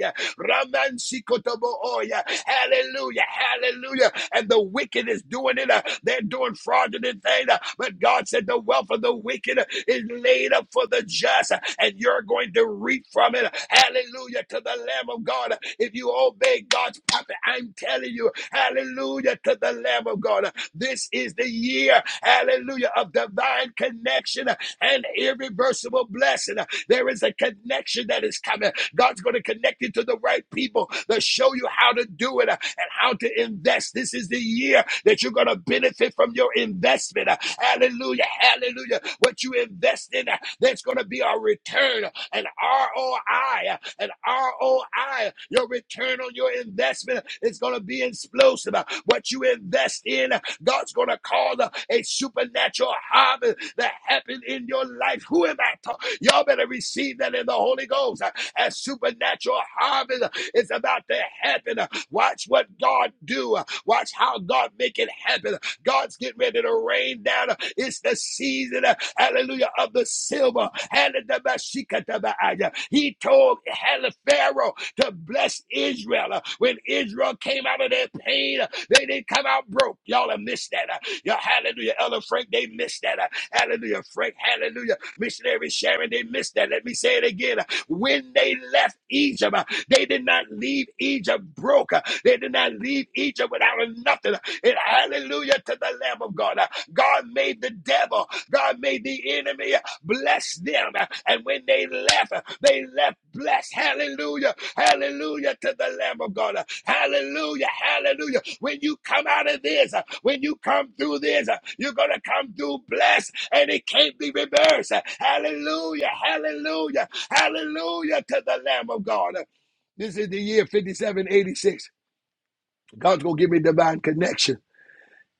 A: Ramansikotobooya. Hallelujah. Hallelujah. And the wicked is doing it. uh, They're doing fraudulent things. uh, But God said the wealth of the wicked uh, is laid up for the just, uh, and you're going to reap from it. Hallelujah to the Lamb of God. If you obey God's prophet, I'm telling you, hallelujah to the Lamb of God. This is the year, hallelujah, of divine connection and irreversible blessing. There is a connection that is coming. God's going to connect you to the right people that show you how to do it uh, and how to invest. This is the year that you're going to benefit from your investment. Uh, Hallelujah. Hallelujah. What you invest in, uh, there's going to be a return, uh, an ROI, uh, an ROI. Your return on your investment is going to be explosive. Uh, What you invest in uh, God's going to cause uh, a supernatural harvest that happened in your life. Who am I talking? Y'all better receive that in the Holy Ghost. Uh, A supernatural harvest uh, is about to happen. Uh, Watch what God do. Uh, Watch how God make it happen. God's getting ready to rain down. It's the season, uh, hallelujah, of the silver. He told Pharaoh to bless Israel. Uh, When Israel came out of their pain, they didn't come out broke. Y'all have missed that. Uh, yeah, hallelujah. Ella Frank, they missed that. Uh, hallelujah. Frank, hallelujah. Missionary Sharon, they missed that. Let me say it again. Uh, When they left Egypt, uh, they did not leave Egypt broke. Uh, They did not leave Egypt without nothing. Uh, And hallelujah to the Lamb of God. Uh, God made the devil, God made the enemy uh, bless them. Uh, And when they left, uh, they left blessed. Hallelujah. Hallelujah to the Lamb of God. Hallelujah. Hallelujah. When you come out of this, uh, when you come through this, uh, you're going to come through blessed and it can't be reversed. Hallelujah. Hallelujah. Hallelujah to the Lamb of God. This is the year 5786. God's going to give me divine connection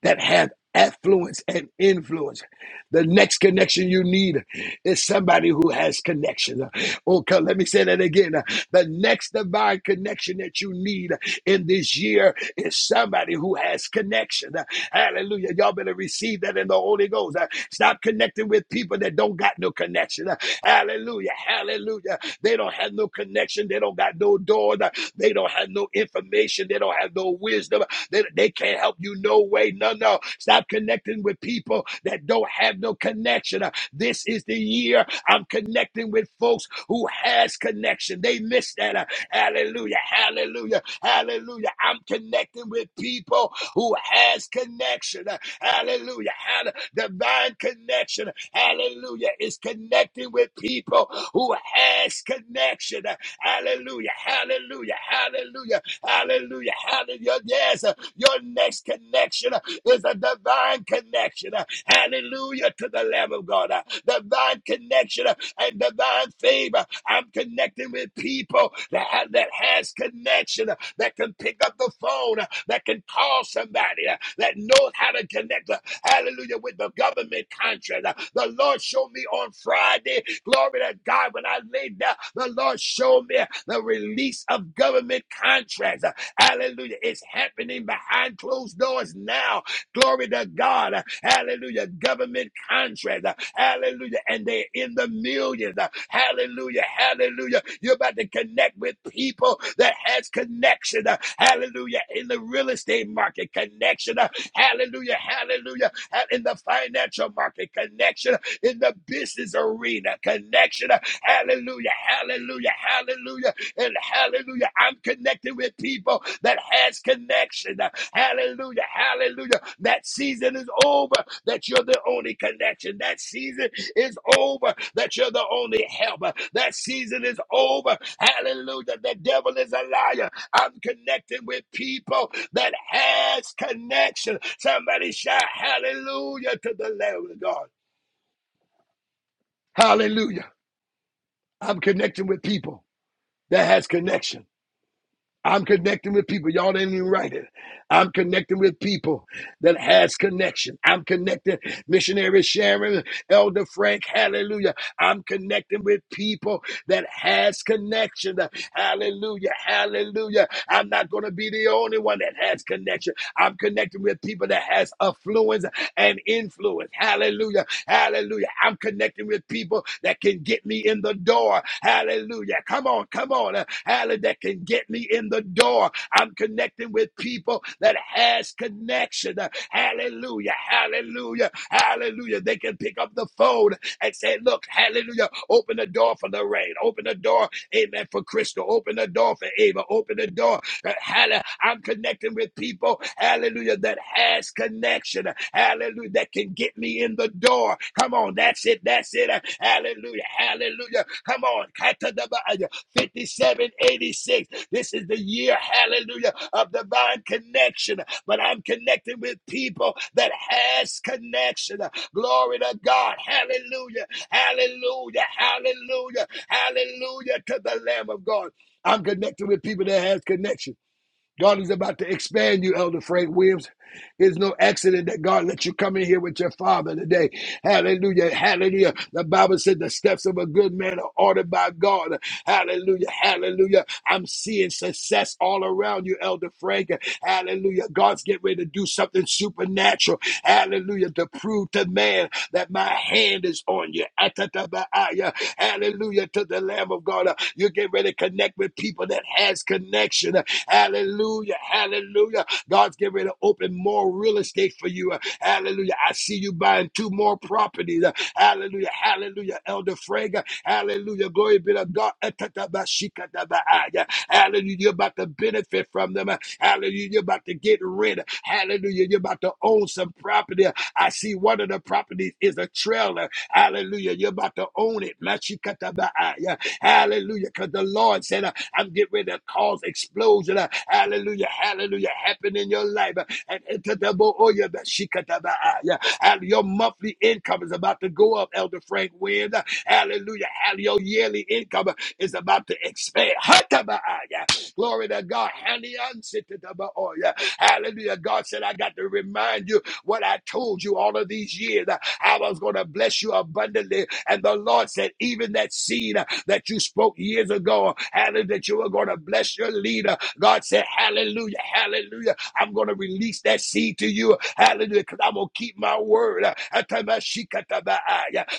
A: that have affluence and influence. The next connection you need is somebody who has connection. Okay, let me say that again. The next divine connection that you need in this year is somebody who has connection. Hallelujah. Y'all better receive that in the Holy Ghost. Uh, Stop connecting with people that don't got no connection. Uh, Hallelujah. Hallelujah. They don't have no connection. They don't got no door. Uh, They don't have no information. They don't have no wisdom. They, they can't help you no way. No, no. Stop connecting with people that don't have no connection. Uh, This is the year I'm connecting with folks who has connection. They miss that. Uh, Hallelujah. Hallelujah. Hallelujah. I'm connecting with people who has connection. Hallelujah. Hall- Divine connection. Hallelujah. Is connecting with people who has connection. Hallelujah. Hallelujah. Hallelujah. Hallelujah. Hallelujah. Yes. Your next connection is a divine connection. Hallelujah to the Lamb of God. Divine connection and divine favor. I'm connecting with people that, have, that has connection that can pick up the phone, uh, that can call somebody, uh, that knows how to connect, uh, hallelujah, with the government contract. Uh, The Lord showed me on Friday, glory to God, when I laid down, the Lord showed me the release of government contracts. Uh, Hallelujah. It's happening behind closed doors now. Glory to God. Hallelujah. Government contract. Hallelujah. And they're in the millions. Hallelujah. Hallelujah. You're about to connect with people that has connection. Hallelujah. In the real estate market, connection. Hallelujah. Hallelujah. In the financial market, connection. In the business arena, connection. Hallelujah. Hallelujah. Hallelujah. And hallelujah, I'm connected with people that has connection. Hallelujah, hallelujah. That season is over, that you're the only connection. That season is over, that you're the only helper. That season is over. Hallelujah, the devil is a liar. I'm connected with people that has connection. Somebody shout hallelujah to the Lamb of God. Hallelujah. I'm connecting with people that has connection. I'm connecting with people. Y'all didn't even write it. I'm connecting with people that has connection. I'm connecting missionary Sharon, Elder Frank, hallelujah. I'm connecting with people that has connection. Hallelujah. Hallelujah. I'm not going to be the only one that has connection. I'm connecting with people that has affluence and influence. Hallelujah. Hallelujah. I'm connecting with people that can get me in the door. Hallelujah. Come on, come on. Uh, Hallelujah. That can get me in the door. I'm connecting with people that has connection. Uh, Hallelujah. Hallelujah. Hallelujah. They can pick up the phone and said, Look, hallelujah, open the door for Lorraine, open the door, amen, for Crystal, open the door for Ava, open the door. uh, Hallelujah. I'm connecting with people, hallelujah, that has connection, hallelujah, that can get me in the door. Come on, that's it, that's it, Uh, hallelujah, hallelujah. Come on, 5786. This is the year, hallelujah, of divine connection but I'm connecting with people that has connection. Glory to God. Hallelujah. Hallelujah. Hallelujah. Hallelujah to the Lamb of God. I'm connected with people that has connection. God is about to expand you, Elder Frank Williams. It's no accident that God let you come in here with your father today. Hallelujah. Hallelujah. The Bible said the steps of a good man are ordered by God. Hallelujah. Hallelujah. I'm seeing success all around you, Elder Frank. Hallelujah. God's getting ready to do something supernatural. Hallelujah. To prove to man that my hand is on you. Atatabaaya. Hallelujah to the Lamb of God. You get ready to connect with people that has connection. Hallelujah. Hallelujah. God's getting ready to open more real estate for you. Hallelujah. I see you buying two more properties. Hallelujah. Hallelujah. Elder Frank. Hallelujah. Glory be to God. Etatabashikatabaaya. Hallelujah. You're about to benefit from them. Hallelujah. You're about to get rid. Hallelujah. You're about to own some property. I see one of the properties is a trailer. Hallelujah. You're about to own it. Mashikatabaaya. Hallelujah. Because the Lord said, I'm getting ready to cause explosion. uh, Hallelujah. Hallelujah. Happen in your life. uh, And enter the bo- oh, yeah, but she cut that by eye, yeah. Hall- your monthly income is about to go up, Elder Frank Wynn. uh, Hallelujah. Hall- Your yearly income uh, is about to expand. Hut by eye, yeah. Glory to God. Hallelujah. Sit to the bo- oh, yeah. Hallelujah. God said, I got to remind you what I told you all of these years. uh, I was going to bless you abundantly. And the Lord said, even that seed. uh, that you spoke years ago, hallelujah, that you were going to bless your leader. God said, hallelujah, hallelujah. I'm going to release that seed to you, hallelujah, because I'm going to keep my word.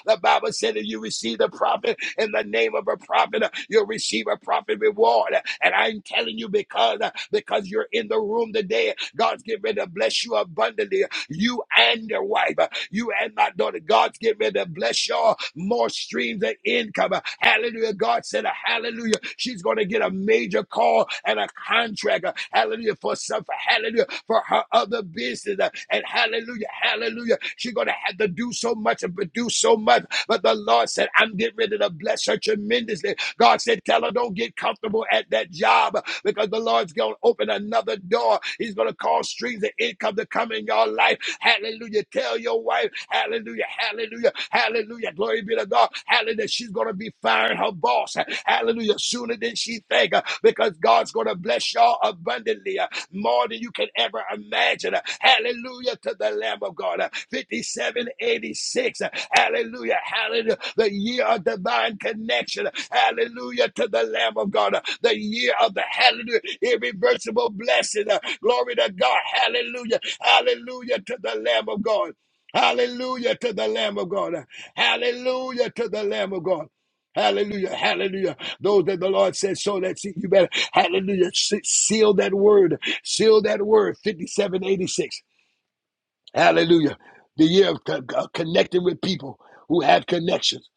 A: The Bible said that you receive the prophet in the name of a prophet, you'll receive a prophet reward. And I'm telling you because, because you're in the room today, God's getting ready to bless you abundantly you and your wife, uh, you and my daughter. God's getting ready to bless y'all more streams of income. Uh, Hallelujah. God said, uh, Hallelujah. She's going to get a major call and a contract. uh, Hallelujah. For some, for hallelujah, for her other business. uh, And hallelujah, hallelujah. She's going to have to do so much and produce so much. But the Lord said, I'm getting ready to bless her tremendously God said, Tell her, don't get comfortable at that job because the Lord's going to open another door. He's going to cause streams of income to come in your life. Hallelujah. Tell your wife, Hallelujah, Hallelujah, Hallelujah. Glory be to God. Hallelujah. She's going to be firing her boss. Hallelujah. Sooner than she think uh, because God's going to bless y'all abundantly more than you can ever imagine. Hallelujah to the Lamb of God. 5786. Hallelujah. Hallelujah. The year of divine connection. Hallelujah to the Lamb of God. The year of the hallelujah. Irreversible blessing. Glory to God. Hallelujah. Hallelujah to the Lamb of God. Hallelujah to the Lamb of God. Hallelujah to the Lamb of God. Hallelujah. Hallelujah. Those that the Lord said so that you better, hallelujah, seal that word Seal that word 5786. Hallelujah. The year of co- co- connecting with people who have connections.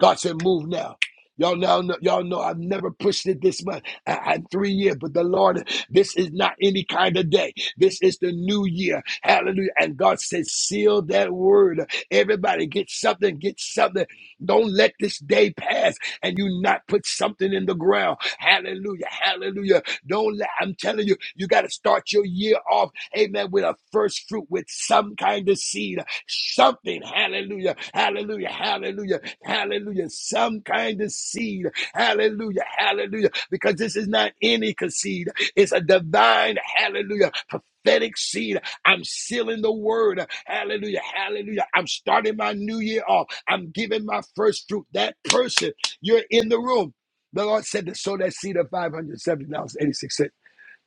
A: God said, move now. Y'all now know, y'all know I've never pushed it this much. I, I three years, but the Lord, this is not any kind of day. This is the new year. Hallelujah. And God says, seal that word. Everybody get something, get something. Don't let this day pass and you not put something in the ground. Hallelujah. Hallelujah. Don't let, I'm telling you, you got to start your year off amen, with a first fruit, with some kind of seed, something, hallelujah, hallelujah, hallelujah, hallelujah, some kind of seed, hallelujah, hallelujah, because this is not any seed, it's a divine, hallelujah, prophetic seed. I'm sealing the word, hallelujah, hallelujah. I'm starting my new year off, I'm giving my first fruit. That person, you're in the room. The Lord said to sow that seed of 570 dollars and 86 cents.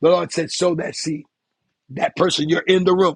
A: The Lord said, sow that seed. That person, you're in the room.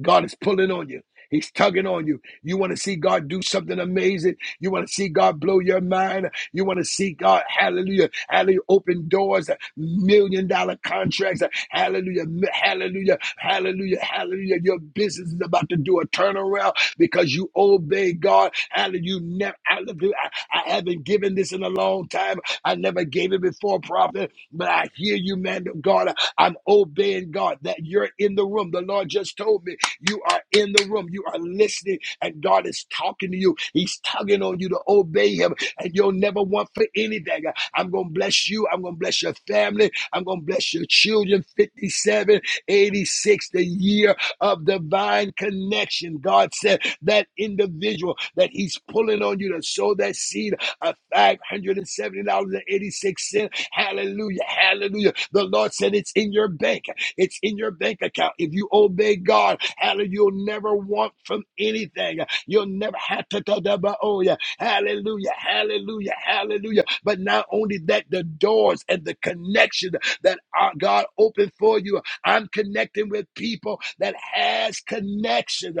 A: God is pulling on you. He's tugging on you. You want to see God do something amazing. You want to see God blow your mind. You want to see God, hallelujah, hallelujah, open doors, million dollar contracts, hallelujah, hallelujah, hallelujah, hallelujah. Your business is about to do a turnaround because you obey God. Hallelujah, you never, hallelujah, I, I haven't given this in a long time. I never gave it before, prophet, but I hear you, man of God. I'm obeying God that you're in the room. The Lord just told me you are in the room. You are listening, and God is talking to you. He's tugging on you to obey Him, and you'll never want for anything. I'm going to bless you. I'm going to bless your family. I'm going to bless your children. Fifty-seven, eighty-six, the year of divine connection. God said that individual that He's pulling on you to sow that seed of $570.86. Hallelujah. Hallelujah. The Lord said it's in your bank. It's in your bank account. If you obey God, hallelujah, you'll never want from anything. You'll never have to talk about, oh yeah, hallelujah, hallelujah, hallelujah. But not only that, the doors and the connection that our God opened for you. I'm connecting with people that has connection.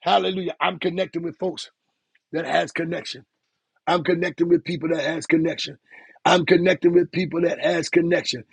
A: Hallelujah. I'm connecting with folks that has connection. I'm connecting with people that has connection. I'm connecting with people that has connection.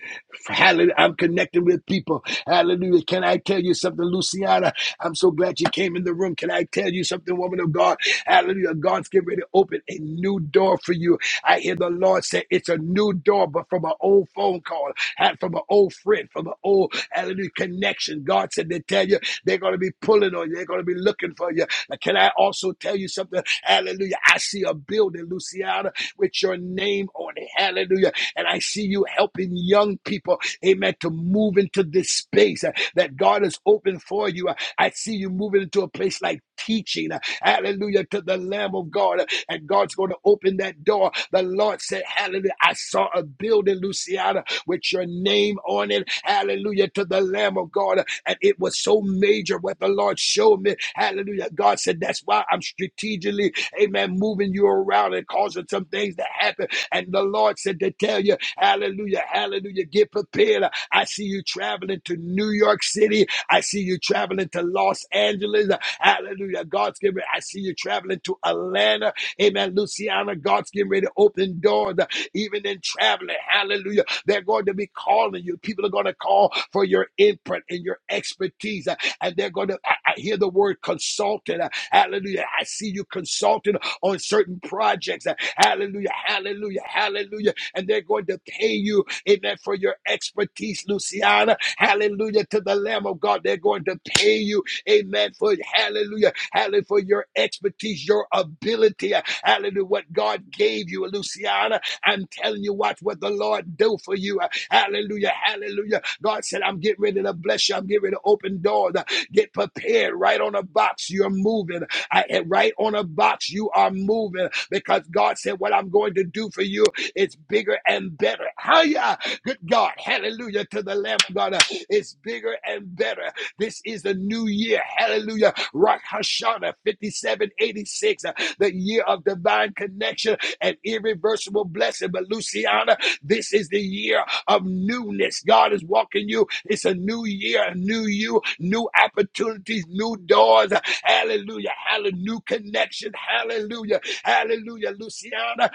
A: Hallelujah. I'm connecting with people. Hallelujah. Can I tell you something, Luciana? I'm so glad you came in the room. Can I tell you something, woman of God? Hallelujah. God's getting ready to open a new door for you. I hear the Lord say it's a new door, but from an old phone call, had from an old friend, from an old hallelujah connection. God said they tell you they're going to be pulling on you. They're going to be looking for you. Now, can I also tell you something? Hallelujah. I see a building, Luciana, with your name on it. Hallelujah. And I see you helping young people, amen, to move into this space uh, that God has opened for you. Uh, I see you moving into a place like teaching. uh, Hallelujah to the Lamb of God. Uh, And God's going to open that door. The Lord said, Hallelujah. I saw a building, Luciana, with your name on it. Hallelujah to the Lamb of God. Uh, And it was so major what the Lord showed me. Hallelujah. God said, That's why I'm strategically, amen, moving you around and causing some things to happen and the Lord said to tell you, hallelujah, hallelujah, get prepared. I see you traveling to New York City. I see you traveling to Los Angeles. Hallelujah. God's getting ready. I see you traveling to Atlanta. Amen. Luciana, God's getting ready to open doors. Even in traveling, hallelujah. They're going to be calling you. People are going to call for your input and your expertise. And they're going to, I, I hear the word consultant. Hallelujah. I see you consulting on certain projects. Hallelujah, hallelujah, hallelujah. And they're going to pay you, amen, for your expertise, Luciana. Hallelujah to the Lamb of God. They're going to pay you, amen, for hallelujah, hallelujah, for your expertise, your ability. Hallelujah, what God gave you, Luciana. I'm telling you, watch what the Lord do for you. Hallelujah, hallelujah. God said, I'm getting ready to bless you. I'm getting ready to open doors. Get prepared right on a box. You're moving. I, right on a box. You are moving because God said, What I'm going to do for you is bigger and better. Hallelujah. Good God. Hallelujah to the Lamb of God. It's bigger and better. This is the new year. Hallelujah. Rock Hashanah 5786, uh, the year of divine connection and irreversible blessing. But Luciana, this is the year of newness. God is walking you. It's a new year, a new you, new opportunities, new doors. Hallelujah. Hallelujah. New connection. Hallelujah. Hallelujah, Luciana.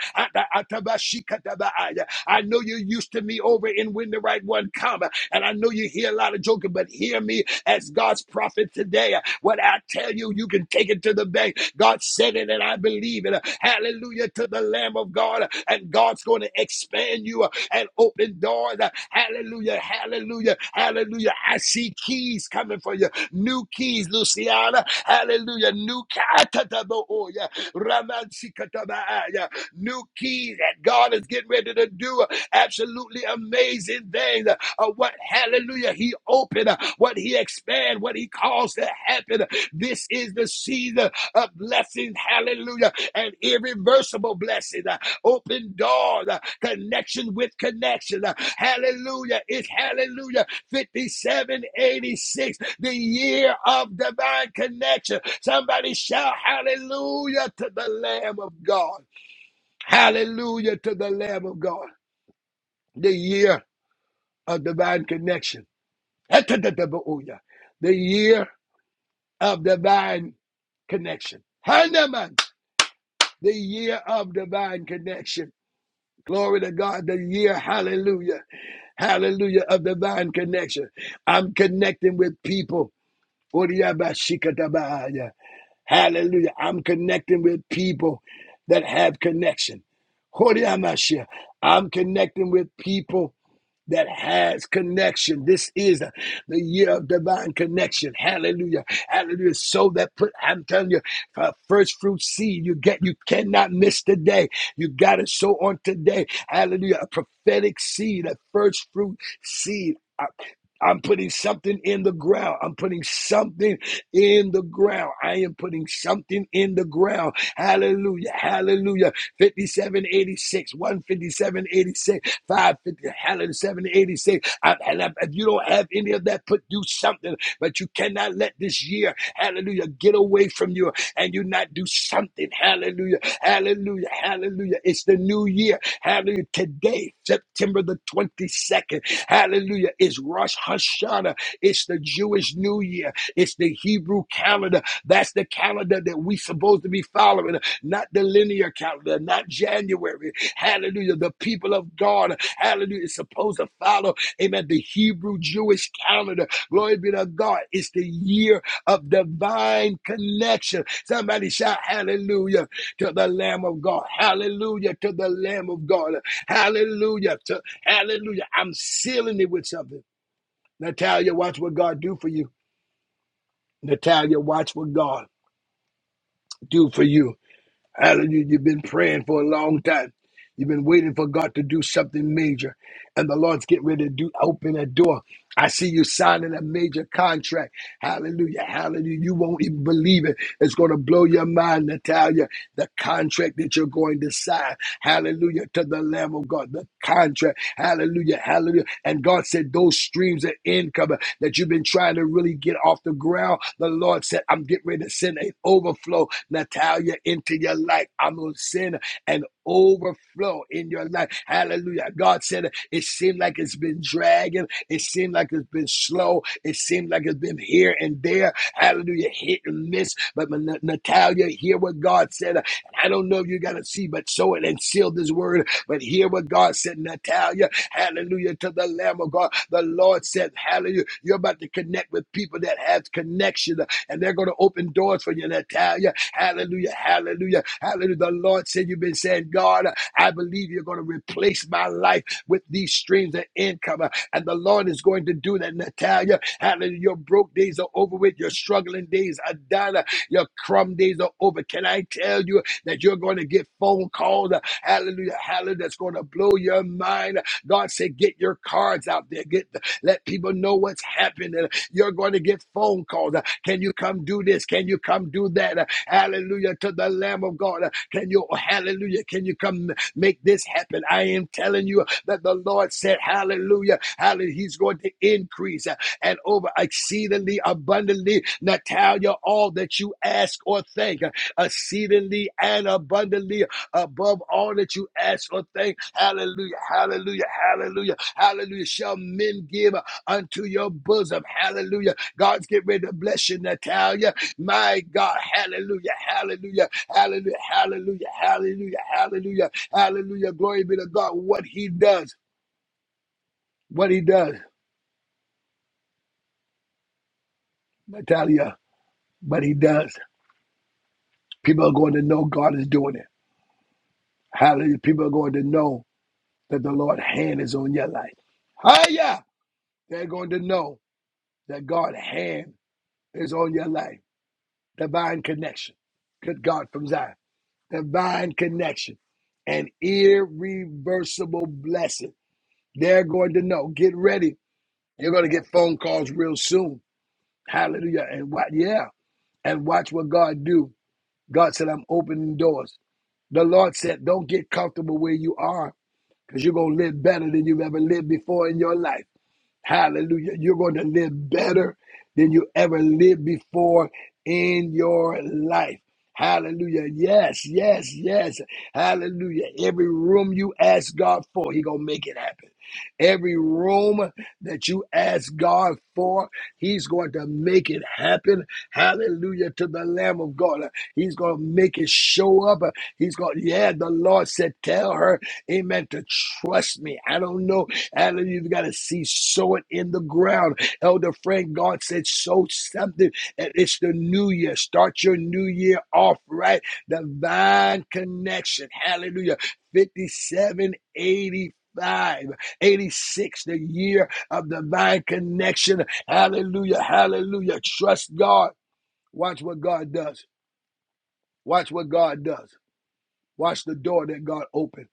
A: I know you're used to me over in When the Right One Come, and I know you hear a lot of joking, but hear me as God's prophet today. What I tell you, you can take it to the bank. God said it, and I believe it. Hallelujah to the Lamb of God, and God's going to expand you and open doors. Hallelujah, hallelujah, hallelujah. I see keys coming for you, new keys, Luciana. Hallelujah, new keys. Ramansikatabaaya. New key that God is getting ready to do absolutely amazing things. Uh, what hallelujah he opened, uh, what he expand, what he caused to happen. This is the season of blessings. hallelujah, and irreversible blessings. uh, open doors, uh, connection with connection. uh, hallelujah. It's hallelujah. 5786 the year of divine connection. Somebody shout hallelujah to the Lamb of God. Hallelujah to the Lamb of God. The year of divine connection. The year of divine connection. Hanuman, the year of divine connection. Glory to God, the year, hallelujah, hallelujah, of divine connection. I'm connecting with people Oriyabashikatabaya. Hallelujah. I'm connecting with people that have connection. Oriyamashia. I'm connecting with people that has connection. This is the year of divine connection. Hallelujah. Hallelujah. So that put, I'm telling you, uh, first fruit seed, you get, you cannot miss today. You got to sow on today. Hallelujah. A prophetic seed, a first fruit seed. Uh, I'm putting something in the ground. I'm putting something in the ground. I am putting something in the ground. Hallelujah. Hallelujah. 5786, 15786, 550, hallelujah, 786. I- and I- if you don't have any of that, put do something, but you cannot let this year, hallelujah, get away from you and you not do something. Hallelujah. Hallelujah. Hallelujah. It's the new year. Hallelujah. Today, September the 22nd. Hallelujah. It's Rosh Hashanah. It's the Jewish New Year. It's the Hebrew calendar. That's the calendar that we supposed to be following, not the linear calendar, not January. Hallelujah. The people of God, hallelujah, is supposed to follow, amen, the Hebrew Jewish calendar. Glory be to God. It's the year of divine connection. Somebody shout hallelujah to the Lamb of God. Hallelujah to the Lamb of God. Hallelujah to. Hallelujah. I'm sealing it with something. Natalia, watch what God do for you. Natalia, watch what God do for you. Hallelujah. You've been praying for a long time. You've been waiting for God to do something major. And the Lord's getting ready to do open a door. I see you signing a major contract. Hallelujah. Hallelujah. You won't even believe it. It's going to blow your mind, Natalia. The contract that you're going to sign. Hallelujah. To the Lamb of God. The contract. Hallelujah. Hallelujah. And God said, Those streams of income that you've been trying to really get off the ground. The Lord said, I'm getting ready to send an overflow, Natalia, into your life. I'm going to send an overflow in your life. Hallelujah. God said, it seemed like it's been dragging. It seemed like it's been slow. It seemed like it's been here and there. Hallelujah. Hit and miss. But Natalia, hear what God said. I don't know if you got to see, but sow it and seal this word. But hear what God said, Natalia. Hallelujah to the Lamb of God. The Lord said, Hallelujah. You're about to connect with people that have connection, and they're going to open doors for you. And I tell you, Hallelujah, Hallelujah, Hallelujah. The Lord said, You've been saying, God, I believe you're going to replace my life with these streams of income. And the Lord is going to do that, Natalia. Hallelujah. Your broke days are over with. Your struggling days are done. Your crumb days are over. Can I tell you that you're going to get phone calls? Hallelujah. Hallelujah. That's going to blow your mind. God said, get your cards out there. Get the, let people know what's happening. You're going to get phone calls. Uh, Can you come do this? Can you come do that? Uh, Hallelujah to the Lamb of God. Uh, Can you, hallelujah, can you come make this happen? I am telling you that the Lord said, hallelujah, hallelujah. He's going to increase uh, and over exceedingly abundantly, Natalia, all that you ask or think, uh, exceedingly and abundantly above all that you ask or think. Hallelujah, hallelujah, hallelujah, hallelujah. Shall men give unto your bosom? Hallelujah. God's getting ready to bless you, Natalia. My God, hallelujah, hallelujah, hallelujah, hallelujah, hallelujah, hallelujah, hallelujah. Glory be to God. What he does, what he does, Natalia, what he does. People are going to know God is doing it. Hallelujah. People are going to know that the Lord's hand is on your life. Hiya! They're going to know that God's hand is on your life. Divine connection. Good God from Zion. Divine connection. An irreversible blessing. They're going to know. Get ready. You're going to get phone calls real soon. Hallelujah. And what? Yeah. And watch what God do. God said, I'm opening doors. The Lord said, don't get comfortable where you are because you're going to live better than you've ever lived before in your life. Hallelujah. You're going to live better than you ever lived before in your life. Hallelujah. Yes, yes, yes. Hallelujah. Every room you ask God for, He going to make it happen. Every room that you ask God for, He's going to make it happen. Hallelujah to the Lamb of God. He's going to make it show up. He's going, yeah, the Lord said, tell her, amen, to trust me. I don't know Hallelujah. You got to see sow it in the ground. Elder Frank. God said, sow something. And it's the new year. Start your new year off right. Divine connection. Hallelujah. 5785. 86, the year of divine connection. Hallelujah. Hallelujah. Trust God. Watch what God does. Watch what God does. Watch the door that God opened.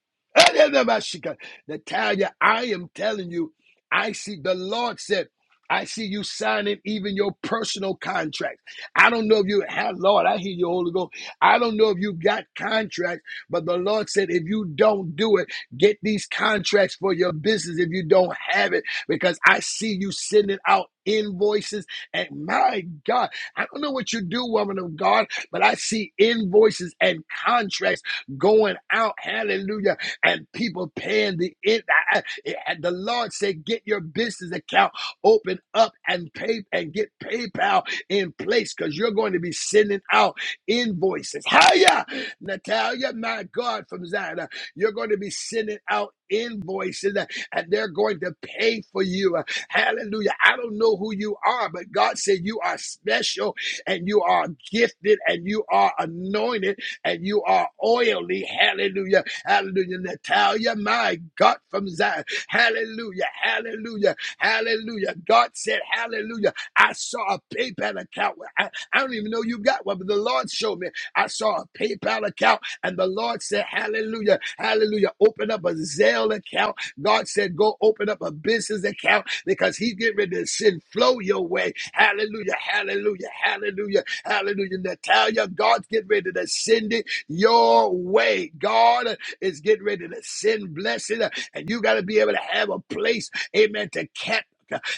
A: Natalia, I am telling you, I see the Lord said, I see you signing even your personal contracts. I don't know if you have, Lord, I hear you, Holy Ghost. I don't know if you got contracts, but the Lord said, if you don't do it, get these contracts for your business if you don't have it, because I see you sending out invoices. And my God, I don't know what you do, woman of God, but I see invoices and contracts going out, hallelujah, and people paying the it. I- I- eh, The Lord said, get your business account open up and pay and get PayPal in place because you're going to be sending out invoices. Hiya, Natalia, my God, from Zion. Uh, You're going to be sending out invoices uh, and they're going to pay for you. Uh, Hallelujah. I don't know who you are, but God said you are special and you are gifted and you are anointed and you are oily. Hallelujah. Hallelujah. Natalia, my God from Zion. Hallelujah. Hallelujah. Hallelujah. God said, Hallelujah. I saw a PayPal account. I, I don't even know you got one, but the Lord showed me. I saw a PayPal account, and the Lord said, Hallelujah. Hallelujah. Open up a Zelle account. God said, Go open up a business account because He's getting ready to send flow your way. Hallelujah. Hallelujah. Hallelujah. Hallelujah. Natalia, God's getting ready to send it your way. God is getting ready to send blessing, and you got to be able to have a place, amen, to cap.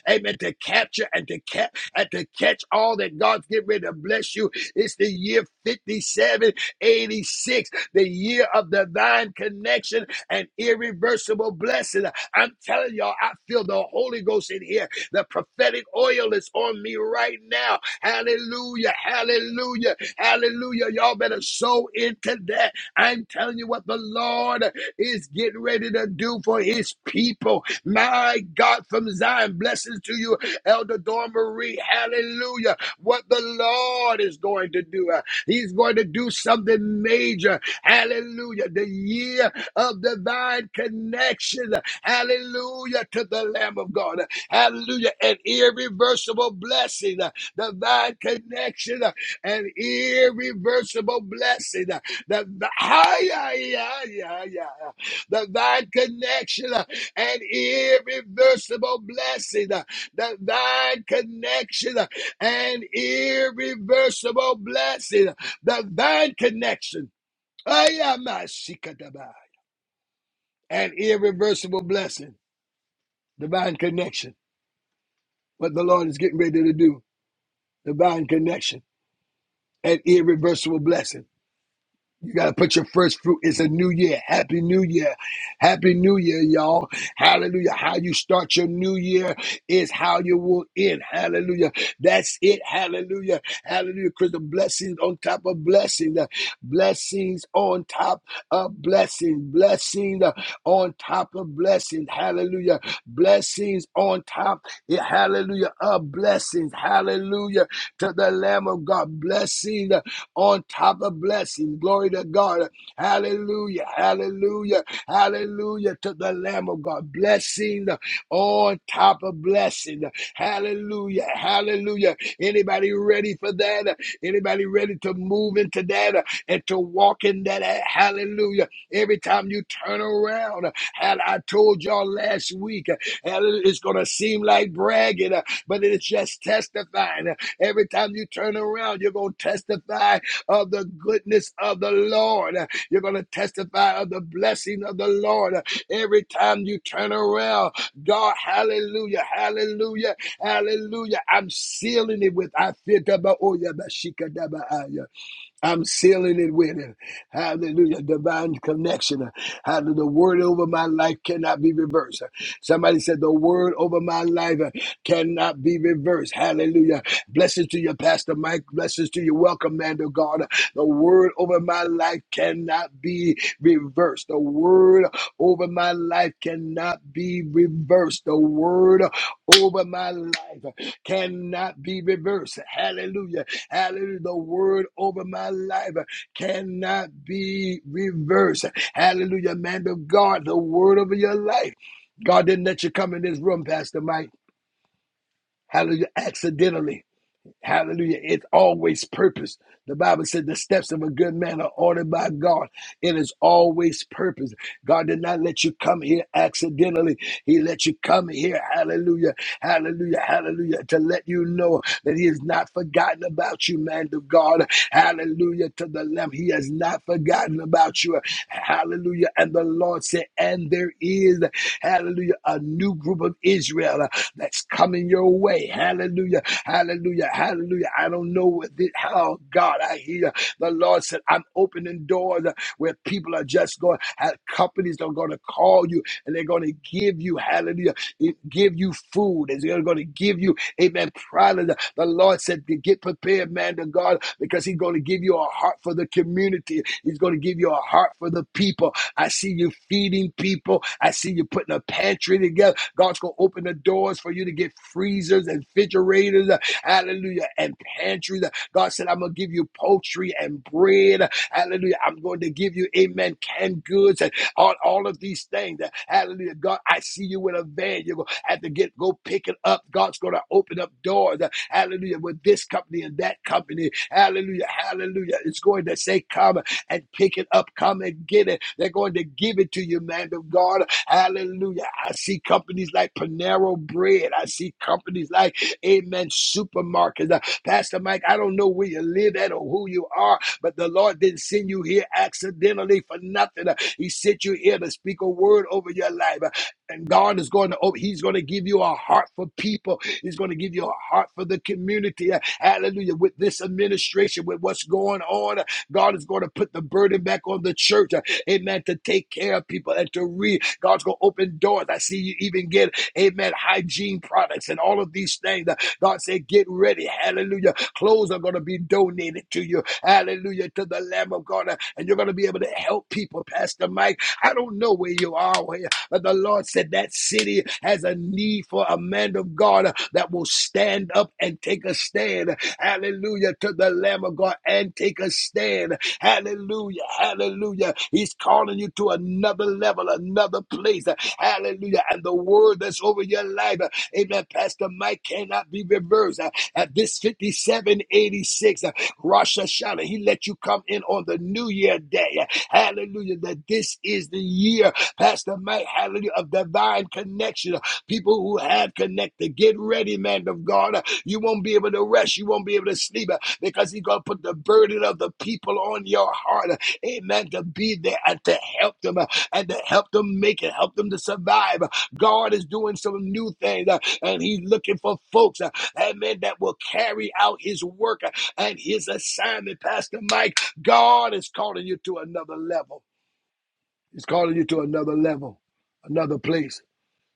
A: Amen. To capture and to cap and to catch all that God's getting ready to bless you. It's the year 5786, the year of divine connection and irreversible blessing. I'm telling y'all, I feel the Holy Ghost in here. The prophetic oil is on me right now. Hallelujah. Hallelujah. Hallelujah. Y'all better sow into that. I'm telling you what the Lord is getting ready to do for his people. My God from Zion, blessings to you, Elder Dawn Marie. Hallelujah. What the Lord is going to do. Uh, He's going to do something major. Hallelujah. The year of divine connection. Hallelujah to the Lamb of God. Hallelujah. An irreversible blessing divine connection, uh, and irreversible blessing. uh, The, the, ah, yeah, yeah, yeah, yeah, yeah. divine connection uh, and irreversible blessing. uh, Divine connection uh, and irreversible blessing. uh, Divine connection. Ah, yeah, my irreversible blessing. Divine connection. What the Lord is getting ready to do. Divine connection an irreversible blessing. You got to put your first fruit. It's a new year. Happy New Year. Happy New Year, y'all. Hallelujah. How you start your new year is how you will end. Hallelujah. That's it. Hallelujah. Hallelujah. Because the blessings on top of blessings, uh, blessings on top of blessings, blessings uh, on top of blessings. Hallelujah. Blessings on top. yeah, Hallelujah. Of blessings. Hallelujah. To the Lamb of God. Blessings. uh, on top of blessings. Glory to God. Hallelujah. Hallelujah. Hallelujah to the Lamb of God. Blessing on top of blessing. Hallelujah. Hallelujah. Anybody ready for that? Anybody ready to move into that and to walk in that? Hallelujah. Every time you turn around, and I told y'all last week, it's going to seem like bragging, but it's just testifying. Every time you turn around, you're going to testify of the goodness of the Lord. You're going to testify of the blessing of the Lord every time you turn around. God, hallelujah, hallelujah, hallelujah. I'm sealing it with I feel I'm sealing it with it. Hallelujah. Divine connection. Hallelujah. The word over my life cannot be reversed. Somebody said the word over my life cannot be reversed. Hallelujah. Blessings to you, Pastor Mike. Blessings to you. Welcome, man of God. The word over my life cannot be reversed. The word over my life cannot be reversed. The word over my life cannot be reversed. Hallelujah. Hallelujah. The word over my life cannot be reversed. Hallelujah, man of God. The word over your life. God didn't let you come in this room, Pastor Mike. Hallelujah. Accidentally. Hallelujah. It's always purpose. The Bible said the steps of a good man are ordered by God. It is always purpose. God did not let you come here accidentally. He let you come here. Hallelujah. Hallelujah. Hallelujah. To let you know that He has not forgotten about you, man of God. Hallelujah. To the Lamb. He has not forgotten about you. Hallelujah. And the Lord said, and there is, hallelujah, a new group of Israel that's coming your way. Hallelujah Hallelujah. Hallelujah. I don't know what this, how God I hear. The Lord said, I'm opening doors where people are just going, have companies are going to call you and they're going to give you, hallelujah, eh, give you food. And they're going to give you, amen, product. The Lord said, to get prepared, man, to God, because He's going to give you a heart for the community. He's going to give you a heart for the people. I see you feeding people. I see you putting a pantry together. God's going to open the doors for you to get freezers and refrigerators. uh, Hallelujah. And pantries. Uh, God said, I'm going to give you poultry and bread. Uh, Hallelujah. I'm going to give you, amen, canned goods and all, all of these things. Uh, Hallelujah. God, I see you with a van. You're going to have to get go pick it up. God's going to open up doors. Uh, Hallelujah. With this company and that company. Hallelujah. Hallelujah. It's going to say, come and pick it up. Come and get it. They're going to give it to you, man of God. Hallelujah. I see companies like Panero Bread. I see companies like Amen Supermarkets. Uh, Pastor Mike, I don't know where you live at or who you are, but the Lord didn't send you here accidentally for nothing. Uh, He sent you here to speak a word over your life. Uh, And God is going to, oh, He's going to give you a heart for people. He's going to give you a heart for the community. Uh, Hallelujah. With this administration, with what's going on, uh, God is going to put the burden back on the church. Uh, amen, to take care of people and to read. God's going to open doors. I see you even get, amen, hygiene products and all of these things. God said, get ready. Hallelujah. Clothes are going to be donated to you. Hallelujah. To the Lamb of God. And you're going to be able to help people, Pastor Mike. I don't know where you are, but the Lord said that city has a need for a man of God that will stand up and take a stand. Hallelujah. To the Lamb of God and take a stand. Hallelujah. Hallelujah. He's calling you to another level, another place. Hallelujah. And the word that's over your life, uh, amen, Pastor Mike, cannot be reversed. Uh, At this 5786, uh, Rosh Hashanah, he let you come in on the New Year day. Hallelujah. That this is the year, Pastor Mike, hallelujah, of divine connection. People who have connected, get ready, man of God. You won't be able to rest. You won't be able to sleep uh, because He's going to put the burden of the people on your heart. uh, Amen. To be there and to help them uh, and to help them make it, help them to survive. Uh, God is doing some new things uh, and He's looking for folks, uh, amen, that will carry out His work uh, and His assignment. Pastor Mike, God is calling you to another level. He's calling you to another level, another place.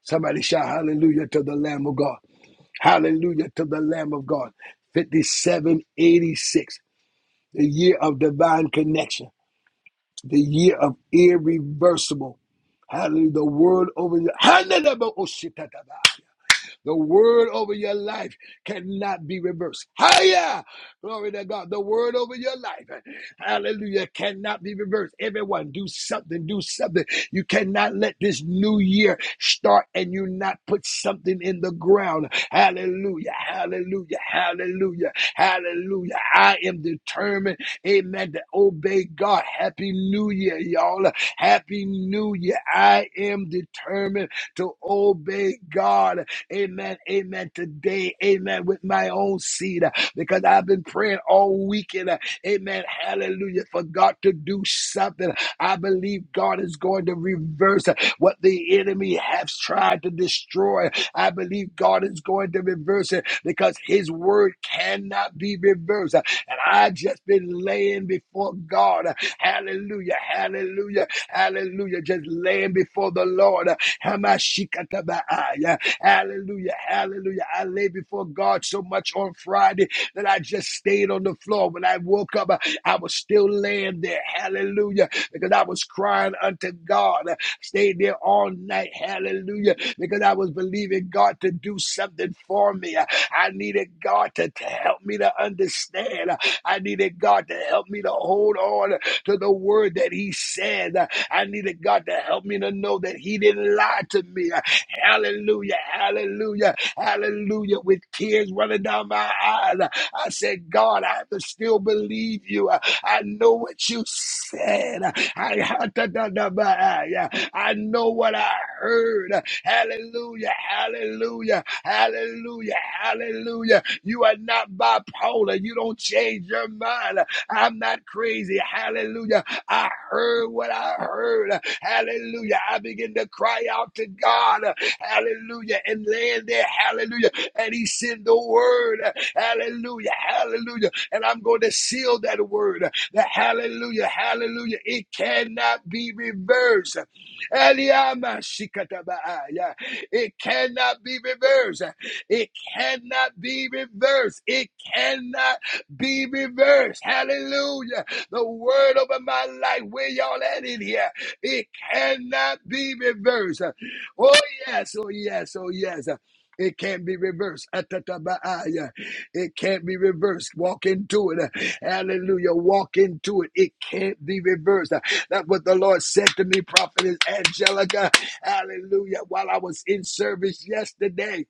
A: Somebody shout hallelujah to the Lamb of God. Hallelujah to the Lamb of God. 5786, the year of divine connection, the year of irreversible. Hallelujah. The word over you. The word over your life cannot be reversed. Higher! Glory to God. The word over your life, hallelujah, cannot be reversed. Everyone, do something, do something. You cannot let this new year start and you not put something in the ground. Hallelujah, hallelujah, hallelujah, hallelujah. I am determined, amen, to obey God. Happy New Year, y'all. Happy New Year. I am determined to obey God. Amen. Amen. Today, amen, with my own seed, uh, because I've been praying all weekend. uh, Amen. Hallelujah. For God to do something. I believe God is going to reverse uh, what the enemy has tried to destroy. I believe God is going to reverse it because his word cannot be reversed. Uh, And I just been laying before God. uh, Hallelujah. Hallelujah. Hallelujah. Just laying before the Lord. uh, Hamashikatabaaya. Hallelujah. Hallelujah. I lay before God so much on Friday that I just stayed on the floor. When I woke up, I was still laying there. Hallelujah. Because I was crying unto God. I stayed there all night. Hallelujah. Because I was believing God to do something for me. I needed God to, to help me to understand. I needed God to help me to hold on to the word that He said. I needed God to help me to know that He didn't lie to me. Hallelujah. Hallelujah. Hallelujah. With tears running down my eyes. I said, God, I have to still believe you. I know what you said. I had to da- da- ba- ah, yeah. I know what I heard. Hallelujah. Hallelujah. Hallelujah. Hallelujah. You are not bipolar. You don't change your mind. I'm not crazy. Hallelujah. I heard what I heard. Hallelujah. I begin to cry out to God hallelujah, and land there, hallelujah. And he sent the word, hallelujah, hallelujah. And I'm going to seal that word, the hallelujah, hallelujah. It cannot be reversed. Eliamashikatabaaya. It cannot be reversed. It cannot be reversed. It cannot be reversed. Hallelujah. The word over my life, where y'all at in here? It cannot be reversed. Oh, yes. Oh, yes. Oh, yes. Uh, It can't be reversed. Atatabaaya. It can't be reversed. Walk into it. Uh, Hallelujah. Walk into it. It can't be reversed. That's what the Lord said to me, Prophetess Angelica. Hallelujah. While I was in service yesterday.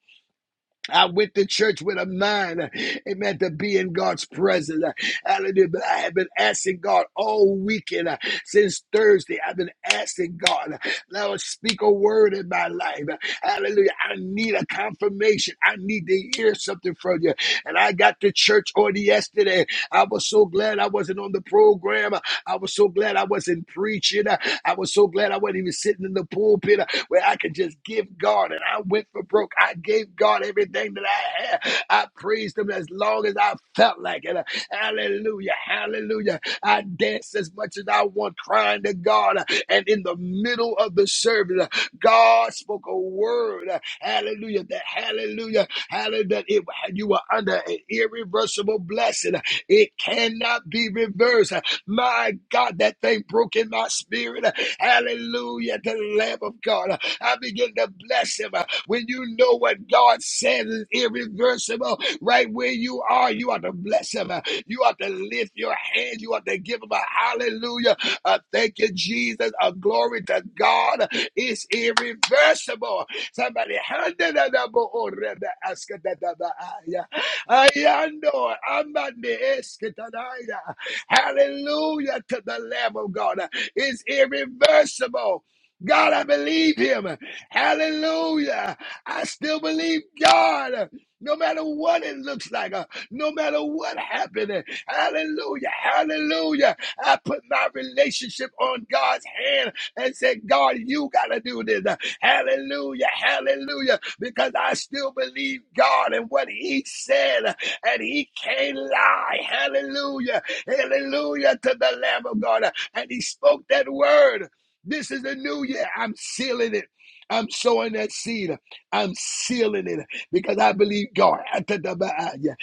A: I went to church with a mind, uh, amen, to be in God's presence. uh, Hallelujah. But I have been asking God all weekend uh, since Thursday. I've been asking God, uh, Lord, speak a word in my life. Uh, Hallelujah. I need a confirmation. I need to hear something from you. And I got to church on yesterday. I was so glad I wasn't on the program. I was so glad I wasn't preaching. I was so glad I wasn't even sitting in the pulpit uh, where I could just give God. And I went for broke. I gave God everything that I had. I praised Him as long as I felt like it. Uh, Hallelujah. Hallelujah. I danced as much as I want, crying to God. Uh, And in the middle of the service, uh, God spoke a word. uh, Hallelujah. That hallelujah. Hallelujah. That it, you were under an irreversible blessing. Uh, It cannot be reversed. My God, that thing broke in my spirit. Hallelujah to the Lamb of God. I begin to bless him. When you know what God said is irreversible, right where you are, you ought to bless him. You ought to lift your hand. You ought to give him a hallelujah. A thank you, Jesus. A glory to God. It's irreversible. Somebody handed it up. Oh, Rebbe, ask it that, that, that, ah, yeah. Ayando, amande, esketanaya. Hallelujah to the Lamb of God. It's irreversible. God, I believe him. Hallelujah. I still believe God. No matter what it looks like, uh, no matter what happened, uh, hallelujah, hallelujah. I put my relationship on God's hand and said, God, you got to do this. Uh, Hallelujah, hallelujah, because I still believe God and what He said, uh, and He can't lie. Hallelujah. Hallelujah to the Lamb of God. And he spoke that word. This is the new year. I'm sealing it. I'm sowing that seed. I'm sealing it because I believe God. Hallelujah.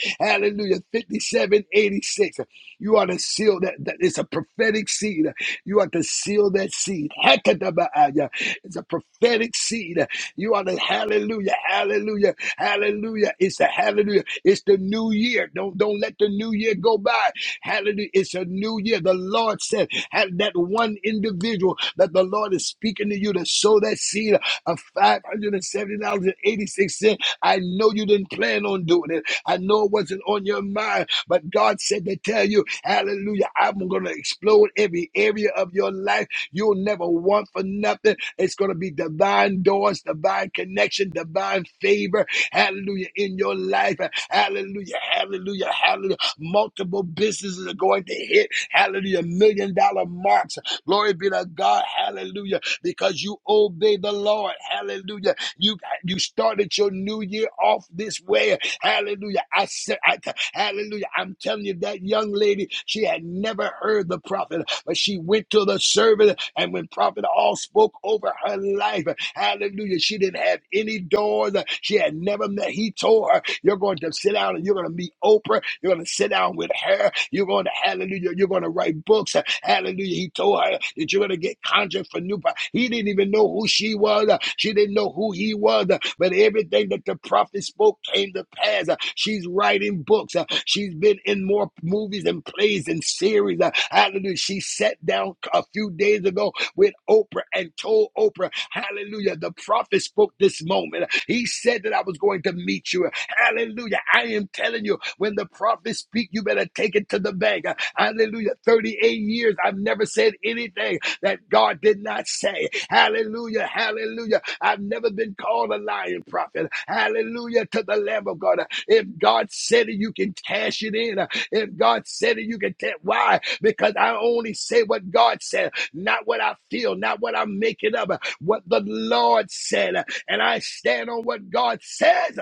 A: 5786. You are to seal that. that it's a prophetic seed. You are to seal that seed. It's a prophetic seed. You are to hallelujah, hallelujah, hallelujah. It's a hallelujah. It's the new year. Don't don't let the new year go by. Hallelujah. It's a new year. The Lord said, have that one individual that the Lord is speaking to you to sow that seed of $570.86. I know you didn't plan on doing it. I know it wasn't on your mind, but God said to tell you, hallelujah, I'm going to explode every area of your life You'll never want for nothing. It's going to be divine doors, divine connection, divine favor. Hallelujah. In your life. Hallelujah. Hallelujah. Hallelujah. Multiple businesses are going to hit. Hallelujah. Million dollar marks. Glory be to God. Hallelujah. Because you obey the Lord. Hallelujah. You you started your new year off this way. Hallelujah. I said, I, hallelujah. I'm telling you, that young lady, she had never heard the prophet. But she went to the servant, and when Prophet All spoke over her life, hallelujah, she didn't have any doors. She had never met. He told her, You're going to sit down and you're going to meet Oprah. You're going to sit down with her. You're going to, hallelujah, you're going to write books. Hallelujah. He told her her that you're going to get conjured for new. pro- He didn't even know who she was. Uh, She didn't know who he was. Uh, But everything that the prophet spoke came to pass. Uh, She's writing books. Uh, She's been in more movies and plays and series. Uh, Hallelujah. She sat down a few days ago with Oprah and told Oprah, Hallelujah, the prophet spoke this moment. He said that I was going to meet you. Hallelujah. I am telling you, when the prophets speak, you better take it to the bank. Hallelujah. 38 years, I've never said anything that God did not say. Hallelujah. Hallelujah. I've never been called a lying prophet. Hallelujah to the Lamb of God. If God said it, you can cash it in. If God said it, you can tell. Why? Because I only say what God said, not what I feel, not what I'm making up, what the Lord said. And I stand on what God says.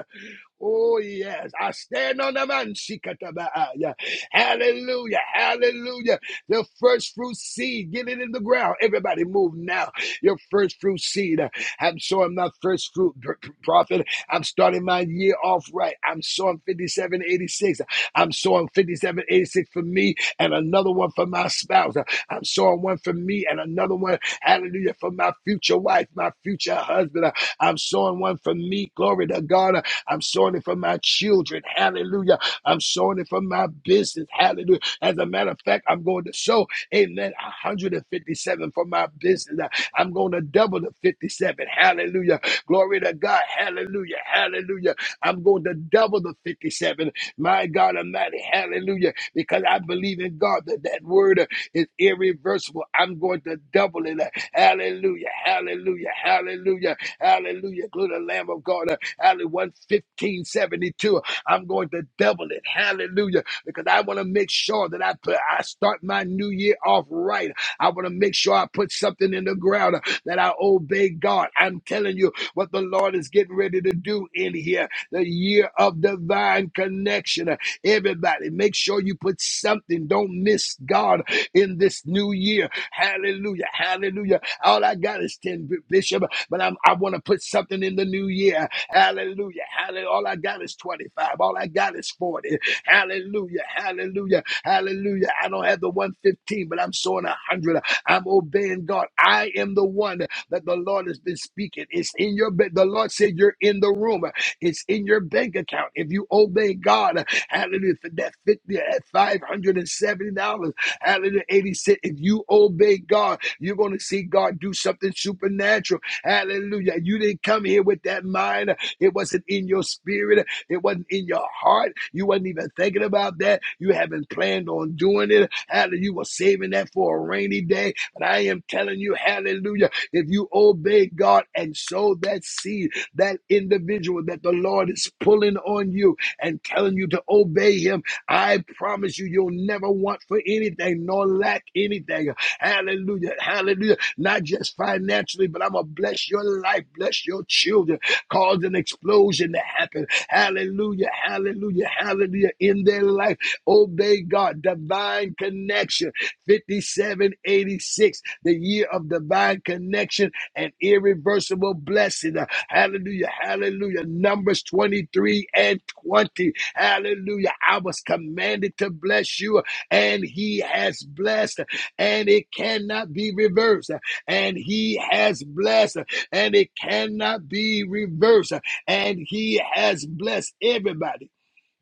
A: Oh, yes. I stand on the man. Shikatabaaya. Hallelujah. Hallelujah. The first fruit seed. Get it in the ground. Everybody move now. Your first fruit seed. I'm sowing my first fruit, prophet. I'm starting my year off right. I'm sowing 5786. I'm sowing 5786 for me and another one for my spouse. I'm sowing one for me and another one, hallelujah, for my future wife, my future husband. I'm sowing one for me. Glory to God. I'm sowing it for my children. Hallelujah. I'm sowing it for my business. Hallelujah. As a matter of fact, I'm going to sow, amen, 157 for my business. I'm going to double the 57. Hallelujah. Glory to God. Hallelujah. Hallelujah. I'm going to double the 57. My God Almighty. Hallelujah. Because I believe in God that that word is irreversible. I'm going to double it. Hallelujah. Hallelujah. Hallelujah. Hallelujah. Glory to the Lamb of God. Uh, Hallelujah. 11572. I'm going to double it. Hallelujah. Because I want to make sure that I put I start my new year off right. I want to make sure I put something in the ground uh, that I obey God. I'm telling you what the Lord is getting ready to do in here. The year of divine connection. Everybody, make sure you put something. Don't miss God in this new year. Hallelujah. Hallelujah. All I got is 10, B- Bishop, but I'm, I want to put something in the new year. Hallelujah. Hallelujah. All I got is 25. All I got is 40. Hallelujah. Hallelujah. Hallelujah. I don't have the 115, but I'm sowing a 100. I'm obeying God. I am the one that the Lord has been speaking. It's in your bed. The Lord said, You're in the room. It's in your bank account. If you obey God, hallelujah, for that 50 at $570, hallelujah, 80 cent. If you obey God, you're going to see God do something supernatural. Hallelujah. You didn't come here with that mind. It wasn't in your spirit. It wasn't in your heart. You wasn't even thinking about that. You haven't planned on doing it. Hallelujah. You were saving that for a rainy day. But I am telling you, hallelujah, if you obey God and sow that seed, that individual that the Lord is pulling on you and telling you to obey Him. I promise you, you'll never want for anything nor lack anything. Hallelujah. Hallelujah. Not just financially, but I'm going to bless your life, bless your children, cause an explosion to happen. Hallelujah. Hallelujah. Hallelujah. In their life, obey God. Divine connection. 5786, the year of divine connection and irreversible blessing. Hallelujah. Hallelujah. Numbers 23 and 20. Hallelujah. I was commanded to bless you, and he has blessed, and it cannot be reversed. And he has blessed, and it cannot be reversed. And he has blessed everybody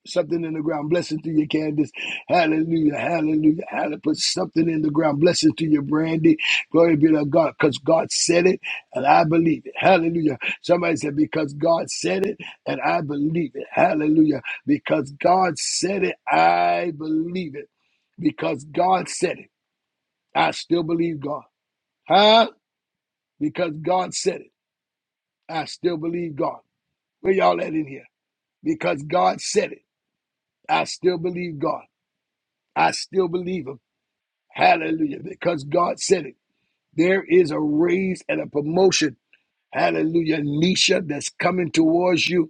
A: something in the ground. Blessing to your Candace. Hallelujah. Hallelujah. Hallelujah. Put something in the ground. Blessing to your Brandy. Glory be to God. Because God said it and I believe it. Hallelujah. Somebody said, because God said it and I believe it. Hallelujah. Because God said it, I believe it. Because God said it, I still believe God. Huh? Because God said it, I still believe God. Where y'all at in here? Because God said it, I still believe God. I still believe Him. Hallelujah. Because God said it. There is a raise and a promotion. Hallelujah. Nisha that's coming towards you.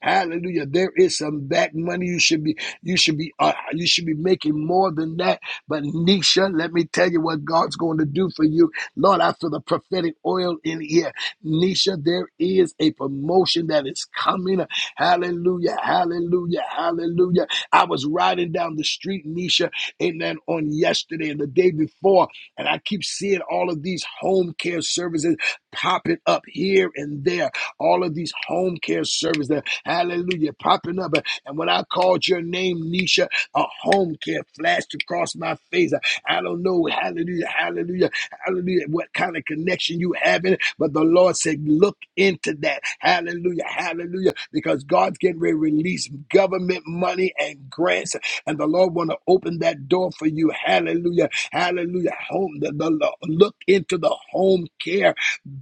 A: Hallelujah. There is some back money you should be you should be uh, you should be making more than that. But Nisha, let me tell you what God's going to do for you. Lord, I feel the prophetic oil in here. Nisha, there is a promotion that is coming. Hallelujah. Hallelujah. Hallelujah. I was riding down the street, Nisha, amen, on yesterday and the day before, and I keep seeing all of these home care services popping up here and there. All of these home care services Hallelujah. Popping up. And when I called your name, Nisha, a home care flashed across my face. I don't know. Hallelujah. Hallelujah. Hallelujah. What kind of connection you have having? But the Lord said, look into that. Hallelujah. Hallelujah. Because God's getting ready to release government money and grants. And the Lord want to open that door for you. Hallelujah. Hallelujah. Home. The, the, the- look into the home care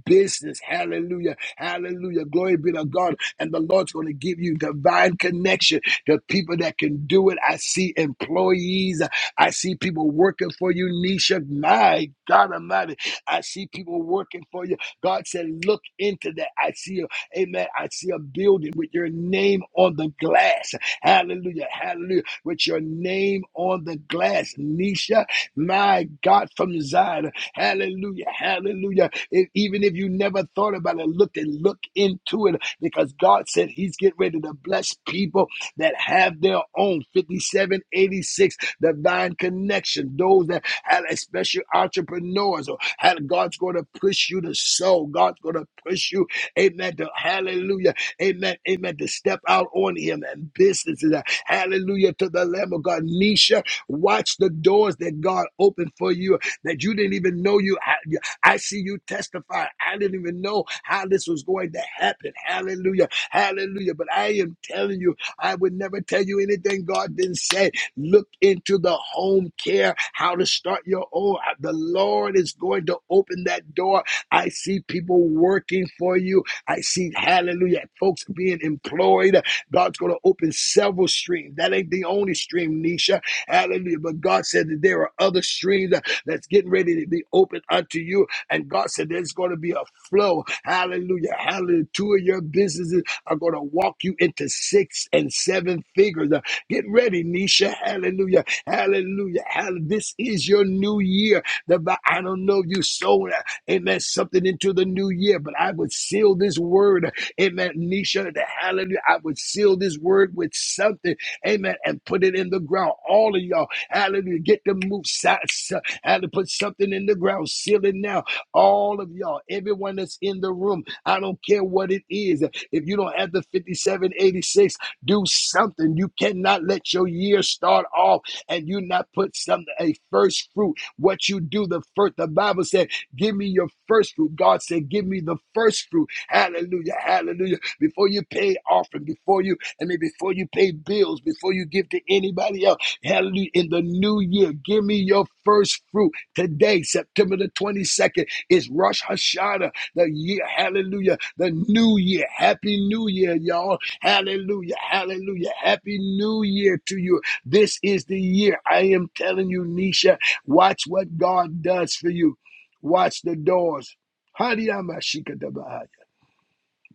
A: business. Hallelujah. Hallelujah. Glory be to God and the Lord's going to give you divine connection to people that can do it. I see employees. I see people working for you, Nisha. My God Almighty. I see people working for you. God said, look into that. I see a, amen. I see a building with your name on the glass. Hallelujah. Hallelujah. With your name on the glass, Nisha. My God from Zion. Hallelujah. Hallelujah. If, even if you never thought about it, look and look into it because God said He's getting ready to bless people that have their own 5786 divine connection. Those that have, especially entrepreneurs, or have, God's going to push you to sow. God's going to push you, amen, to hallelujah, amen, amen, to step out on Him and businesses. Hallelujah to the Lamb of God. Nisha, watch the doors that God opened for you that you didn't even know you had. I see you testify. I didn't even know how this was going to happen. Hallelujah. Hallelujah. But I am telling you, I would never tell you anything God didn't say. Look into the home care, how to start your own. The Lord is going to open that door. I see people working for you. I see, hallelujah, folks being employed. God's going to open several streams. That ain't the only stream, Nisha. Hallelujah. But God said that there are other streams that's getting ready to be opened unto you. And God said there's going to be a flow. Hallelujah. Hallelujah. Two of your businesses are going to walk you into six and seven figures. Uh, Get ready, Nisha. Hallelujah. Hallelujah. Hallelujah. This is your new year. The Bi- I don't know you sold, uh, amen, something into the new year, but I would seal this word uh, Amen. Nisha, the hallelujah. I would seal this word with something. Amen. And put it in the ground. All of y'all. Hallelujah. Get the move. si- si- Had to put something in the ground. Seal it now all of y'all, everyone that's in the room. I don't care what it is. If you don't have the 5786, do something. You cannot let your year start off and you not put some a first fruit. What you do, the first the Bible said, give me your first fruit. God said, give me the first fruit. Hallelujah. Hallelujah. Before you pay offering, before you, I mean, before you pay bills, before you give to anybody else. Hallelujah. In the new year, give me your first fruit today, September the 22nd. It's Rosh Hashanah, the year. Hallelujah. The new year. Happy New Year, y'all. Hallelujah. Hallelujah. Happy New Year to you. This is the year. I am telling you, Nisha, watch what God does for you. Watch the doors.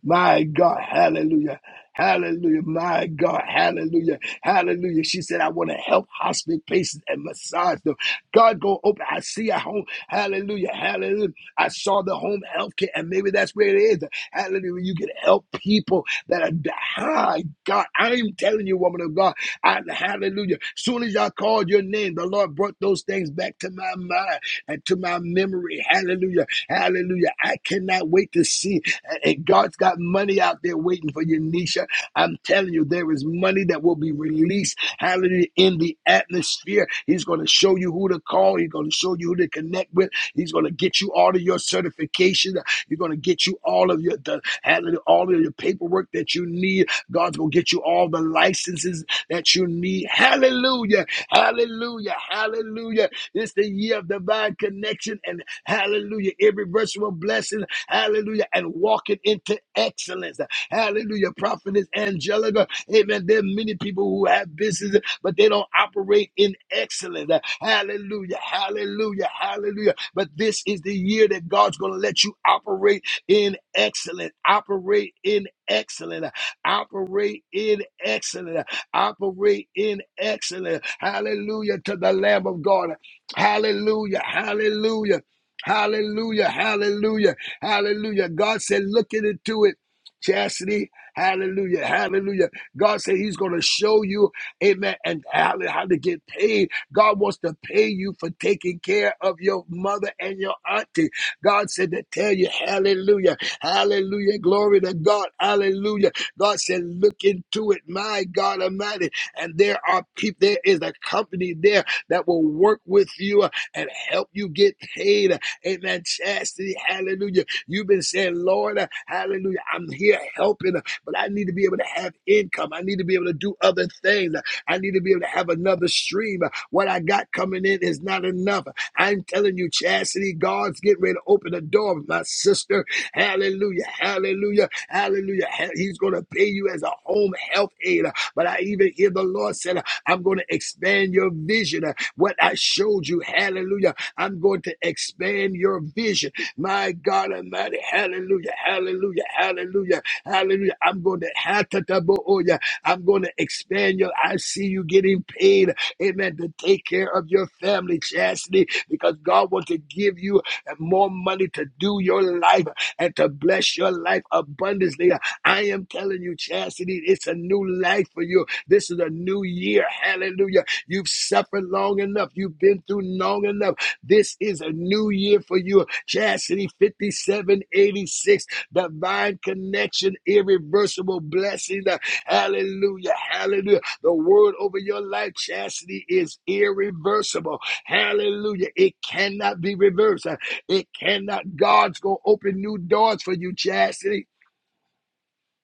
A: My God, hallelujah. Hallelujah. My God, hallelujah. Hallelujah. She said, I want to help hospice patients and massage them. God, go open. I see a home. Hallelujah. Hallelujah. I saw the home health care, and maybe that's where it is. Hallelujah. You can help people that are, my God, I'm telling you, woman of God, I, hallelujah. Soon as y'all called your name, the Lord brought those things back to my mind and to my memory. Hallelujah. Hallelujah. I cannot wait to see. And God's got money out there waiting for you, Nisha. I'm telling you, there is money that will be released, hallelujah, in the atmosphere. He's going to show you who to call. He's going to show you who to connect with. He's going to get you all of your certifications. He's going to get you all of your the, hallelujah, all of your paperwork that you need. God's going to get you all the licenses that you need. Hallelujah. Hallelujah. Hallelujah. It's the year of divine connection and hallelujah. Every virtual blessing. Hallelujah. And walking into excellence. Hallelujah. Prophetess Angelica. Amen. There are many people who have businesses, but they don't operate in excellence. Hallelujah. Hallelujah. Hallelujah. But this is the year that God's going to let you operate in excellence. Operate in excellence. Operate in excellence. Operate in excellence. Hallelujah to the Lamb of God. Hallelujah. Hallelujah. Hallelujah, hallelujah. Hallelujah. God said, "Look into it. Chastity, hallelujah, hallelujah. God said He's going to show you, amen, and how how to get paid. God wants to pay you for taking care of your mother and your auntie. God said to tell you, hallelujah, hallelujah, glory to God, hallelujah. God said, look into it, my God Almighty. And there are people, there is a company there that will work with you and help you get paid. Amen. Chastity, hallelujah. You've been saying, Lord, uh, hallelujah, I'm here helping, uh, but I need to be able to have income. I need to be able to do other things. I need to be able to have another stream. What I got coming in is not enough. I'm telling you, Chastity, God's getting ready to open the door, of my sister. Hallelujah, hallelujah, hallelujah. He's going to pay you as a home health aid. But I even hear the Lord said, I'm going to expand your vision. What I showed you, hallelujah, I'm going to expand your vision. My God Almighty, hallelujah, hallelujah, hallelujah, hallelujah. I'm going to Hatataboya. I'm going to expand your. I see you getting paid, amen, to take care of your family, Chastity, because God wants to give you more money to do your life and to bless your life abundantly. I am telling you, Chastity, it's a new life for you. This is a new year. Hallelujah. You've suffered long enough. You've been through long enough. This is a new year for you. Chastity 5786, divine connection, irreversible blessing. Hallelujah. Hallelujah. The word over your life, chastity, is irreversible. Hallelujah. It cannot be reversed. It cannot. God's going to open new doors for you, chastity.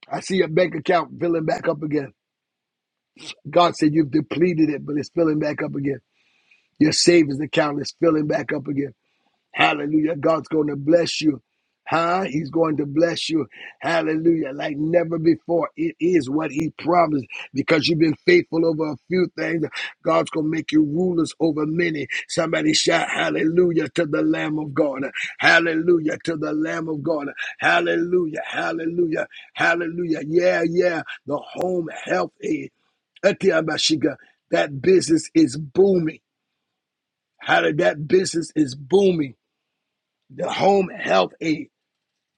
A: I see your bank account filling back up again. God said you've depleted it, but it's filling back up again. Your savings account is filling back up again. Hallelujah. God's going to bless you. Huh? He's going to bless you. Hallelujah. Like never before. It is what he promised because you've been faithful over a few things. God's going to make you rulers over many. Somebody shout hallelujah to the Lamb of God. Hallelujah to the Lamb of God. Hallelujah. Hallelujah. Hallelujah. Yeah, yeah. The home health aid. Atiabashiga. That business is booming. How did that business is booming? the home health aid.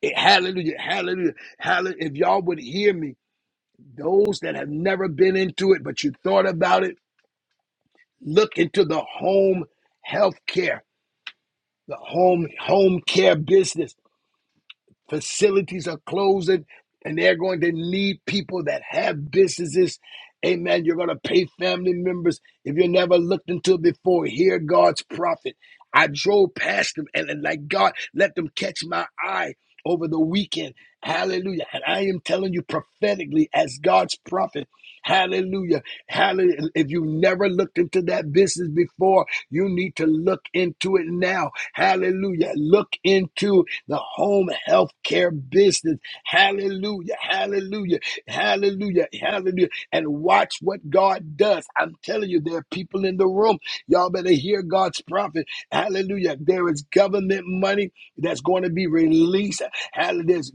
A: It- hallelujah, hallelujah, hallelujah. If y'all would hear me, those that have never been into it, but you thought about it, look into the home health care, the home home care business. facilities are closing and they're going to need people that have businesses. Amen. You're going to pay family members. If you never looked into it before, hear God's prophet. I drove past them and, and like God, let them catch my eye over the weekend. Hallelujah. And I am telling you prophetically as God's prophet. Hallelujah. Hallelujah. If you never looked into that business before, you need to look into it now. Hallelujah. Look into the home health care business. Hallelujah, hallelujah, hallelujah, hallelujah. And watch what God does. I'm telling you, there are people in the room. Y'all better hear God's prophet. Hallelujah. There is government money that's going to be released. Hallelujah. There's-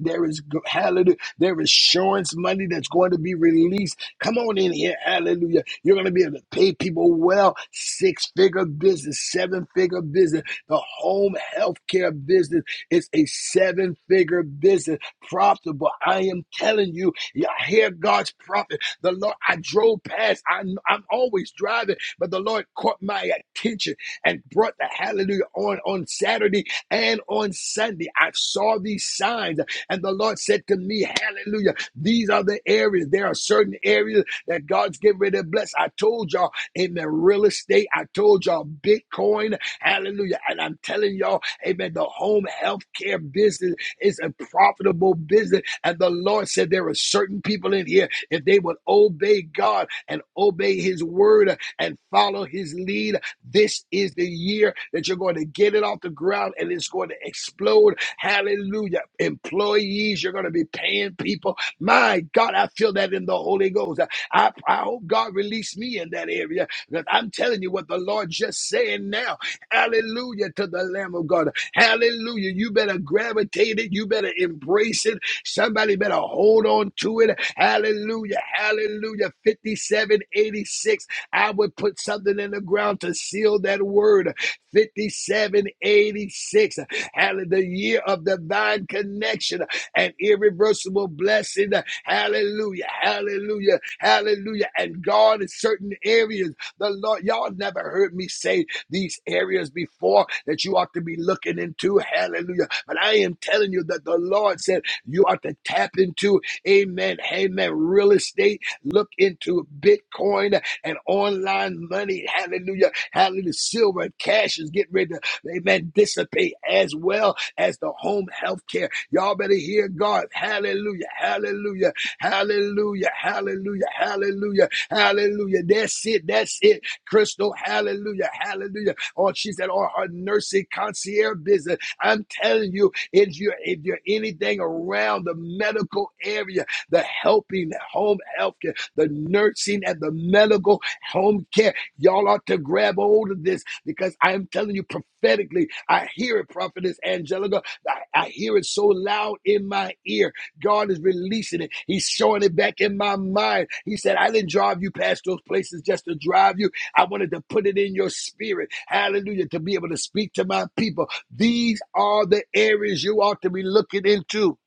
A: hallelujah. There is insurance money that's going to be released. Come on in here. Hallelujah. You're going to be able to pay people well. Six figure business, seven figure business, the home health care business it's a seven figure business, profitable. I am telling you, yeah, I hear God's prophet. The Lord, I drove past, I, I'm I'm always driving, but the Lord caught my attention and brought the hallelujah on, on Saturday and on Sunday. I saw these signs, and the Lord said to me, Hallelujah, these are the areas. There are certain areas that God's getting ready to bless. I told y'all in the real estate, I told y'all Bitcoin, hallelujah. And I'm telling y'all, Amen. The home health care business is a profitable business. And the Lord said there are certain people in here, if they would obey God and obey his word and follow his lead, this is the year that you're going to get it off the ground and it's going to explode. Hallelujah. Employees, you're going to be paying people. My God, I feel that in the Holy Ghost. I, I hope God released me in that area because I'm telling you what the Lord just saying now. Hallelujah to the Lamb of God. Hallelujah. You better gravitate it. You better embrace it. Somebody better hold on to it. Hallelujah. Hallelujah. 5786. I would put something in the ground to seal that word. 5786. Hallelujah. The year of divine connection and irreversible blessing. Hallelujah. Hallelujah. Hallelujah. And God in certain areas. The Lord, y'all never heard me say these areas before that you ought to be looking into. Hallelujah. But I am telling you that the Lord said you ought to tap into, amen, amen, real estate, look into Bitcoin and online money. Hallelujah. Hallelujah. Silver and cash is getting ready to, amen, dissipate as well as the home health care. Y'all better hear God. Hallelujah. Hallelujah. Hallelujah. Hallelujah. Hallelujah. Hallelujah. That's it. That's it. Crystal, hallelujah, hallelujah. Or she said, or her nursing concierge business. I'm telling you, if you're, if you're anything around the medical area, the helping home health care, the nursing and the medical home care, y'all ought to grab hold of this because I'm telling you prophetically, I hear it, Prophetess Angelica. I, I hear it so loud in my ear. God is releasing it. He's showing it back in my mind. He said, I didn't drive you past those places just to drive you. I wanted to put it in your spirit. Hallelujah. To be able to speak to my people. These are the areas you ought to be looking into.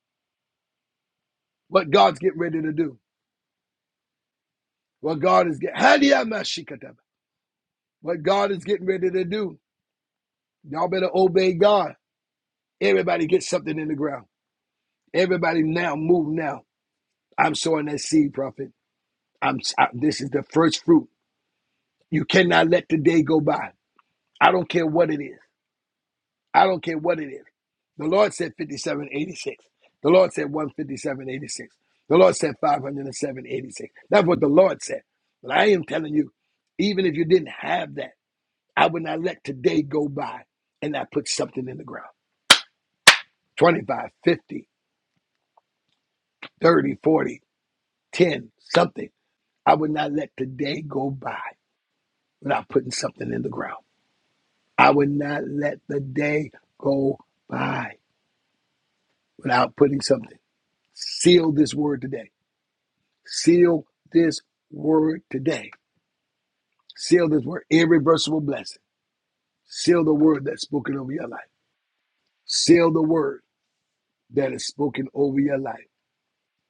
A: What God's getting ready to do. What God is getting. What God is getting ready to do. Y'all better obey God. Everybody get something in the ground. Everybody now move now. I'm sowing that seed, prophet. I'm I, this is the first fruit. You cannot let the day go by. I don't care what it is. I don't care what it is. The Lord said 5786. The Lord said 15786. The Lord said 50786. That's what the Lord said. But I am telling you, even if you didn't have that, I would not let today go by and not put something in the ground Twenty-five, fifty, thirty, forty, ten, something. I would not let today go by without putting something in the ground. I would not let the day go by without putting something. Seal this word today Seal this word today. Seal this word, irreversible blessing. Seal the word that's spoken over your life. Seal the word that is spoken over your life.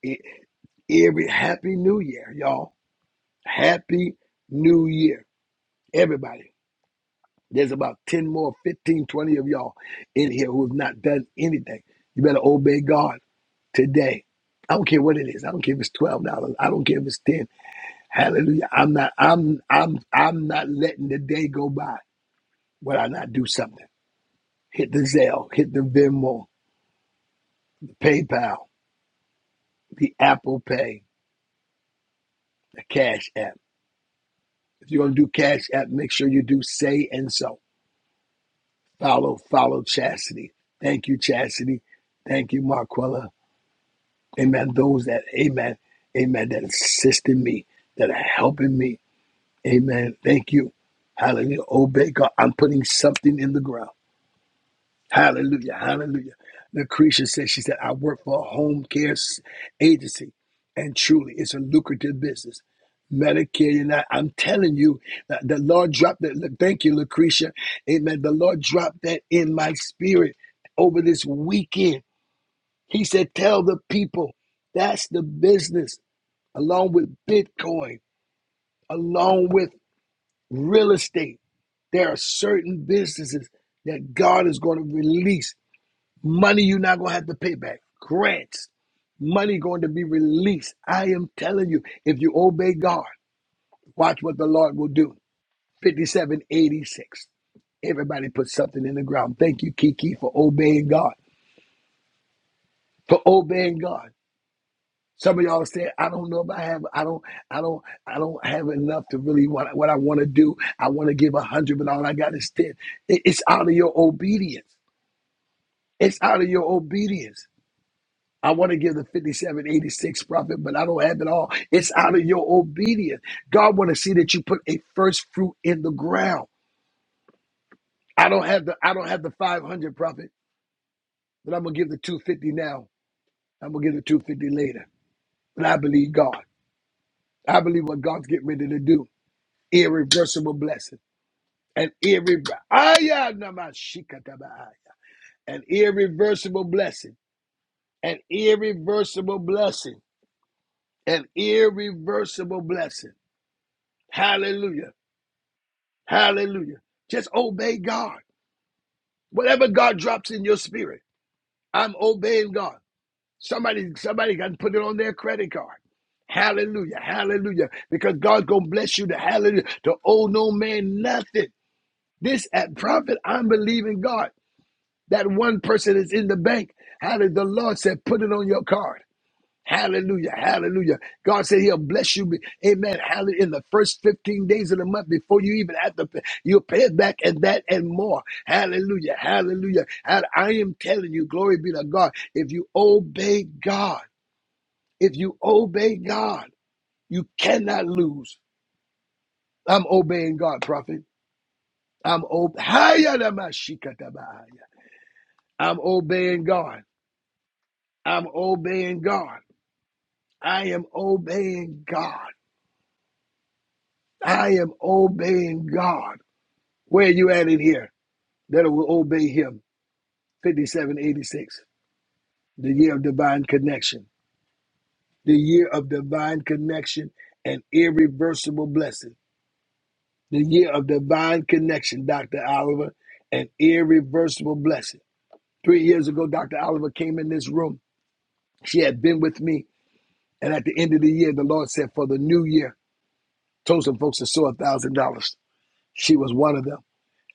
A: E- Every happy new year, y'all. Happy new year, everybody. There's about 10 more, fifteen, twenty of y'all in here who have not done anything. You better obey God today. I don't care what it is. I don't care if it's twelve dollars. I don't care if it's ten. Hallelujah. I'm not. I'm. I'm. I'm not letting the day go by. Would I not do something? Hit the Zelle, hit the Venmo, the PayPal, the Apple Pay, the Cash App. If you're going to do Cash App, make sure you do say and so. Follow, follow Chastity. Thank you, Chastity. Thank you, Marquella. Amen. Those that, amen, amen, that assisted me, that are helping me. Amen. Thank you. Hallelujah. Obey God. I'm putting something in the ground. Hallelujah. Hallelujah. Lucretia said, she said, I work for a home care s- agency, and truly it's a lucrative business. Medicare, and are I'm telling you, that the Lord dropped that. Thank you, Lucretia. Amen. The Lord dropped that in my spirit over this weekend. He said, Tell the people that's the business, along with Bitcoin, along with real estate. There are certain businesses that God is going to release. Money you're not gonna have to pay back. Grants, money going to be released. I am telling you, if you obey God, watch what the Lord will do. 5786. Everybody put something in the ground. Thank you, Kiki, for obeying God. For obeying God. Some of y'all said, I don't know if I have, I don't, I don't, I don't have enough to really what, what I want to do. I want to give a hundred, but all I got is ten. It's out of your obedience. It's out of your obedience. I want to give the 5786 prophet, but I don't have it all. It's out of your obedience. God want to see that you put a first fruit in the ground. I don't have the I don't have the 500 prophet, but I'm gonna give the 250 now. I'm gonna give the 250 later. But I believe God. I believe what God's getting ready to do. Irreversible blessing. An irreversible an irreversible blessing. An irreversible blessing. An irreversible blessing. Hallelujah. Hallelujah. Just obey God. Whatever God drops in your spirit, I'm obeying God. Somebody, somebody got to put it on their credit card. Hallelujah. Hallelujah. Because God's gonna bless you to hallelujah. To owe no man nothing. This at profit, I'm believing God. That one person is in the bank. Hallelujah. The Lord said, put it on your card. Hallelujah. Hallelujah. God said he'll bless you. Amen. Hallelujah. In the first 15 days of the month before you even have to pay, you'll pay it back and that and more. Hallelujah. Hallelujah. And I am telling you, glory be to God. If you obey God, if you obey God, you cannot lose. I'm obeying God, prophet. I'm obeying Hayadamashikatabahaya. I'm obeying God. I'm obeying God. I am obeying God. I am obeying God. Where are you at in here that will obey him? 5786, the year of divine connection, the year of divine connection and irreversible blessing, the year of divine connection, Dr. Oliver, and irreversible blessing. Three years ago, Dr. Oliver came in this room. She had been with me. And at the end of the year, the Lord said, For the new year, told some folks to sow a $1,000. She was one of them.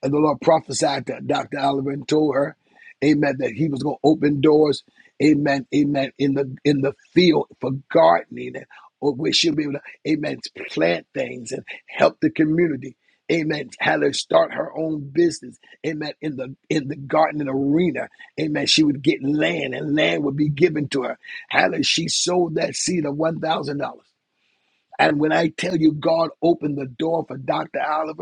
A: And the Lord prophesied that Dr. Alvin told her, Amen, that he was gonna open doors, Amen, Amen, in the in the field for gardening and or where she'll be able to, Amen, to plant things and help the community. Amen. Had her start her own business. Amen. In the in the gardening arena. Amen. She would get land and land would be given to her. Had her, she sold that seed of one thousand dollars. And when I tell you God opened the door for Dr. Oliver.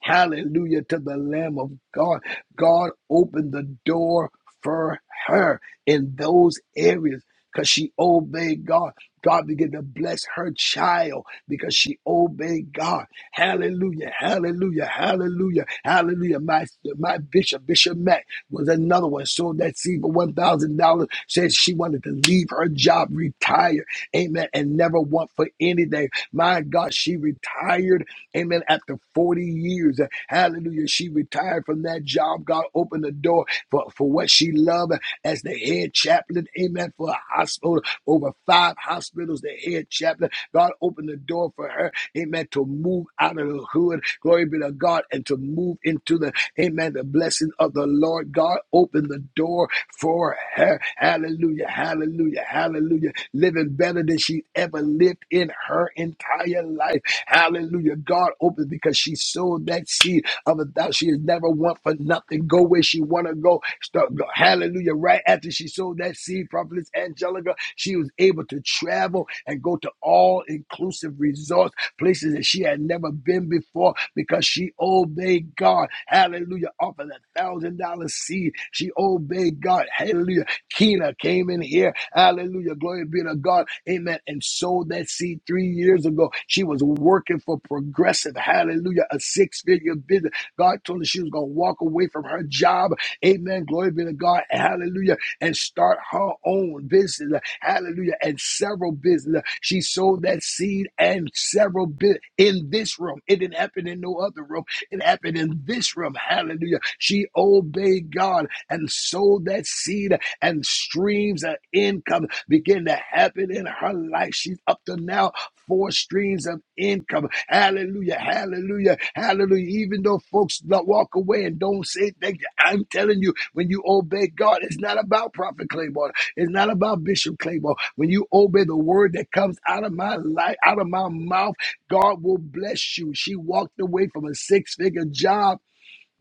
A: Hallelujah to the Lamb of God. God opened the door for her in those areas because she obeyed God. God began to bless her child because she obeyed God. Hallelujah, hallelujah, hallelujah, hallelujah. My, my bishop, Bishop Mack, was another one. Sold that seed for $1,000. Said she wanted to leave her job, retire, amen, and never want for anything. My God, she retired Amen. After 40 years, hallelujah, she retired from that job. God opened the door for, for what she loved as the head chaplain. Amen. For a hospital, over five hospitals, the head chaplain. God opened the door for her. Amen. To move out of the hood. Glory be to God. And to move into the, amen, the blessing of the Lord. God opened the door for her. Hallelujah. Hallelujah. Hallelujah. Living better than she ever lived in her entire life. Hallelujah. God opened because she sowed that seed of a doubt. She has never want for nothing. Go where she want to go. Start, go. Hallelujah. Right after she sowed that seed, Prophetess Angelica, she was able to travel and go to all inclusive resorts, places that she had never been before because she obeyed God. Hallelujah. Offered a thousand dollar seed. She obeyed God. Hallelujah. Keena came in here Hallelujah. Glory be to God. Amen. And sowed that seed three years ago. She was working for Progressive. Hallelujah. A six figure business. God told her she was going to walk away from her job. Amen. Glory be to God. Hallelujah. And start her own business. Hallelujah. And several businesses. She sowed that seed and several bit in this room. It didn't happen in no other room. It happened in this room. Hallelujah. She obeyed God and sowed that seed and streams of income begin to happen in her life. She's up to now four streams of income. Hallelujah, hallelujah, hallelujah. Even though folks don't walk away and don't say thank you, I'm telling you, when you obey God, it's not about Prophet Claiborne. It's not about Bishop Claiborne. When you obey the word that comes out of my life, out of my mouth, God will bless you. She walked away from a six-figure job,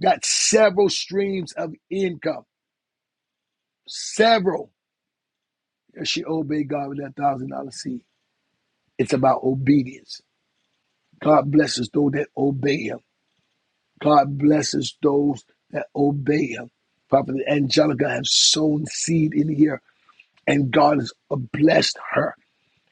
A: got several streams of income. Several. She obeyed God with that one thousand dollar seed. It's about obedience. God blesses those that obey Him. God blesses those that obey Him. Prophet Angelica has sown seed in the year, and God has blessed her.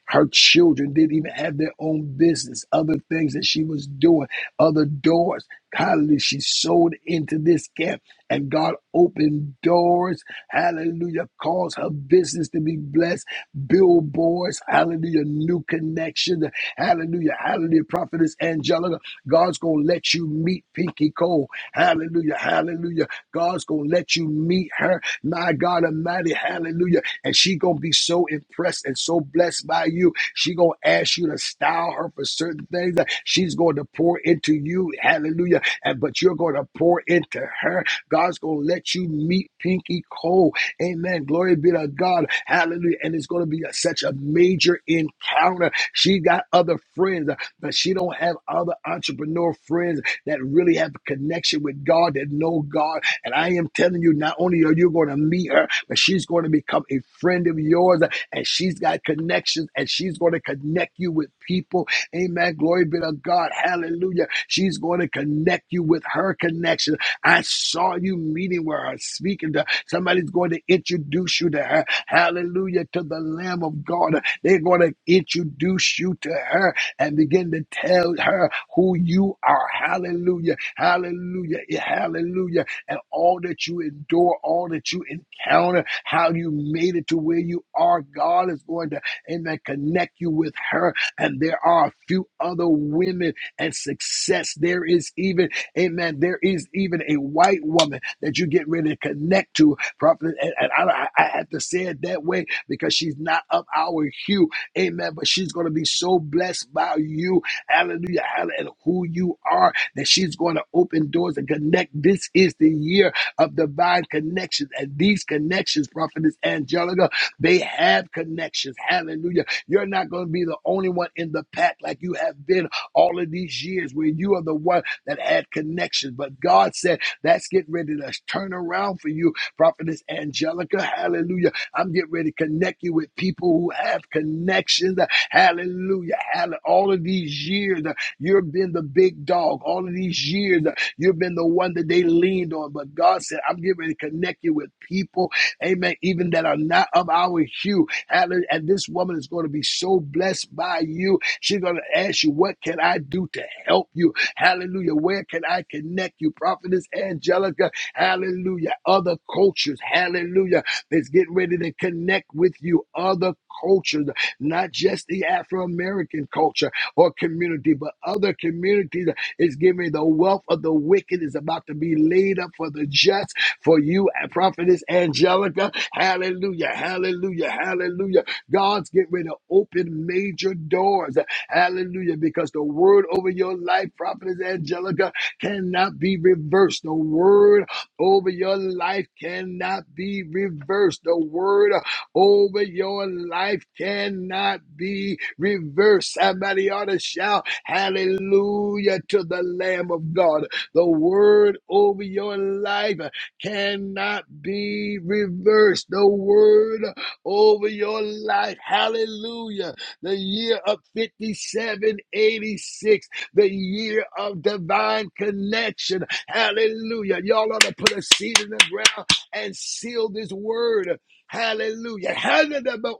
A: Her children didn't even have their own business, other things that she was doing, other doors. Hallelujah. She sold into this camp and God opened doors. Hallelujah. Caused her business to be blessed. Billboards. Hallelujah. New connection. Hallelujah. Hallelujah. Prophetess Angelica. God's going to let you meet Pinky Cole. Hallelujah. Hallelujah. God's going to let you meet her. My God Almighty. Hallelujah and she gonna be so impressed and so blessed by you. She gonna ask you to style her for certain things. She's going to pour into you, hallelujah. And but you're going to pour into her. God's gonna let you meet Pinky Cole. Amen. Glory be to God. Hallelujah. And it's gonna be a- such a major encounter. She got other friends, but she don't have other entrepreneur friends that really have a connection with God that know God and I am telling you, not only are you going to meet her, but she's going to become a friend of yours. And she's got connections and she's going to connect you with people. Amen. Glory be to God. Hallelujah. She's going to connect you with her connection. I saw you meeting with her, speaking to her. Somebody's going to introduce you to her. Hallelujah. To the Lamb of God. They're going to introduce you to her and begin to tell her who you are. Hallelujah. Hallelujah. Hallelujah and all that you endure, all that you encounter, how you made it to where you are. God is going to, amen, connect you with her. And there are a few other women and success. There is even, amen, there is even a white woman that you get ready to connect to. Prophet, and, and I, I I have to say it that way because she's not of our hue, amen, but she's going to be so blessed by you. Hallelujah. hallelujah, And who you are that she's going to open doors and connect. This is the year of divine connections. And these connections, Prophetess Angelica, they have connections. Hallelujah. You're not going to be the only one in the pack like you have been all of these years where you are the one that had connections. But God said, that's getting ready to turn around for you, Prophetess Angelica. Hallelujah. I'm getting ready to connect you with people who have connections. Hallelujah. Hallelujah. All of these years. You've been the big dog all of these years. You've been the one that they leaned on. But God said, I'm getting ready to connect you with people, amen, even that are not of our hue. Hallelujah. And this woman is going to be so blessed by you. She's going to ask you, What can I do to help you? Hallelujah. Where can I connect you? Prophetess Angelica, hallelujah. Other cultures, hallelujah, that's getting ready to connect with you. Other cultures, not just the Afro American culture or community, but other communities is giving the wealth of the wicked is about to be laid up for the just, for you, prophetess Angelica. Hallelujah, hallelujah, hallelujah. God's getting ready to open major doors. Hallelujah, because the word over your life, prophetess Angelica, cannot be reversed. The word over your life cannot be reversed. The word over your life cannot be reversed. Somebody ought to shout hallelujah to the Lamb of God. The word over your life cannot be reversed. The word over your life, hallelujah. The year of 5786, the year of divine connection, hallelujah. Y'all ought to put a seed in the ground and seal this word. Hallelujah. Hanadaba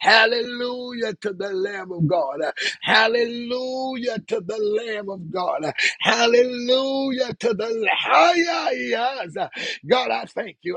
A: Hallelujah to the Lamb of God. Hallelujah to the Lamb of God. Hallelujah to the Hayayas. God, I thank you.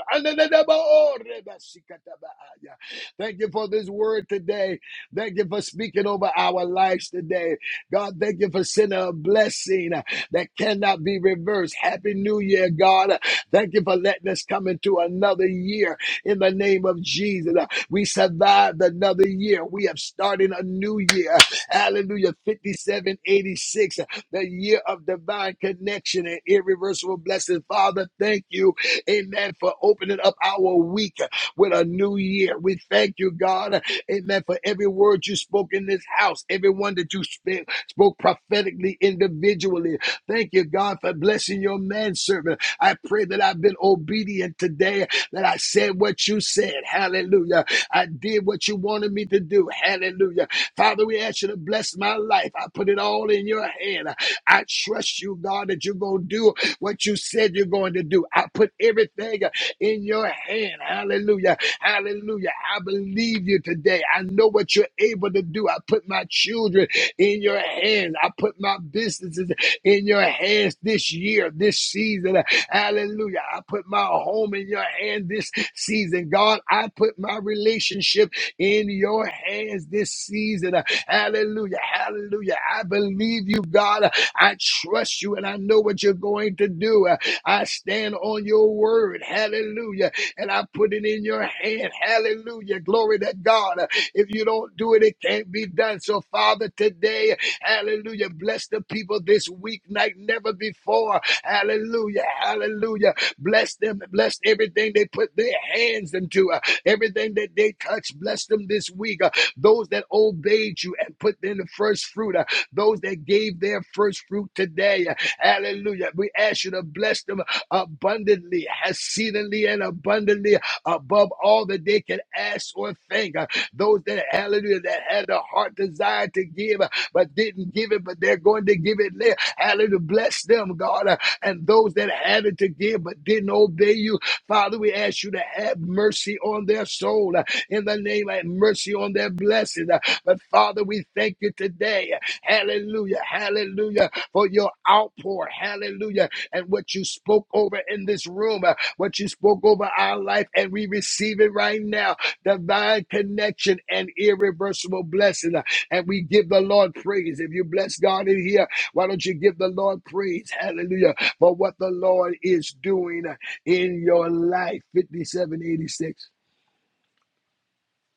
A: Thank you for this word today. Thank you for speaking over our lives today. God, thank you for sending a blessing that cannot be reversed. Happy New Year, God. Thank you for letting us come into another year in the name of Jesus. Uh, We survived another year. We have started a new year. Hallelujah. 5786, uh, the year of divine connection and irreversible blessing. Father, thank you, amen, for opening up our week uh, with a new year. We thank you, God, uh, amen, for every word you spoke in this house, everyone that you sp- spoke prophetically, individually. Thank you, God, for blessing your manservant. I pray that I've been obedient today, that I said what you said. Hallelujah. I did what you wanted me to do. Hallelujah. Father, we ask you to bless my life. I put it all in your hand. I trust you, God, that you're going to do what you said you're going to do. I put everything in your hand. Hallelujah. Hallelujah. I believe you today. I know what you're able to do. I I put my children in your hands. I put my businesses in your hands this year, this season. Hallelujah. I put my home in your hand this season. God, I put my relationship in your hands this season. Hallelujah. Hallelujah. I believe you, God. I trust you and I know what you're going to do. I stand on your word. Hallelujah. And I put it in your hand. Hallelujah. Glory to God. If you don't do it, it can't be done. So, Father, today, hallelujah, bless the people this week like never before. Hallelujah, hallelujah. Bless them, bless everything they put their hands into, uh, everything that they touch. Bless them this week. Uh, those that obeyed you and put in the first fruit, uh, those that gave their first fruit today. Uh, hallelujah. We ask you to bless them abundantly, exceedingly, and abundantly above all that they can ask or think. Uh, Those that, hallelujah, that had a heart desire to give, uh, but didn't give it, but they're going to give it later. Hallelujah, bless them, God. Uh, And those that had it to give, but didn't obey you, Father, we ask you to have mercy on their soul. Uh, In the name of mercy on their blessing. Uh, But Father, we thank you today. Hallelujah, hallelujah, for your outpour. Hallelujah and what you spoke over in this room, uh, what you spoke over our life, and we receive it right now. Divine connection and irreversible blessing. uh, And we give the Lord praise. If you bless God in here, why don't you give the Lord praise? Hallelujah. For what the Lord is doing uh, in your life. 5786.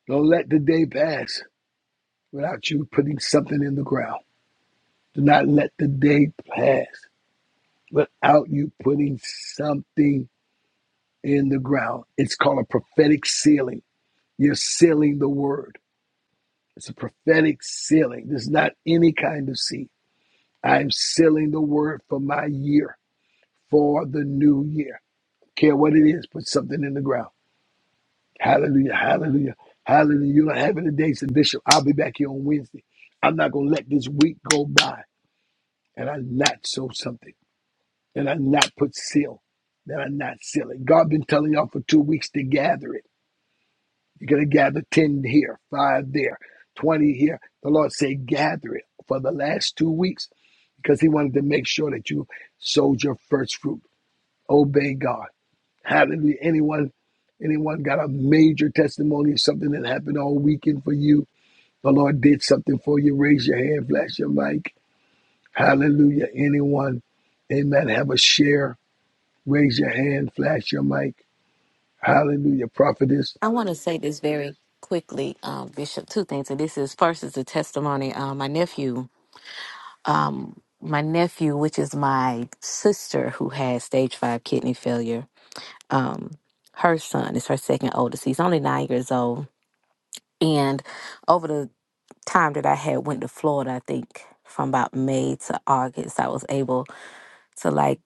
A: Don't let the day pass without you putting something in the ground. Do not let the day pass without you putting something in the ground. It's called a prophetic sealing. You're sealing the word. It's a prophetic sealing. This is not any kind of seed. I'm sealing the word for my year, for the new year. Care what it is, put something in the ground. Hallelujah, hallelujah, hallelujah. You don't have it today, said Bishop. I'll be back here on Wednesday. I'm not going to let this week go by and I not sow something and I not put seal, that I not seal it. God been telling y'all for two weeks to gather it. You're going to gather 10 here, 5 there, 20 here. The Lord said, gather it for the last two weeks because He wanted to make sure that you sowed your first fruit. Obey God. Hallelujah. Anyone, anyone got a major testimony of something that happened all weekend for you? The Lord did something for you. Raise your hand, flash your mic. Hallelujah. Anyone, amen, have a share. Raise your hand, flash your mic. Hallelujah. Prophetess.
B: I want to say this very quickly, um, Bishop. Two things, and this is first is a testimony. Uh, my nephew, um, my nephew, which is my sister who has stage five kidney failure. Um, her son is her second oldest. He's only nine years old, and over the time that I had went to Florida, I think from about May to August, I was able to like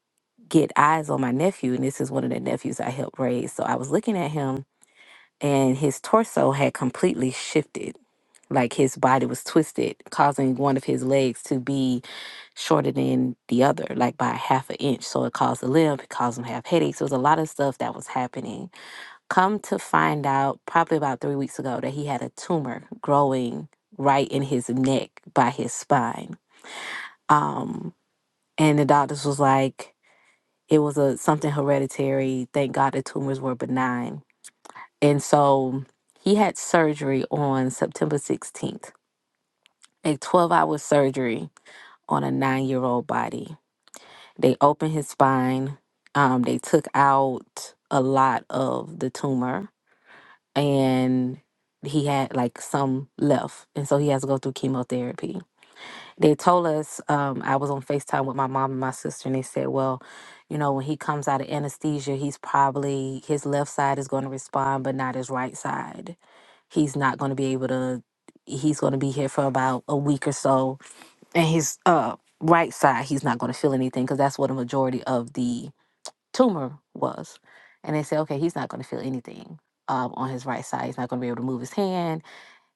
B: get eyes on my nephew, and this is one of the nephews I helped raise. So I was looking at him and his torso had completely shifted. Like his body was twisted, causing one of his legs to be shorter than the other, like by half an inch. So it caused a limp, it caused him to have headaches. It was a lot of stuff that was happening. Come to find out, probably about three weeks ago, that he had a tumor growing right in his neck by his spine. Um, and the doctors was like, it was a something hereditary. Thank God the tumors were benign and so he had surgery on September 16th, a 12 hour surgery on a nine year old body. They opened his spine, um, they took out a lot of the tumor, and he had like some left. And so he has to go through chemotherapy they told us um, i was on facetime with my mom and my sister and they said well you know when he comes out of anesthesia he's probably his left side is going to respond but not his right side he's not going to be able to he's going to be here for about a week or so and his uh, right side he's not going to feel anything because that's what a majority of the tumor was and they said okay he's not going to feel anything um, on his right side he's not going to be able to move his hand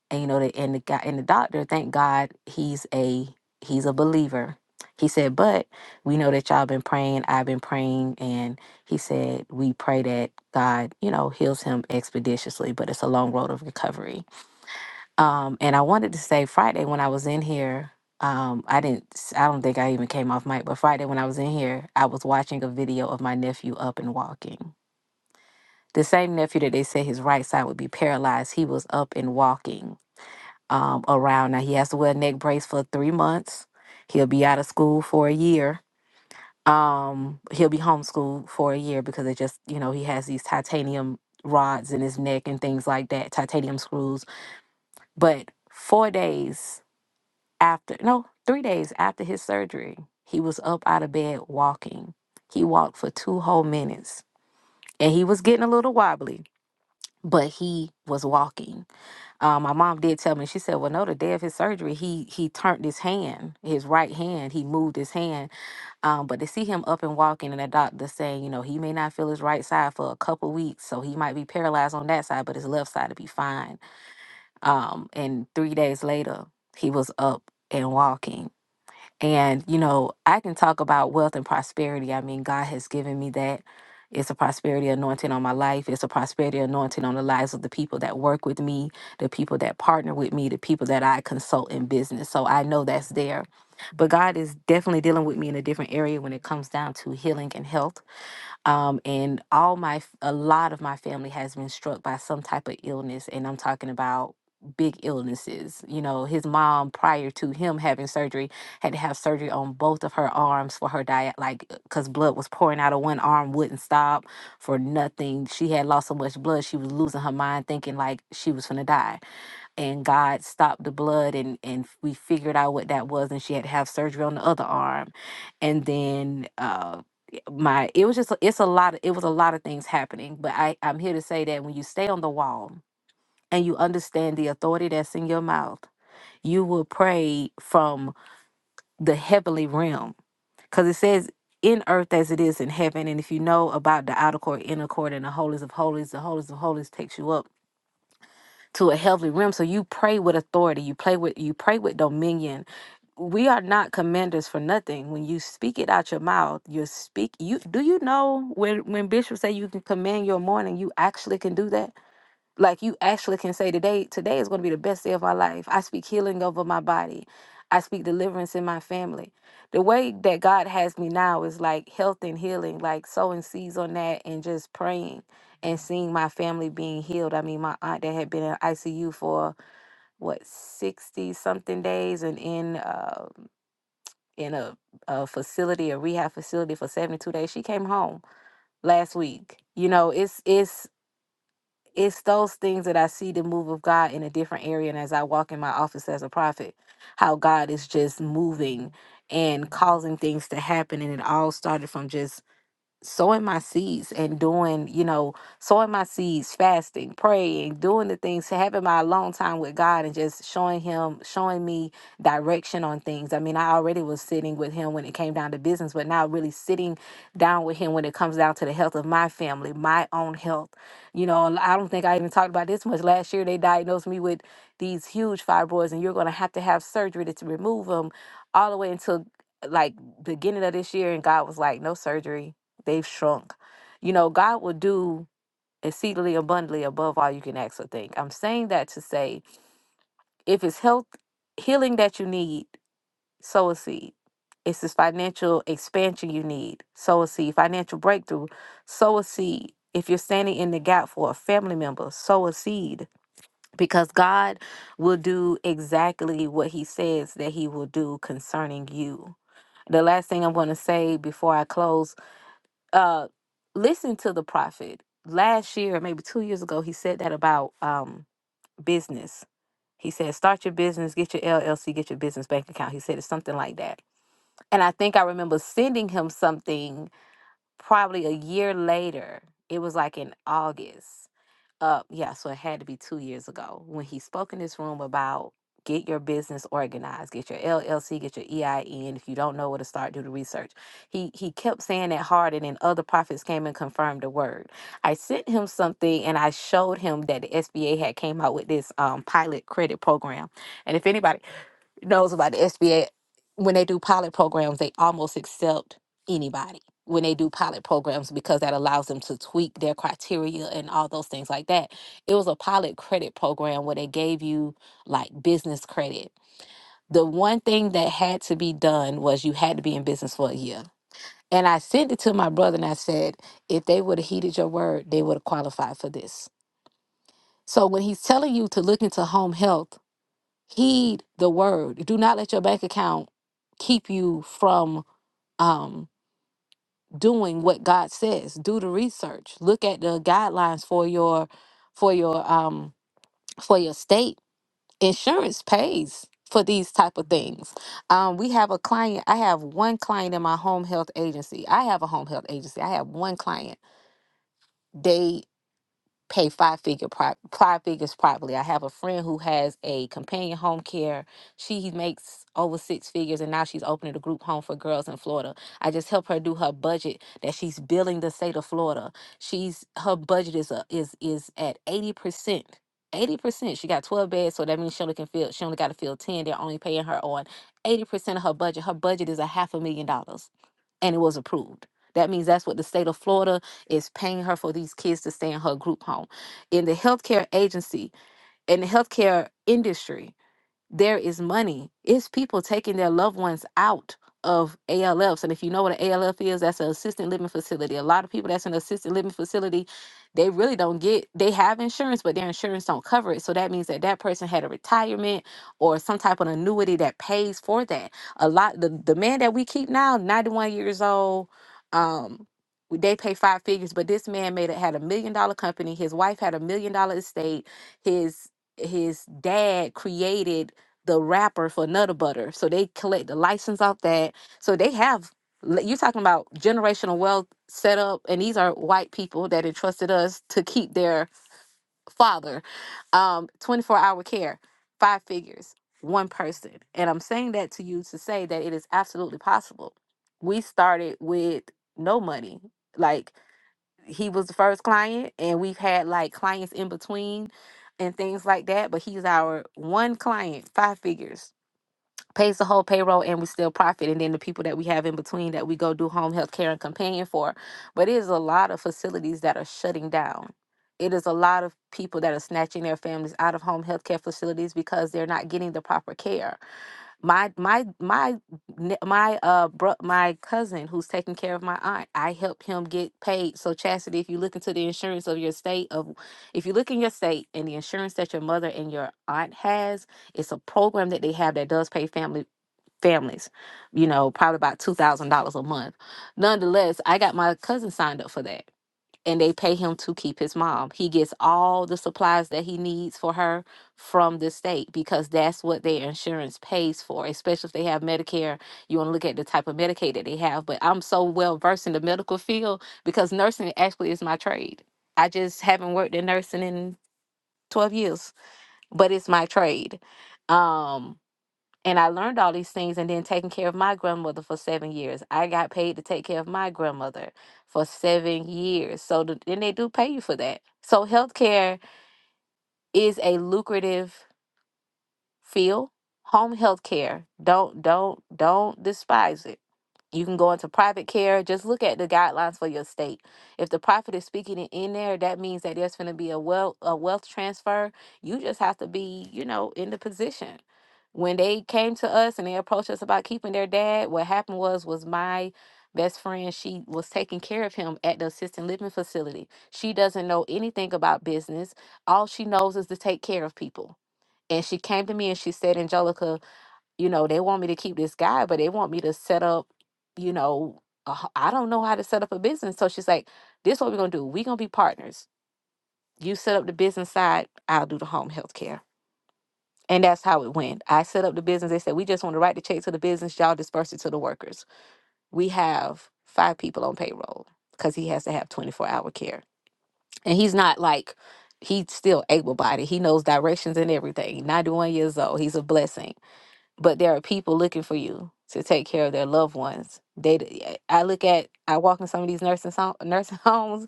B: and you know the and the guy and the doctor thank god he's a he's a believer he said but we know that y'all been praying i've been praying and he said we pray that god you know heals him expeditiously but it's a long road of recovery um and i wanted to say friday when i was in here um i didn't s- i don't think i even came off mic but friday when i was in here i was watching a video of my nephew up and walking the same nephew that they said his right side would be paralyzed he was up and walking um, around. Now he has to wear a neck brace for three months. He'll be out of school for a year. Um, he'll be homeschooled for a year because it just, you know, he has these titanium rods in his neck and things like that, titanium screws. But four days after, no, three days after his surgery, he was up out of bed walking. He walked for two whole minutes and he was getting a little wobbly, but he was walking Um, my mom did tell me. She said, "Well, no, the day of his surgery, he he turned his hand, his right hand. He moved his hand. Um, but to see him up and walking, and the doctor saying, you know, he may not feel his right side for a couple weeks, so he might be paralyzed on that side, but his left side will be fine. Um, and three days later, he was up and walking and, you know, I can talk about wealth and prosperity. I mean, God has given me that. It's a prosperity anointing on my life. It's a prosperity anointing on the lives of the people that work with me, the people that partner with me, the people that I consult in business. So I know that's there. But God is definitely dealing with me in a different area when it comes down to healing and health um, and all my a lot of my family has been struck by some type of illness and i'm talking about big illnesses you know his mom prior to him having surgery had to have surgery on both of her arms for her diet like because blood was pouring out of one arm wouldn't stop for nothing she had lost so much blood she was losing her mind thinking like she was gonna die and God stopped the blood and and we figured out what that was and she had to have surgery on the other arm and then uh my it was just a- it's a lot of, it was a lot of things happening but I I'm here to say that when you stay on the wall and you understand the authority that's in your mouth you will pray from the heavenly realm cuz it says in earth as it is in heaven and if you know about the outer court inner court and the holies of holies the holies of holies takes you up to a healthy realm. So you pray with authority. You play with you pray with dominion. We are not commanders for nothing. When you speak it out your mouth, you speak you do you know when when bishops say you can command your morning, you actually can do that? like you actually can say today today is going to be the best day of my life i speak healing over my body i speak deliverance in my family the way that god has me now is like health and healing like sowing seeds on that and just praying and seeing my family being healed i mean my aunt that had been in icu for what 60 something days and in uh, in a, a facility a rehab facility for 72 days she came home last week you know it's it's it's those things that I see the move of God in a different area. And as I walk in my office as a prophet, how God is just moving and causing things to happen. And it all started from just sowing my seeds and doing, you know, sowing my seeds, fasting, praying, doing the things, having my alone time with God and just showing him, showing me direction on things. I mean, I already was sitting with him when it came down to business, but now really sitting down with him when it comes down to the health of my family, my own health. You know, and I don't think I even talked about this much. Last year they diagnosed me with these huge fibroids and you're going to have to have surgery to, to remove them all the way until like beginning of this year and God was like no surgery They've shrunk. You know, God will do exceedingly abundantly above all you can ask or think. I'm saying that to say if it's health healing that you need, sow a seed. It's this financial expansion you need, sow a seed. Financial breakthrough, sow a seed. If you're standing in the gap for a family member, sow a seed because God will do exactly what He says that He will do concerning you. The last thing I'm going to say before I close uh listen to the prophet last year maybe two years ago he said that about um business he said start your business get your llc get your business bank account he said it's something like that and i think i remember sending him something probably a year later it was like in august uh, yeah, so it had to be two years ago when he spoke in this room about get your business organized, get your LLC, get your EIN. If you don't know where to start, do the research. He he kept saying that hard, and then other prophets came and confirmed the word. I sent him something, and I showed him that the SBA had came out with this um, pilot credit program. And if anybody knows about the SBA. When they do pilot programs, they almost accept anybody when they do pilot programs because that allows them to tweak their criteria and all those things like that. It was a pilot credit program where they gave you like business credit. The one thing that had to be done was you had to be in business for a year. And I sent it to my brother and I said, if they would have heeded your word, they would have qualified for this. So when he's telling you to look into home health, heed the word. Do not let your bank account keep you from um, doing what God says. Do the research. Look at the guidelines for your for your um, for your state. Insurance pays for these type of things. Um, we have a client. I have one client in my home health agency. I have a home health agency. I have one client. They. pay five figure pro- five figures probably. I have a friend who has a companion home care. She makes over six figures and now she's opening a group home for girls in Florida. I just help her do her budget that she's billing the state of Florida. She's her budget is a, is is at 80%. 80%. She got 12 beds, so that means she only can fill she only got to fill 10. They're only paying her on 80% of her budget. Her budget is a half a million dollars and it was approved. That means that's what the state of Florida is paying her for these kids to stay in her group home. In the healthcare agency, in the healthcare industry, there is money. It's people taking their loved ones out of ALFs. And if you know what an ALF is, that's an assisted living facility. A lot of people that's in assisted living facility, they really don't get they have insurance, but their insurance don't cover it. So that means that that person had a retirement or some type of annuity that pays for that. A lot the, the man that we keep now, 91 years old, um, they pay five figures, but this man made it had a million dollar company. His wife had a million dollar estate. His his dad created the wrapper for Nutter Butter. So they collect the license off that. So they have li- you talking about generational wealth set up and these are white people that entrusted us to keep their father um 24 hour care five figures one person and i'm saying that to you to say that it is absolutely possible we started with no money like he was the first client and we've had like clients in between and things like that but he's our one client five figures pays the whole payroll and we still profit and then the people that we have in between that we go do home health care and companion for but it is a lot of facilities that are shutting down it is a lot of people that are snatching their families out of home health care facilities because they're not getting the proper care my my my my uh bro, my cousin who's taking care of my aunt i helped him get paid so chastity if you look into the insurance of your state of if you look in your state and the insurance that your mother and your aunt has it's a program that they have that does pay family families, you know, probably about two thousand dollars a month. Nonetheless, I got my cousin signed up for that. And they pay him to keep his mom. He gets all the supplies that he needs for her from the state because that's what their insurance pays for, especially if they have Medicare. You want to look at the type of Medicaid that they have. But I'm so well versed in the medical field because nursing actually is my trade. I just haven't worked in nursing in 12 years, but it's my trade. Um, and I learned all these things and then taking care of my grandmother for seven years. I got paid to take care of my grandmother for seven years. So, th- and they do pay you for that. So, healthcare is a lucrative feel home health care don't don't don't despise it you can go into private care just look at the guidelines for your state if the prophet is speaking it in there that means that there's going to be a wealth a wealth transfer you just have to be you know in the position when they came to us and they approached us about keeping their dad what happened was was my best friend she was taking care of him at the assisted living facility she doesn't know anything about business all she knows is to take care of people and she came to me and she said, Angelica, you know, they want me to keep this guy, but they want me to set up, you know, a h- I don't know how to set up a business. So she's like, this is what we're going to do. We're going to be partners. You set up the business side, I'll do the home health care. And that's how it went. I set up the business. They said, we just want to write the check to the business. Y'all disperse it to the workers. We have five people on payroll because he has to have 24 hour care. And he's not like, he's still able bodied. He knows directions and everything. 91 years old. He's a blessing but there are people looking for you to take care of their loved ones. They, eh, I look at, I walk in some of these nursing home, nursing homes,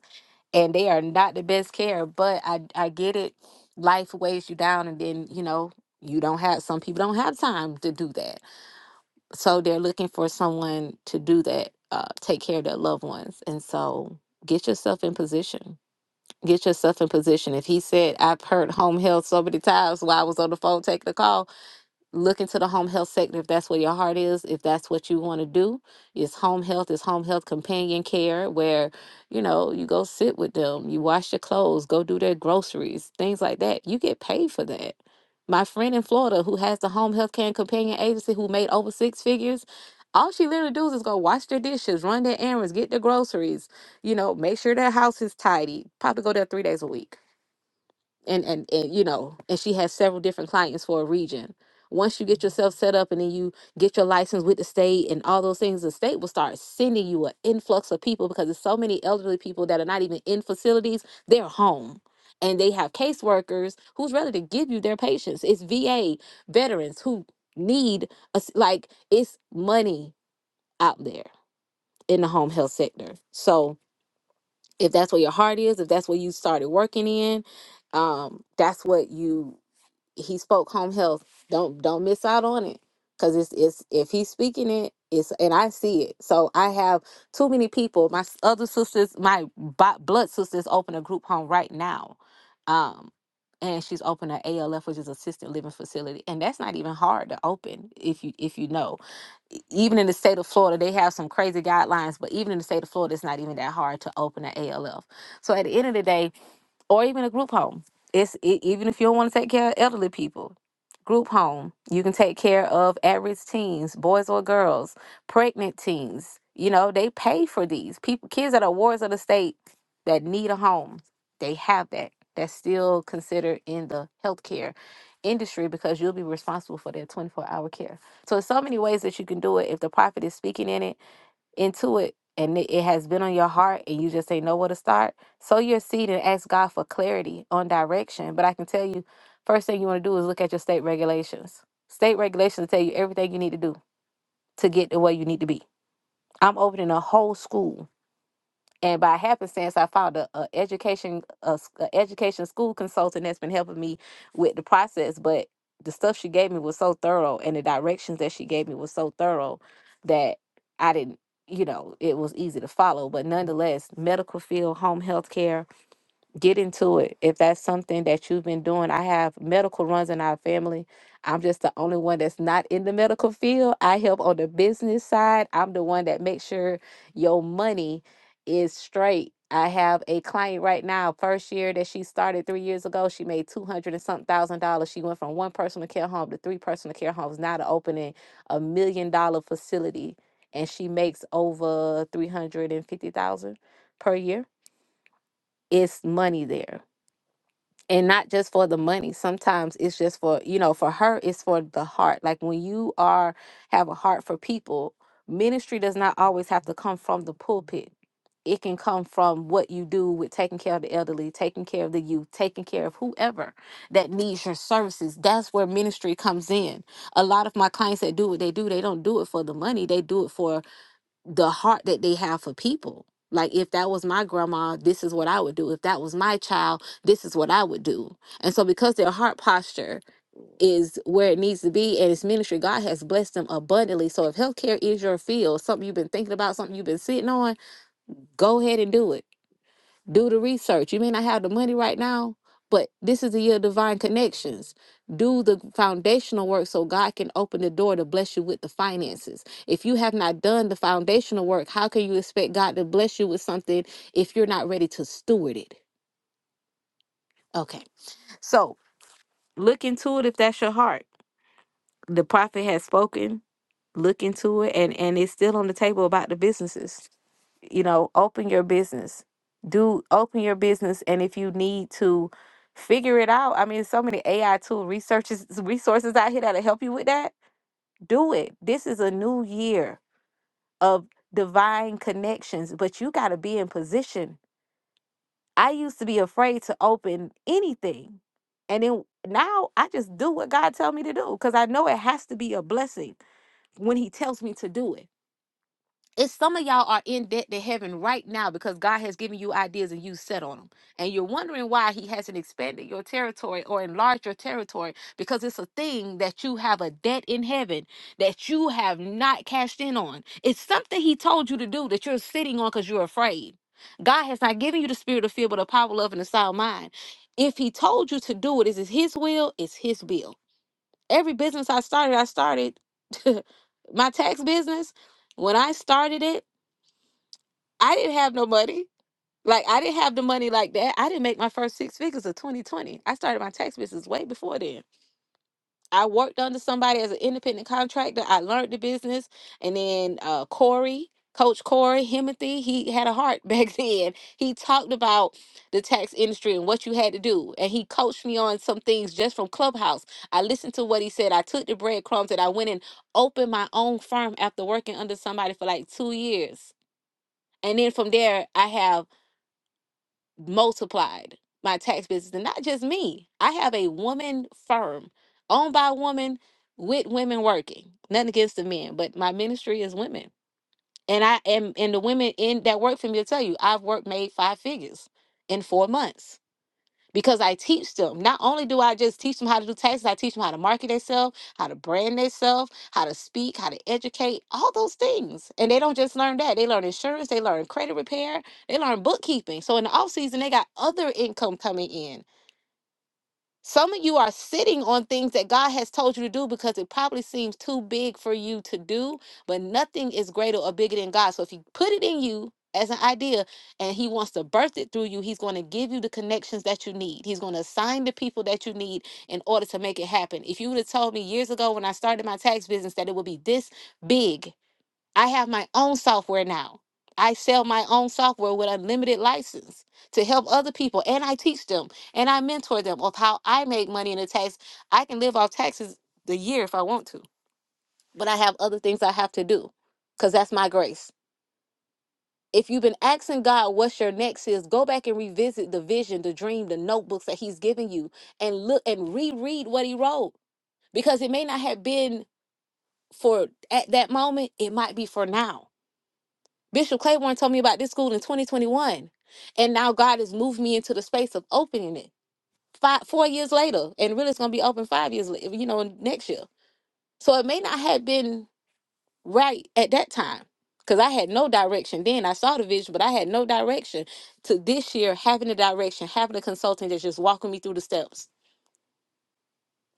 B: and they are not the best care. But I, I get it. Life weighs you down, and then you know you don't have. Some people don't have time to do that, so they're looking for someone to do that, uh, take care of their loved ones. And so, get yourself in position. Get yourself in position. If he said, I've heard home health so many times while I was on the phone taking a call, look into the home health sector if that's where your heart is, if that's what you want to do. It's home health, it's home health companion care where, you know, you go sit with them, you wash your clothes, go do their groceries, things like that. You get paid for that. My friend in Florida who has the home health care and companion agency who made over six figures, all she literally does is go wash their dishes, run their errands, get their groceries, you know, make sure their house is tidy. Probably go there three days a week and, and and you know and she has several different clients for a region once you get yourself set up and then you get your license with the state and all those things the state will start sending you an influx of people because there's so many elderly people that are not even in facilities they're home and they have caseworkers who's ready to give you their patients it's va veterans who need us like it's money out there in the home health sector so if that's where your heart is if that's where you started working in um that's what you he spoke home health. Don't don't miss out on it because it's it's if he's speaking it, it's and I see it. So I have too many people. My s- other sisters, my bo- blood sisters, open a group home right now, um, and she's opened an ALF, which is assisted living facility, and that's not even hard to open if you if you know. E- Even in the state of Florida, they have some crazy guidelines, but even in the state of Florida, it's not even that hard to open an ALF. So at the end of the day or even a group home. It's e- even if you don't want to take care of elderly people, group home. You can take care of at-risk teens, boys or girls, pregnant teens. You know they pay for these people, kids that are wards of the state that need a home. They have that. That's still considered in the healthcare industry because you'll be responsible for their 24-hour care. So there's so many ways that you can do it if the prophet is speaking in it into it and it, it has been on your heart and you just ain't know where to start, sow your seed and ask God for clarity on direction. But I can tell you, first thing you want to do is look at your state regulations. State regulations tell you everything you need to do to get to where you need to be. I'm opening a whole school and by happenstance, I found a, a education a, s- a education school consultant that's been helping me with the process. But the stuff she gave me was so thorough, and the directions that she gave me was so thorough that I didn't, you know, it was easy to follow. But nonetheless, medical field, home health care get into it. If that's something that you've been doing, I have medical runs in our family. I'm just the only one that's not in the medical field. I help on the business side. I'm the one that makes sure your money is straight. I have a client right now, first year that she started three years ago, she made 200 and something thousand dollars. She went from one personal care home to three personal care homes, now to opening a million dollar facility. And she makes over 350,000 per year. It's money there and not just for the money sometimes it's just for you know for her it's for the heart like when you are have a heart for people ministry does not always have to come from the pulpit it can come from what you do with taking care of the elderly taking care of the youth taking care of whoever that needs your services that's where ministry comes in a lot of my clients that do what they do they don't do it for the money they do it for the heart that they have for people. Like if that was my grandma, this is what I would do. If that was my child, this is what I would do. And so because their heart posture is where it needs to be and it's ministry, God has blessed them abundantly. So if healthcare is your field, something you've been thinking about, something you've been sitting on, go ahead and do it do the research. You may not have the money right now, but this is the year of divine connections. Do the foundational work so God can open the door to bless you with the finances. If you have not done the foundational work, how can you expect God to bless you with something if you're not ready to steward it? Okay. So look into it if that's your heart. The prophet has spoken. Look into it and and it's still on the table about the businesses. you know, open your business. Do open your business and if you need to figure it out. I mean, so many AI tool researches resources out here that'll help you with that. Do it. This is a new year of divine connections, but you got to be in position. I used to be afraid to open anything. And then now I just do what God tell me to do cuz I know it has to be a blessing when he tells me to do it. It's some of y'all are in debt to heaven right now because God has given you ideas and you set on them. And you're wondering why He hasn't expanded your territory or enlarged your territory because it's a thing that you have a debt in heaven that you have not cashed in on. It's something He told you to do that you're sitting on because you're afraid. God has not given you the spirit of fear, but a power, love, and a sound mind. If He told you to do it, is it His will? It's His bill. Every business I started, I started my tax business. When I started it, I didn't have no money. Like I didn't have the money like that. I didn't make my first six figures of 2020. I started my tax business way before then. I worked under somebody as an independent contractor. I learned the business, and then uh, Corey, Coach Corey Himothy, he had a heart back then. He talked about the tax industry and what you had to do, and he coached me on some things just from Clubhouse. I listened to what he said. I took the breadcrumbs, and I went and opened my own firm after working under somebody for like two years. And then from there, I have multiplied my tax business and not just me i have a woman firm owned by women with women working nothing against the men but my ministry is women and i am and the women in that work for me to tell you i've worked made five figures in four months because I teach them. Not only do I just teach them how to do taxes, I teach them how to market themselves, how to brand themselves, how to speak, how to educate, all those things. And they don't just learn that. They learn insurance, they learn credit repair, they learn bookkeeping. So in the off season, they got other income coming in some of you are sitting on things that God has told you to do because it probably seems too big for you to do, but nothing is greater or bigger than God. So if you put it in you as an idea and He wants to birth it through you, He's going to give you the connections that you need. He's going to assign the people that you need in order to make it happen. If you would have told me years ago when I started my tax business that it would be this big, I have my own software now. I sell my own software with unlimited license to help other people, and I teach them and I mentor them of how I make money in the tax. I can live off taxes the year if I want to, but I have other things I have to do because that's my grace. If you've been asking God what's your next is, go back and revisit the vision, the dream, the notebooks that He's given you, and look and reread what He wrote because it may not have been for at that moment, it might be for now Bishop Claiborne told me about this school in 2021. And now God has moved me into the space of opening it five, four years later. And really, it's going to be open five years, la- you know, next year. So it may not have been right at that time because I had no direction then. I saw the vision, but I had no direction to this year having a direction, having a consultant that's just walking me through the steps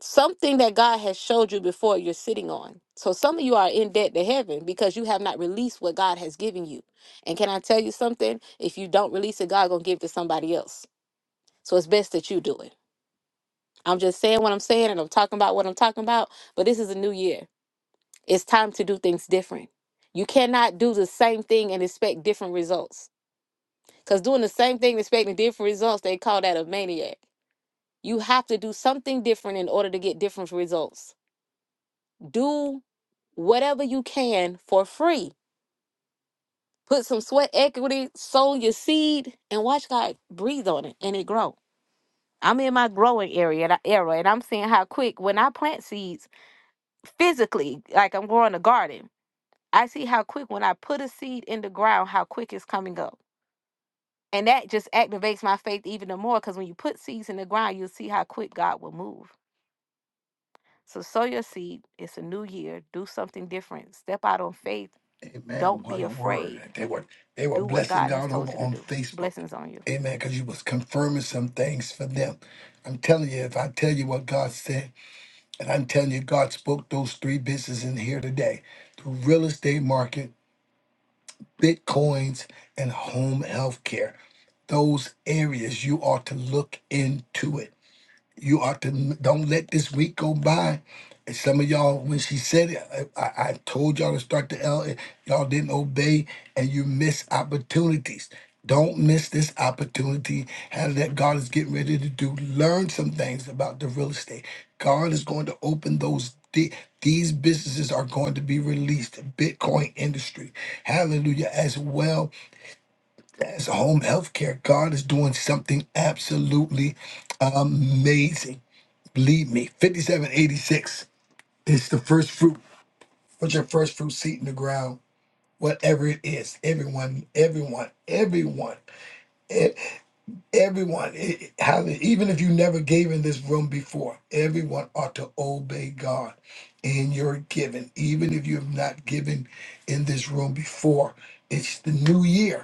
B: something that God has showed you before you're sitting on. So some of you are in debt to heaven because you have not released what God has given you. And can I tell you something? If you don't release it, God gonna give it to somebody else. So it's best that you do it. I'm just saying what I'm saying and I'm talking about what I'm talking about, but this is a new year. It's time to do things different. You cannot do the same thing and expect different results. Because doing the same thing, and expecting different results, they call that a maniac. You have to do something different in order to get different results. Do whatever you can for free. Put some sweat equity, sow your seed, and watch God breathe on it and it grow. I'm in my growing area and I- era, and I'm seeing how quick when I plant seeds physically, like I'm growing a garden. I see how quick when I put a seed in the ground, how quick it's coming up, and that just activates my faith even the more. Because when you put seeds in the ground, you'll see how quick God will move. So sow your seed. It's a new year. Do something different. Step out on faith.
A: Amen.
B: Don't be
A: What a word.
B: afraid
A: They were they were
B: Do what
A: blessing
B: God has
A: God over
B: told you to
A: on
B: do.
A: Facebook.
B: Blessings on you.
A: Amen. Because you was confirming some things for them. I'm telling you, if I tell you what God said, and I'm telling you, God spoke those three businesses in here today. The real estate market, bitcoins, and home health care. Those areas you ought to look into it you ought to don't let this week go by. And some of y'all, when she said it, I, I I told y'all to start the L. Y'all didn't obey, and you miss opportunities. Don't miss this opportunity. How that God is getting ready to do. Learn some things about the real estate. God is going to open those. the- These businesses are going to be released. Bitcoin industry, hallelujah, as well as home health care. God is doing something absolutely amazing Believe me, 5786 is the first fruit. Put your first fruit seed in the ground, whatever it is. Everyone, everyone, everyone, e- everyone. It- it- how- Even if you never gave in this room before, everyone ought to obey God in your giving. Even if you have not given in this room before, it's the new year.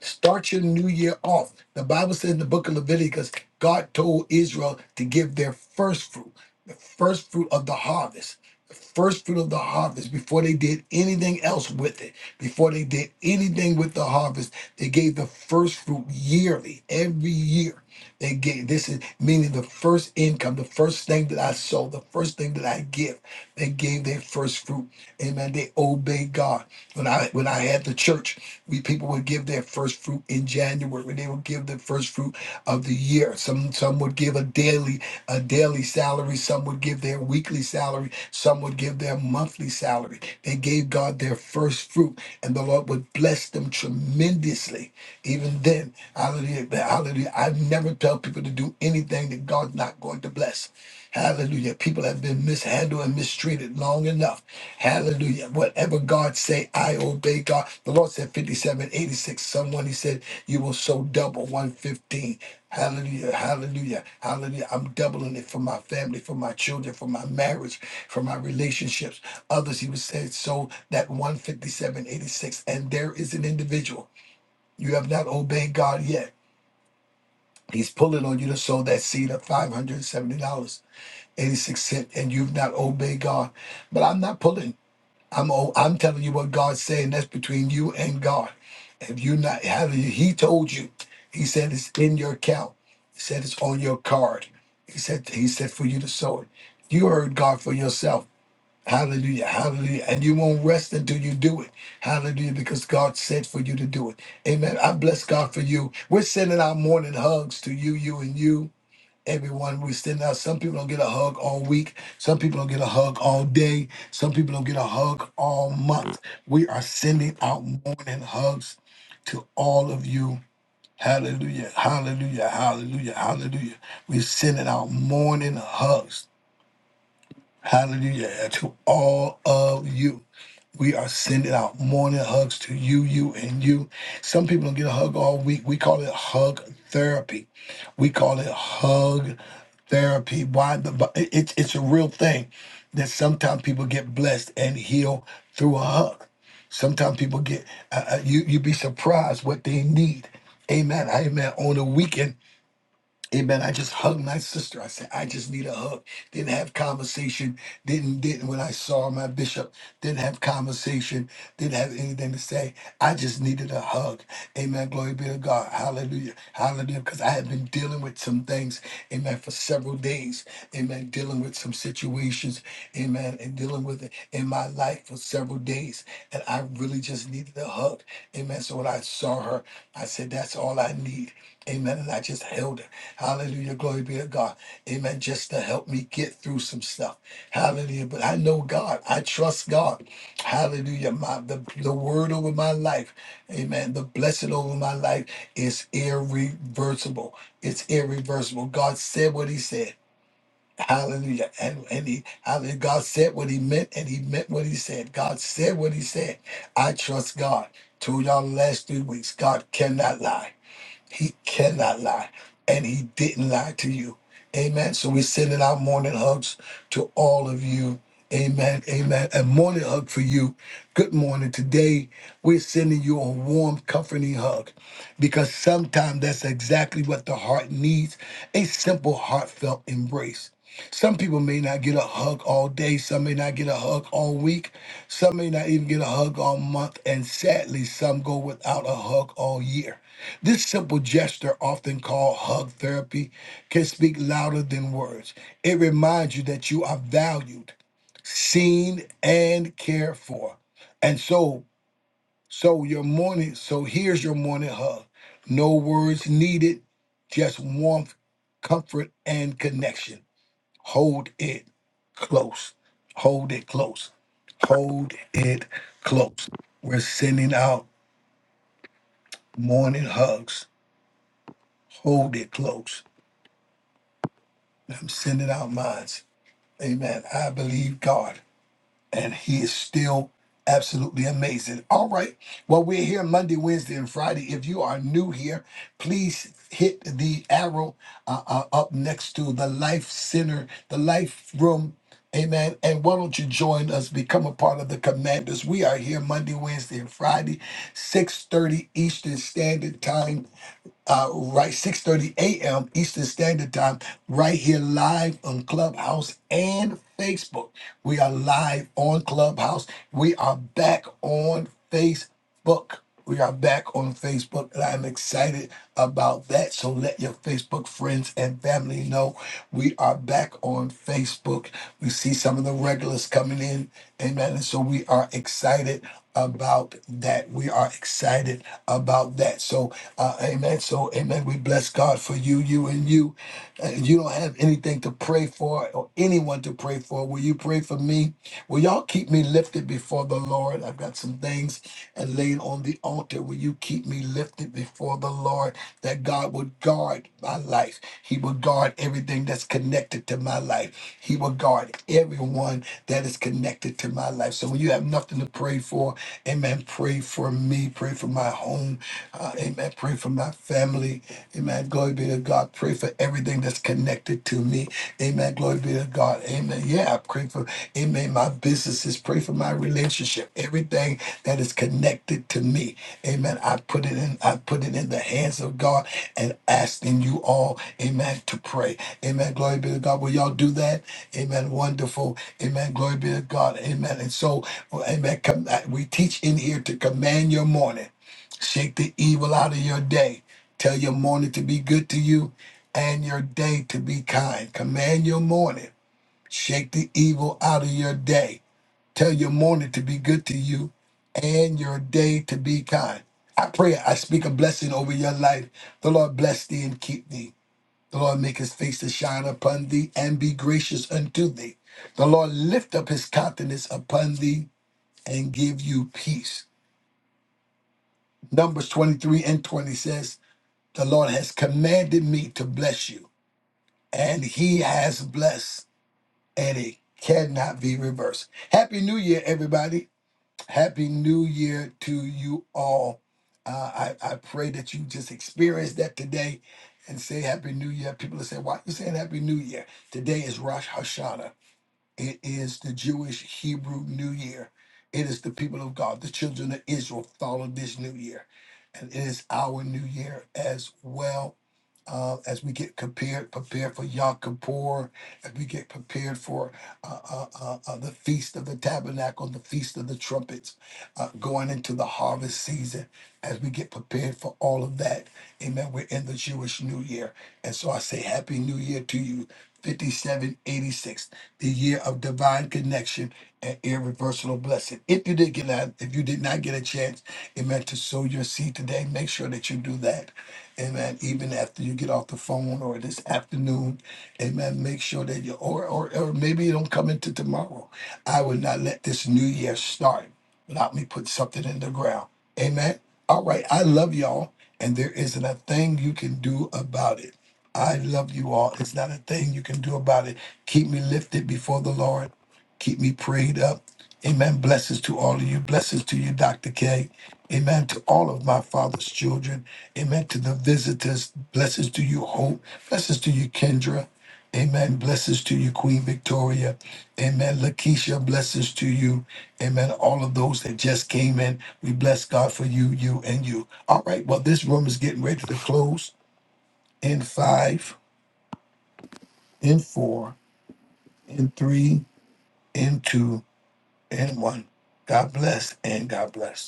A: Start your new year off. The Bible says in the book of Leviticus, God told Israel to give their first fruit, the first fruit of the harvest, the first fruit of the harvest before they did anything else with it, before they did anything with the harvest. They gave the first fruit yearly, every year. They gave this is meaning the first income, the first thing that I sow, the first thing that I give. They gave their first fruit. Amen. They obeyed God. When I when I had the church, we people would give their first fruit in January. When They would give the first fruit of the year. Some some would give a daily a daily salary. Some would give their weekly salary. Some would give their monthly salary. They gave God their first fruit, and the Lord would bless them tremendously. Even then, hallelujah, hallelujah. I never tell people to do anything that God's not going to bless. Hallelujah. People have been mishandled and mistreated long enough. Hallelujah. Whatever God say, I obey God. The Lord said 57, 86, someone he said, you will sow double 115. Hallelujah, hallelujah, hallelujah. I'm doubling it for my family, for my children, for my marriage, for my relationships. Others, he was saying, so that 157, 86. And there is an individual. You have not obeyed God yet. He's pulling on you to sow that seed of $570. 86 cent and you've not obeyed God. But I'm not pulling. I'm o- I'm telling you what God's saying. That's between you and God. If you not having, He told you. He said it's in your account. He said it's on your card. He said He said for you to sow it. You heard God for yourself. Hallelujah, hallelujah. And you won't rest until you do it. Hallelujah, because God said for you to do it. Amen. I bless God for you. We're sending our morning hugs to you, you, and you everyone we send out some people don't get a hug all week some people don't get a hug all day some people don't get a hug all month we are sending out morning hugs to all of you hallelujah hallelujah hallelujah hallelujah we're sending out morning hugs Hallelujah. And To all of you, we are sending out morning hugs to you, you, and you. Some people don't get a hug all week. We call it hug therapy. We call it hug therapy. Why? The, but it, it's it's a real thing that sometimes people get blessed and heal through a hug. Sometimes people get, uh, uh, you, you'd be surprised what they need. Amen. Amen. On the weekend, Amen. I just hugged my sister. I said, I just need a hug. Didn't have conversation. Didn't didn't when I saw my bishop. Didn't have conversation. Didn't have anything to say. I just needed a hug. Amen. Glory be to God. Hallelujah. Hallelujah. Because I had been dealing with some things. Amen. For several days. Amen. Dealing with some situations. Amen. And dealing with it in my life for several days. And I really just needed a hug. Amen. So when I saw her, I said, That's all I need. Amen. And I just held her. Hallelujah. Glory be to God. Amen. Just to help me get through some stuff. Hallelujah. But I know God. I trust God. Hallelujah. My the, the word over my life. Amen. The blessing over my life is irreversible. It's irreversible. God said what he said. Hallelujah. And and he hallelujah. God said what he meant and he meant what he said. God said what he said. I trust God. Told y'all the last three weeks, God cannot lie. He cannot lie. And he didn't lie to you. Amen. So we're sending out morning hugs to all of you. Amen. Amen. A morning hug for you. Good morning. Today, we're sending you a warm, comforting hug because sometimes that's exactly what the heart needs a simple, heartfelt embrace. Some people may not get a hug all day. Some may not get a hug all week. Some may not even get a hug all month. And sadly, some go without a hug all year. This simple gesture, often called hug therapy, can speak louder than words. It reminds you that you are valued, seen, and cared for. And so, so your morning, so here's your morning hug. No words needed, just warmth, comfort, and connection. Hold it close. Hold it close. Hold it close. We're sending out morning hugs. Hold it close I'm sending out minds. Amen. I believe God, and He is still absolutely amazing. All right. Well, we're here Monday, Wednesday, and Friday. If you are new here, please hit the arrow uh, uh, up next to the Life Center, the Life Room. Amen. And why don't you join us? Become a part of the Commanders. We are here Monday, Wednesday, and Friday, 6:30 Eastern Standard Time uh, right 6:30 a.m. Eastern Standard Time, right here live on Clubhouse and Facebook. We are live on Clubhouse. We are back on Facebook. We are back on Facebook, and I'm excited about that. So let your Facebook friends and family know we are back on Facebook. We see some of the regulars coming in, amen. And so we are excited about that. We are excited about that. So uh, amen. So, amen. We bless God for you, you, and you. Uh, you don't have anything to pray for or anyone to pray for, will you pray for me? Will y'all keep me lifted before the Lord? I've got some things and laid on the altar. Will you keep me lifted before the Lord that God would guard my life? He will guard everything that's connected to my life. He will guard everyone that is connected to my life. So when you have nothing to pray for, amen, pray for me, pray for my home uh, amen. Pray for my family. Amen. Glory be to God. Pray for everything that's connected to me. Amen. Glory be to God. Amen. Yeah, I pray for, amen, my businesses. Pray for my relationship. Everything that is connected to me. Amen. I put it in, I put it in the hands of God and asking you all, amen, to pray. Amen. Glory be to God. Will y'all do that? Amen. Wonderful. Amen. Glory be to God. Amen. And so, well, amen. Come, uh, we teach in here to command your morning. Shake the evil out of your day. Tell your morning to be good to you and your day to be kind. Command your morning. Shake the evil out of your day. Tell your morning to be good to you and your day to be kind. I pray, I speak a blessing over your life. The Lord bless thee and keep thee. The Lord make his face to shine upon thee and be gracious unto thee. The Lord lift up his countenance upon thee and give you peace. Numbers 23 and 20 says, The Lord has commanded me to bless you, and He has blessed, and it cannot be reversed. Happy New Year, everybody. Happy New Year to you all. Uh, I, I pray that you just experience that today and say Happy New Year. People are say, Why are you saying Happy New Year? Today is Rosh Hashanah. It is the Jewish Hebrew New Year. It is the people of God, the children of Israel, follow this new year. And it is our new year as well. Uh, as we get prepared, prepared for Yom Kippur, as we get prepared for uh, uh, uh, uh, the Feast of the Tabernacle, the Feast of the Trumpets, uh, going into the harvest season, as we get prepared for all of that, amen, we're in the Jewish New Year. And so I say Happy New Year to you, 5786 the year of divine connection and irreversible blessing. If you did get that, if you did not get a chance, amen, to sow your seed today, make sure that you do that. Amen. Even after you get off the phone or this afternoon, amen. Make sure that you or or, or maybe you don't come into tomorrow. I would not let this new year start without me putting something in the ground. Amen. All right. I love y'all. And there isn't a thing you can do about it. I love you all. It's not a thing you can do about it. Keep me lifted before the Lord. Keep me prayed up. Amen. Blessings to all of you. Blessings to you, Dr. K. Amen. To all of my father's children. Amen. To the visitors. Blessings to you, Hope. Blessings to you, Kendra. Amen. Blessings to you, Queen Victoria. Amen. Lakeisha, blessings to you. Amen. All of those that just came in, we bless God for you, you, and you. All right. Well, this room is getting ready to close in five, in four, in three, in two And one. God bless and God bless.